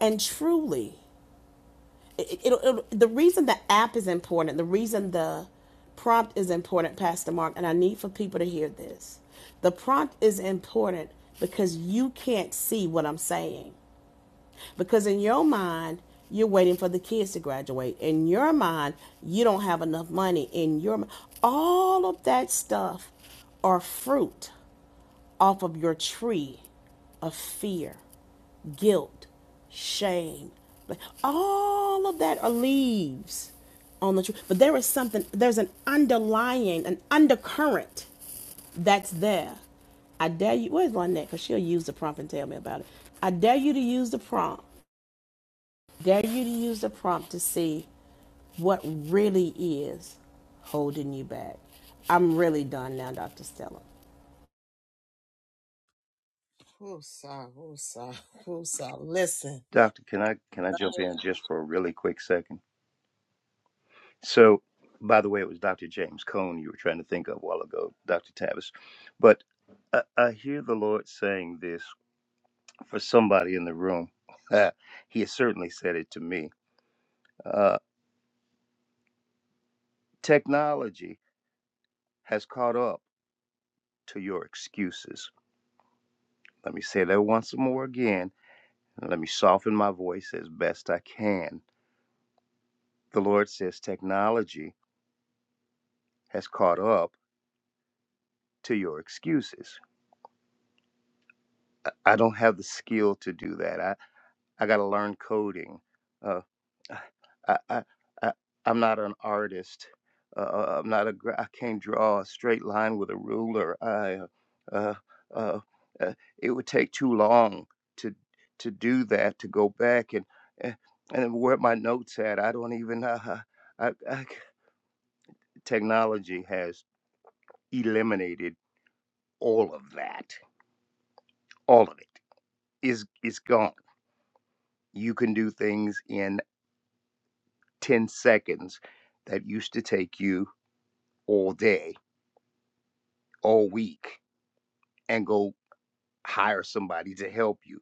and truly. It, it, it, the reason the app is important, the reason the prompt is important, Pastor Mark, and I need for people to hear this. The prompt is important because you can't see what I'm saying. Because in your mind, you're waiting for the kids to graduate. In your mind, you don't have enough money. In your mi- all of that stuff are fruit off of your tree of fear, guilt, shame. Like, All of that are leaves on the tree. But there is something, there's an underlying, an undercurrent that's there. I dare you. Where's Lynette? Because she'll use the prompt and tell me about it. I dare you to use the prompt Dare you to use the prompt to see what really is holding you back. I'm really done now, Dr. Stella.
Whoosah, whoosah, whoosah. *laughs* Listen.
Doctor, can I can I jump in just for a really quick second? So by the way, it was Dr. James Cone you were trying to think of a while ago, Dr. Tavis. But I, I hear the Lord saying this for somebody in the room. *laughs* he has certainly said it to me. Uh, technology has caught up to your excuses. Let me say that once more again, and let me soften my voice as best I can. The Lord says technology has caught up to your excuses. I don't have the skill to do that. I. I got to learn coding. Uh, I, I, I, I'm not an artist. Uh, uh, I'm not ai can't draw a straight line with a ruler. I, uh, uh, uh, it would take too long to to do that. To go back and and and where my notes at? I don't even. Uh, I, I, c- technology has eliminated all of that. All of it is is gone. You can do things in 10 seconds that used to take you all day, all week, and go hire somebody to help you.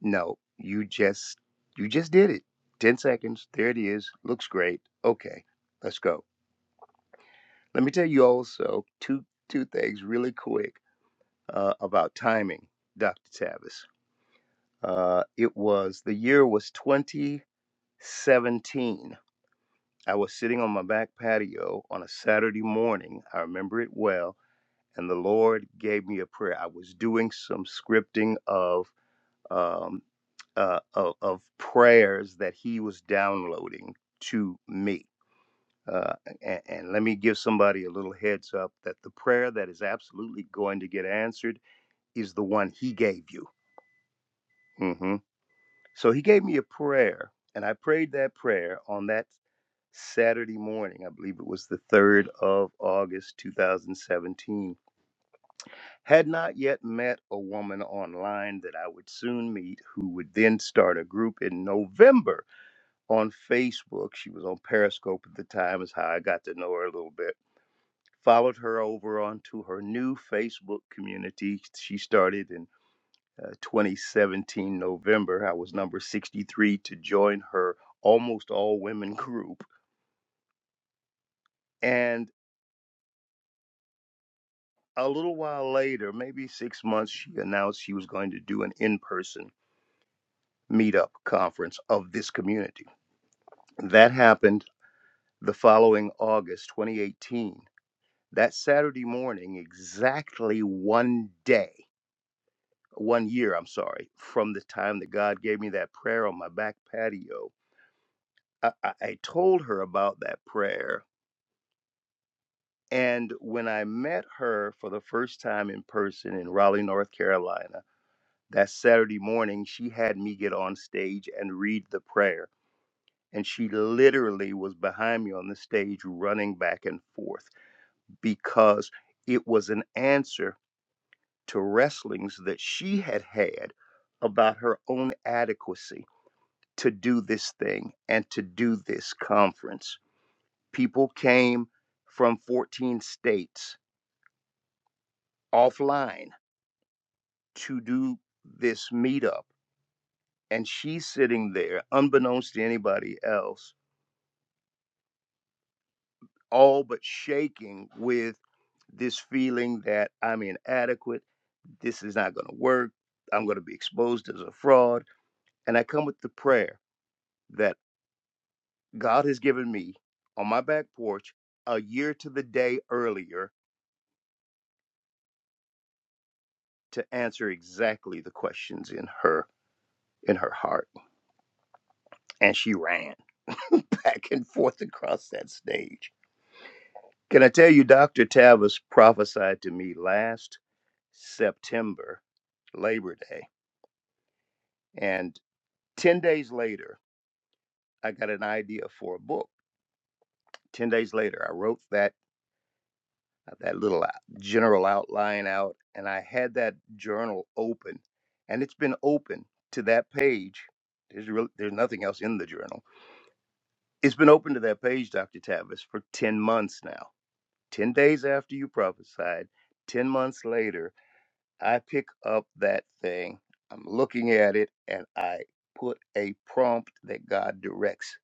No, you just you just did it. 10 seconds. There it is. Looks great. Okay. Let's go. Let me tell you also two two things really quick uh, about timing, Dr. Tavis. Uh, it was the year was 2017. I was sitting on my back patio on a Saturday morning. I remember it well and the Lord gave me a prayer. I was doing some scripting of um, uh, of, of prayers that He was downloading to me. Uh, and, and let me give somebody a little heads up that the prayer that is absolutely going to get answered is the one He gave you. hmm So He gave me a prayer, and I prayed that prayer on that Saturday morning. I believe it was the 3rd of August 2017 Had not yet met a woman online that I would soon meet, who would then start a group in November on Facebook. She was on Periscope at the time, is how I got to know her a little bit. Followed her over onto her new Facebook community. She started in uh, 2017 November. I was number 63 to join her almost all women group. And a little while later, maybe six months, she announced she was going to do an in person meetup conference of this community. That happened the following August 2018. That Saturday morning, exactly one day, one year, I'm sorry, from the time that God gave me that prayer on my back patio, I, I, I told her about that prayer. And when I met her for the first time in person in Raleigh, North Carolina, that Saturday morning, she had me get on stage and read the prayer and she literally was behind me on the stage running back and forth because it was an answer to wrestlings that she had had about her own adequacy to do this thing and to do this conference. People came from 14 states offline to do this meetup, and she's sitting there, unbeknownst to anybody else all but shaking with this feeling that I'm inadequate. This is not going to work. I'm going to be exposed as a fraud. And I come with the prayer that God has given me on my back porch a year to the day earlier to answer exactly the questions in her in her heart and she ran *laughs* back and forth across that stage can i tell you dr tavis prophesied to me last september labor day and 10 days later, I got an idea for a book. 10 days later, I wrote that uh, that little general outline out and I had that journal open and it's been open to that page. There's really, there's nothing else in the journal. It's been open to that page, Dr. Tavis, for 10 months now. 10 days after you prophesied, 10 months later, I pick up that thing. I'm looking at it and I put a prompt that God directs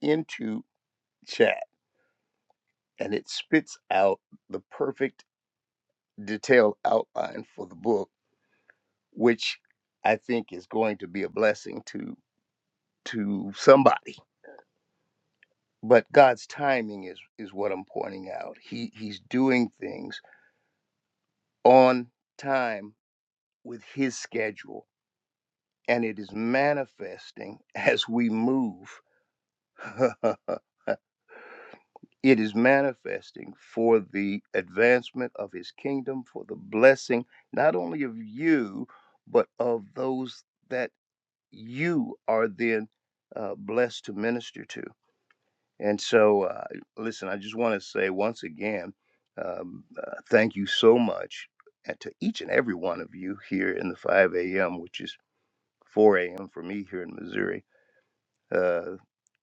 into chat and it spits out the perfect detailed outline for the book, which I think is going to be a blessing to to somebody. But God's timing is is what I'm pointing out. He he's doing things on time with his schedule, and it is manifesting *laughs* as we move *laughs* it is manifesting for the advancement of his kingdom, for the blessing not only of you, but of those that you are then uh, blessed to minister to. And so, uh, listen, I just want to say once again, um, uh, thank you so much and to each and every one of you here in the 5 a.m., which is 4 a.m. for me here in Missouri. Uh,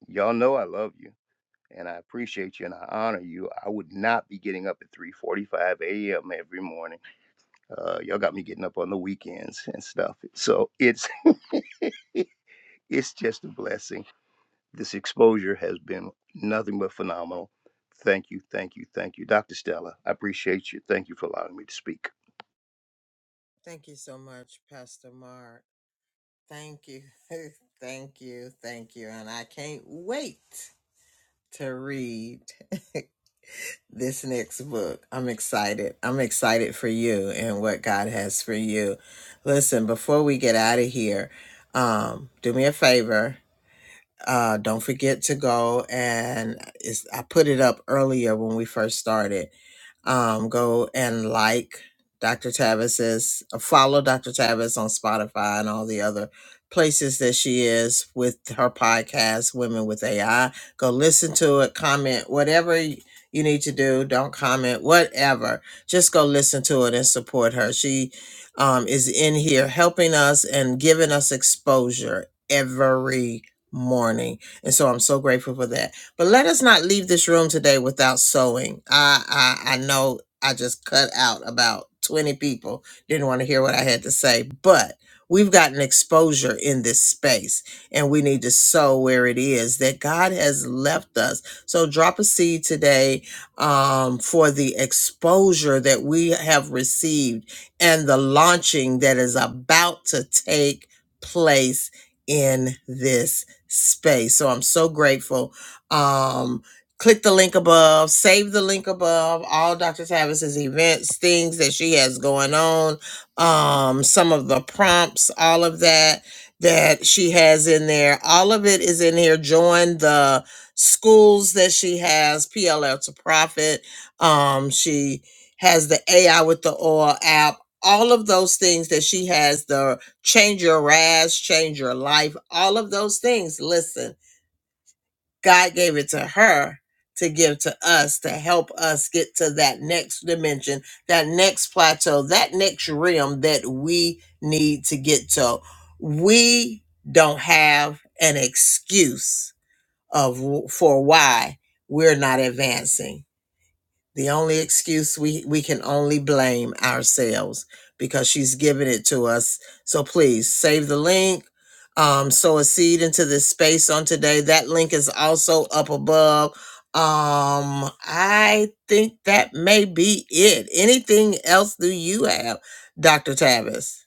y'all know I love you and I appreciate you and I honor you. I would not be getting up at 3:45 a.m. every morning. Uh, y'all got me getting up on the weekends and stuff. So it's *laughs* it's just a blessing. This exposure has been nothing but phenomenal. Thank you, thank you, thank you, Dr. Stella. I appreciate you. Thank you for allowing me to speak.
Thank you so much, Pastor Mark. Thank you. *laughs* thank you. Thank you. And I can't wait to read *laughs* this next book. I'm excited. I'm excited for you and what God has for you. Listen, before we get out of here, um, do me a favor. Uh, don't forget to go and it's, I put it up earlier when we first started. Um, go and like Dr. Tavis's, uh, follow Dr. Tavis on Spotify and all the other places that she is with her podcast, Women with AI. Go listen to it, comment, whatever y- you need to do. Don't comment, whatever. Just go listen to it and support her. She um, is in here helping us and giving us exposure every morning. And so I'm so grateful for that. But let us not leave this room today without sewing. I I, I know I just cut out about 20 people, didn't want to hear what I had to say, but we've gotten exposure in this space and we need to sow where it is that God has left us. So drop a seed today um, for the exposure that we have received and the launching that is about to take place in this space. So I'm so grateful. Um, click the link above, save the link above, all Dr. Tavis's events, things that she has going on, um, some of the prompts, all of that that she has in there. All of it is in here. Join the schools that she has, PLL to Profit. Um, she has the AI with the oil app. All of those things that she has, the change your rags, change your life, all of those things. Listen, God gave it to her to give to us to help us get to that next dimension, that next plateau, that next realm that we need to get to. We don't have an excuse of for why we're not advancing the only excuse we we can only blame ourselves because she's given it to us. So please save the link. Um, sow a seed into this space on today. That link is also up above. Um, I think that may be it. Anything else do you have, Dr. Tavis?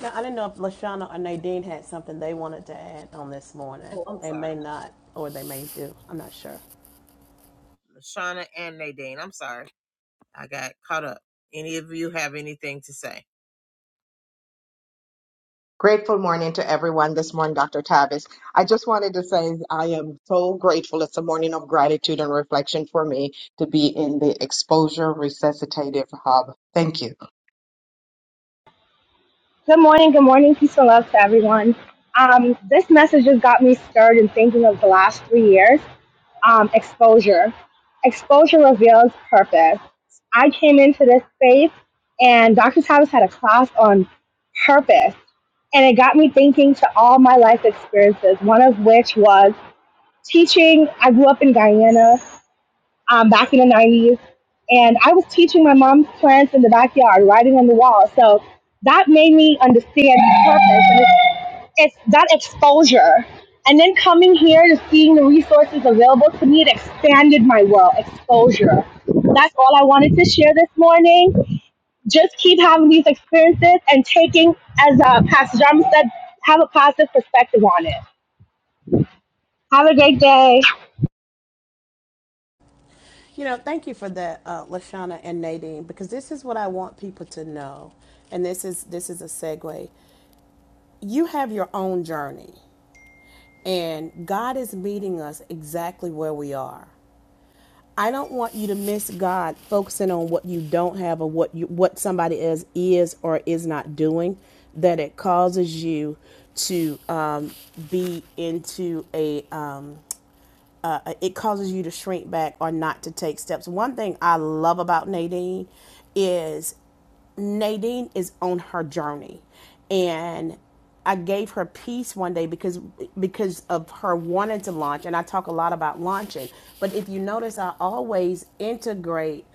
Now, I didn't know if Lashana or Nadine had something they wanted to add on this morning.
Oh, I'm
They may not, or they may do. I'm not sure.
sorry. Lashana and Nadine. I'm sorry. I got caught up. Any of you have anything to say?
Grateful morning to everyone this morning, Dr. Tavis. I just wanted to say I am so grateful. It's a morning of gratitude and reflection for me to be in the Exposure Resuscitative Hub. Thank you.
Good morning, good morning, peace and love to everyone. Um, this message has got me stirred in thinking of the last three years. Um, exposure. Exposure reveals purpose. I came into this space and Dr. Thomas had a class on purpose. And it got me thinking to all my life experiences, one of which was teaching. I grew up in Guyana um, back in the 90s. And I was teaching my mom's plants in the backyard, writing on the wall. So that made me understand the purpose. And it's, it's that exposure. And then coming here to seeing the resources available to me, it expanded my world, exposure. That's all I wanted to share this morning. Just keep having these experiences and taking, as uh, Pastor Jarman said, have a positive perspective on it. Have a great day.
You know, thank you for that, uh, Lashana and Nadine, because this is what I want people to know, and this is this is a segue. You have your own journey, and God is meeting us exactly where we are. I don't want you to miss God focusing on what you don't have or what you what somebody is is or is not doing that it causes you to um, be into a um, it causes you to shrink back or not to take steps. One thing I love about Nadine is Nadine is on her journey, and I gave her peace one day because because of her wanting to launch, and I talk a lot about launching. But if you notice, I always integrate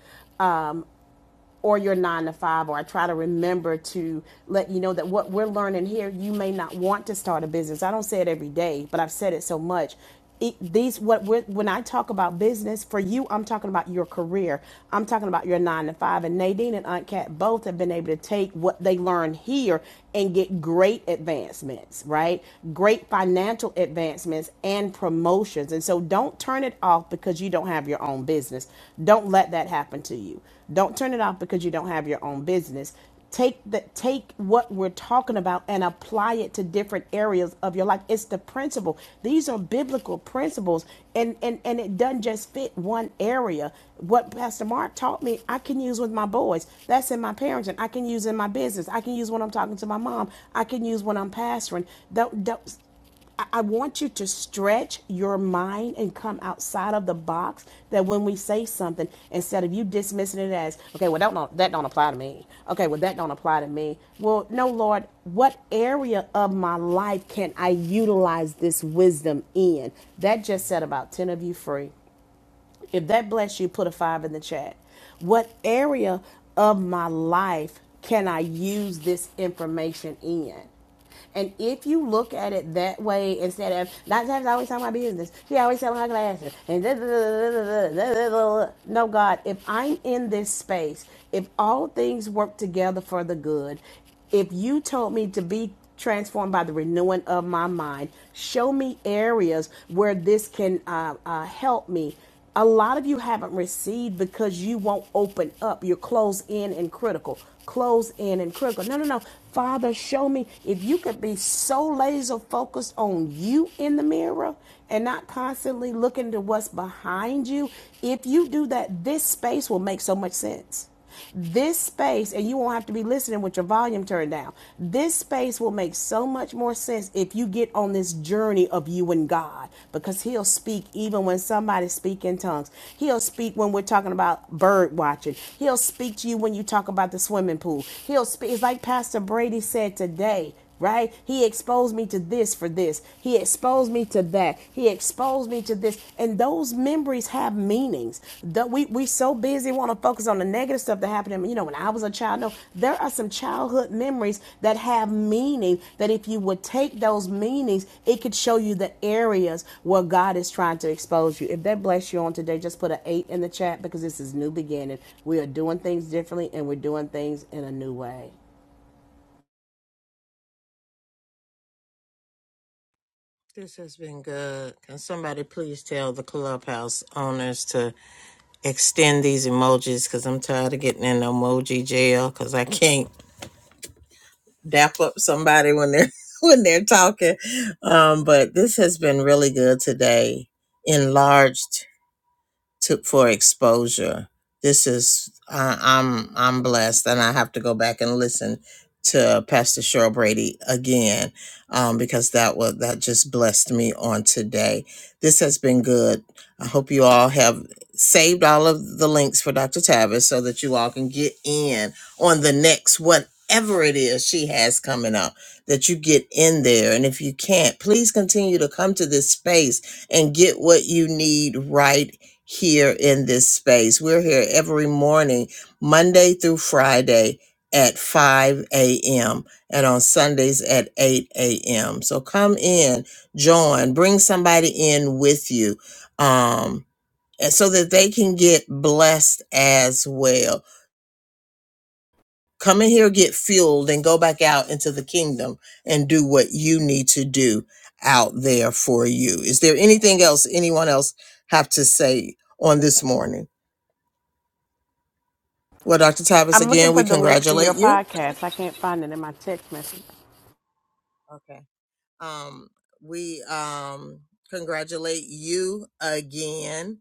or your nine to five, or I try to remember to let you know that what we're learning here, you may not want to start a business. I don't say it every day, but I've said it so much. It, these what we're, when I talk about business for you, I'm talking about your career. I'm talking about your nine to five. And Nadine and Aunt Kat both have been able to take what they learned here and get great advancements, right? Great financial advancements and promotions. And so don't turn it off because you don't have your own business. Don't let that happen to you don't turn it off because you don't have your own business. Take the take what we're talking about and apply it to different areas of your life. It's the principle. These are biblical principles, and and and it doesn't just fit one area. What Pastor Mark taught me, I can use with my boys. That's in my parenting. I can use in my business. I can use when I'm talking to my mom. I can use when I'm pastoring. Don't, don't I want you to stretch your mind and come outside of the box that when we say something, instead of you dismissing it as, okay, well, that don't, that don't apply to me. Okay, well, that don't apply to me. Well, no, Lord, what area of my life can I utilize this wisdom in? That just set about 10 of you free. If that bless you, put a five in the chat. What area of my life can I use this information in? And if you look at it that way, instead of Dr. Tavis always talking about business, she always selling her glasses, and da, da, da, da, da, da, da, da, no God, if I'm in this space, if all things work together for the good, if you told me to be transformed by the renewing of my mind, show me areas where this can uh, uh, help me. A lot of you haven't received because you won't open up. You're closed in and critical. Closed in and critical. No, no, no. Father, show me if you could be so laser focused on you in the mirror and not constantly looking to what's behind you. If you do that, this space will make so much sense. This space, and you won't have to be listening with your volume turned down. This space will make so much more sense if you get on this journey of you and God because He'll speak even when somebody's speaking in tongues. He'll speak when we're talking about bird watching. He'll speak to you when you talk about the swimming pool. He'll speak. It's like Pastor Brady said today right? He exposed me to this for this. He exposed me to that. He exposed me to this. And those memories have meanings. The- we we so busy want to focus on the negative stuff that happened to me. You know, when I was a child, no, there are some childhood memories that have meaning that if you would take those meanings, it could show you the areas where God is trying to expose you. If that bless you on today, just put an eight in the chat because this is new beginning. We are doing things differently and we're doing things in a new way.
This has been good. Can somebody please tell the clubhouse owners to extend these emojis? Because I'm tired of getting in emoji jail. Because I can't. dap up somebody when they're *laughs* when they're talking. Um, but this has been really good today. Enlarged to for exposure. This is I, I'm I'm blessed, and I have to go back and listen to Pastor Cheryl Brady again um, because that was that just blessed me on today. This has been good. I hope you all have saved all of the links for Dr. Tavis so that you all can get in on the next whatever it is she has coming up. That you get in there, and if you can't, please continue to come to this space and get what you need right here in this space. We're here every morning, Monday through Friday at 5 a.m. and on Sundays at 8 a.m. So come in, join, bring somebody in with you um, and so that they can get blessed as well. Come in here, get fueled, and go back out into the kingdom and do what you need to do out there for you. Is there anything else anyone else have to say on this morning? Well, Dr. Tavis,
I'm looking
again,
for
we
the link to
congratulate
your
you.
podcast. I can't find it in my text message.
Okay. Um, we um, congratulate you again.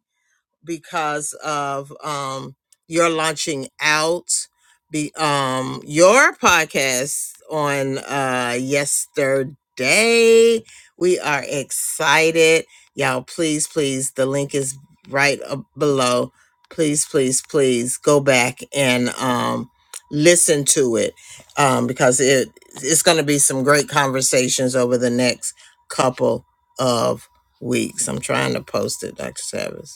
because of um your launching out be um your podcast on uh yesterday. We are excited. Y'all please please the link is right up below. Please please please go back and um listen to it um because it it's going to be some great conversations over the next couple of weeks. I'm trying to post it Dr. Savage.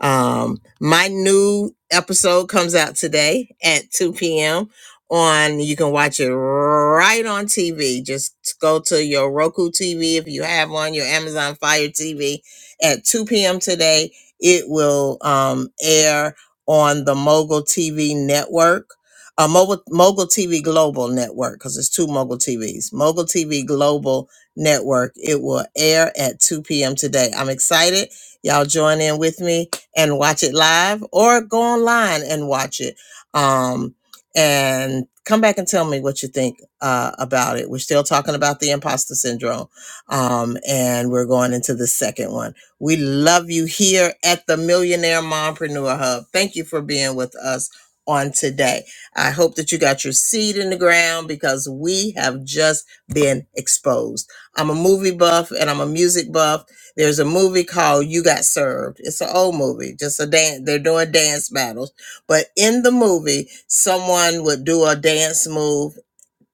Um, my new episode comes out today at 2 p.m. on you can watch it right on TV. Just go to your Roku TV if you have one, your Amazon Fire TV at 2 p.m. today. It will um, air on the Mogul TV network. Uh, Mogul, Mogul TV Global Network, because it's two Mogul TVs. Mogul TV Global Network. It will air at 2 p.m. today. I'm excited. Y'all join in with me and watch it live or go online and watch it. Um, and come back and tell me what you think uh, about it. We're still talking about the imposter syndrome. Um, and we're going into the second one. We love you here at the Millionaire Mompreneur Hub. Thank you for being with us on today. I hope that you got your seed in the ground because we have just been exposed. I'm a movie buff and I'm a music buff there's a movie called You Got Served. It's an old movie, just a dance. They're doing dance battles. But in the movie, someone would do a dance move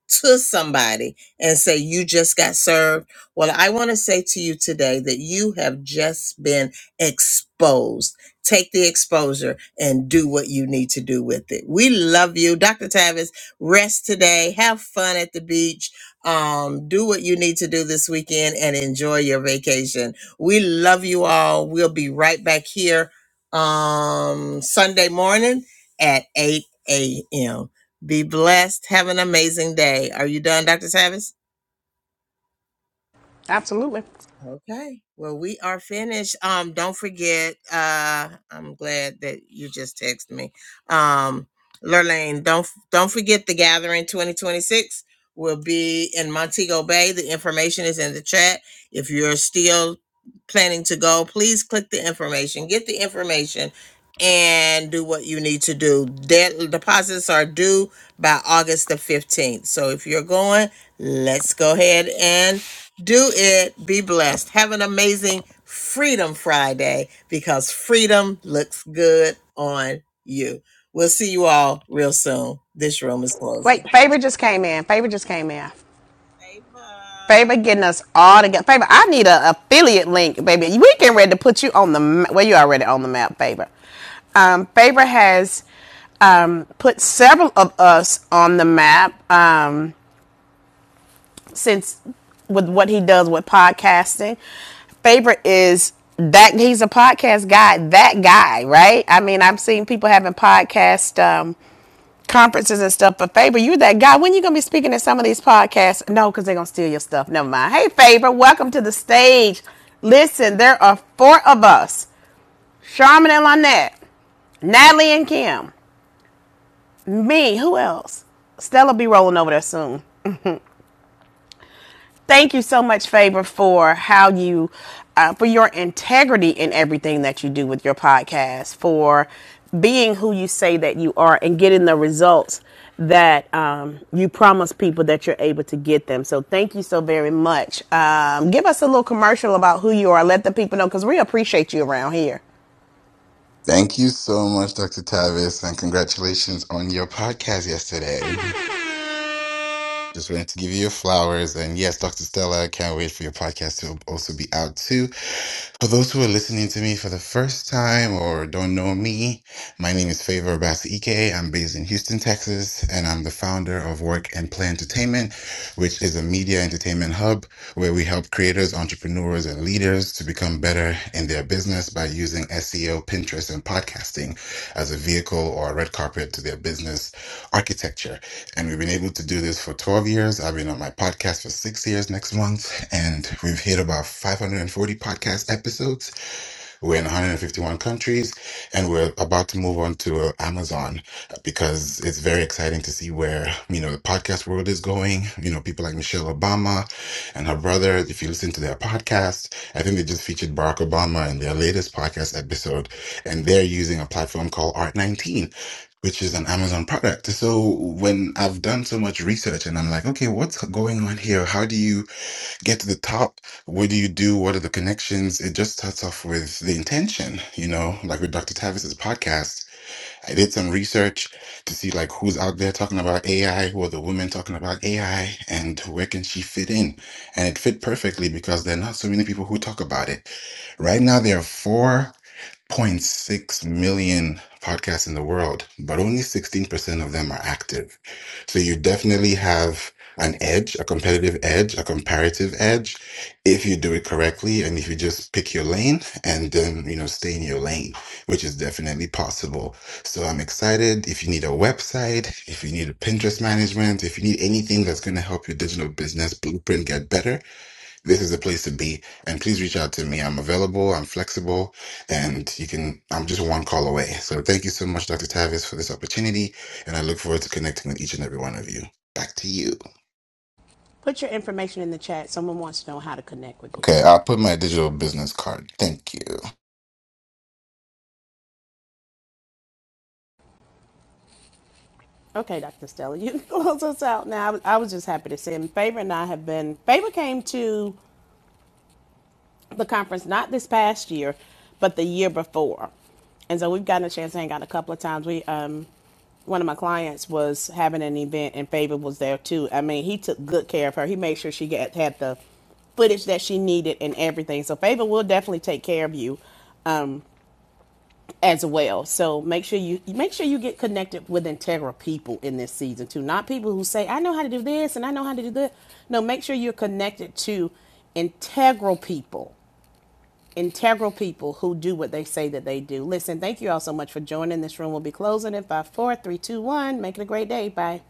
to somebody and say, You just got served. Well, I want to say to you today that you have just been exposed. Take the exposure and do what you need to do with it. We love you. Dr. Tavis, rest today. Have fun at the beach. Um, do what you need to do this weekend and enjoy your vacation. We love you all. We'll be right back here um Sunday morning at 8 a.m. Be blessed. Have an amazing day. Are you done, Dr. Tavis?
Absolutely.
Okay. Well, we are finished. Um, don't forget, uh, I'm glad that you just texted me. Um, Lurlane, don't don't forget the gathering 2026 will be in Montego Bay. The information is in the chat. If you're still planning to go, please click the information, get the information, and do what you need to do. Dead deposits are due by August the 15th. So if you're going, let's go ahead and do it. Be blessed. Have an amazing Freedom Friday because freedom looks good on you. We'll see you all real soon. This room is closing.
Wait, Favor just came in. Favor just came in.
bye.
Favor getting us all together. Favor, I need an affiliate link, baby. We getting ready to put you on the map. Well, you already on the map, Favor. Um, Favor has um, put several of us on the map um, since with what he does with podcasting. Favor is that he's a podcast guy, that guy, right? I mean, I've seen people having podcast um, conferences and stuff. But Faber, you are that guy. When are you gonna be speaking at some of these podcasts? No, because they're gonna steal your stuff. Never mind. Hey Faber, welcome to the stage. Listen, there are four of us: Charmin and Lynette, Natalie and Kim, me. Who else? Stella be rolling over there soon. thank you so much Faber, for how you uh, for your integrity in everything that you do with your podcast for being who you say that you are and getting the results that um, you promise people that you're able to get them so thank you so very much um, give us a little commercial about who you are let the people know because we appreciate you around here
Thank you so much, Dr. Tavis, and congratulations on your podcast yesterday. *laughs* Just wanted to give you your flowers. And yes, Dr. Stella, I can't wait for your podcast to also be out too. For those who are listening to me for the first time or don't know me, my name is Favor Ike. I'm based in Houston, Texas, and I'm the founder of Work and Play Entertainment, which is a media entertainment hub where we help creators, entrepreneurs, and leaders to become better in their business by using SEO, Pinterest, and podcasting as a vehicle or a red carpet to their business architecture. And we've been able to do this for 12 years. I've been on my podcast for six years next month, and we've hit about 540 podcast episodes. We're in 151 countries, and we're about to move on to uh, Amazon because it's very exciting to see where you know the podcast world is going. You know, people like Michelle Obama and her brother. If you listen to their podcast, I think they just featured Barack Obama in their latest podcast episode, and they're using a platform called Art 19 which is an Amazon product. So when I've done so much research and I'm like, okay, what's going on here? How do you get to the top what do you do what are the connections it just starts off with the intention you know like with dr tavis's podcast i did some research to see like who's out there talking about ai who are the women talking about ai and where can she fit in and it fit perfectly because there are not so many people who talk about it right now there are four one point 0.6 million podcasts in the world, but only 16% of them are active. So you definitely have an edge, a competitive edge, a comparative edge if you do it correctly and if you just pick your lane and then, you know, stay in your lane, which is definitely possible. So I'm excited. If you need a website, if you need a Pinterest management, if you need anything that's going to help your digital business blueprint get better, this is the place to be. And please reach out to me. I'm available, I'm flexible, and you can, I'm just one call away. So thank you so much, Dr. Tavis, for this opportunity. And I look forward to connecting with each and every one of you. Back to you.
Put your information in the chat. Someone wants to know how to connect with you.
Okay, I'll put my digital business card. Thank you.
Okay, Dr. Stella, *laughs* you can close us out now. I was, I was just happy to see him. Favor and I have been, Faber came to the conference not this past year, but the year before. And so we've gotten a chance to hang out a couple of times. We um one of my clients was having an event and Faber was there too. I mean, he took good care of her. He made sure she got had the footage that she needed and everything. So Faber will definitely take care of you as well. So make sure you make sure you get connected with integral people in this season too. Not people who say, I know how to do this and I know how to do that. No, make sure you're connected to integral people integral people who do what they say that they do. Listen, thank you all so much for joining. This room will be closing in five, four, three, two, one. Make it a great day. Bye.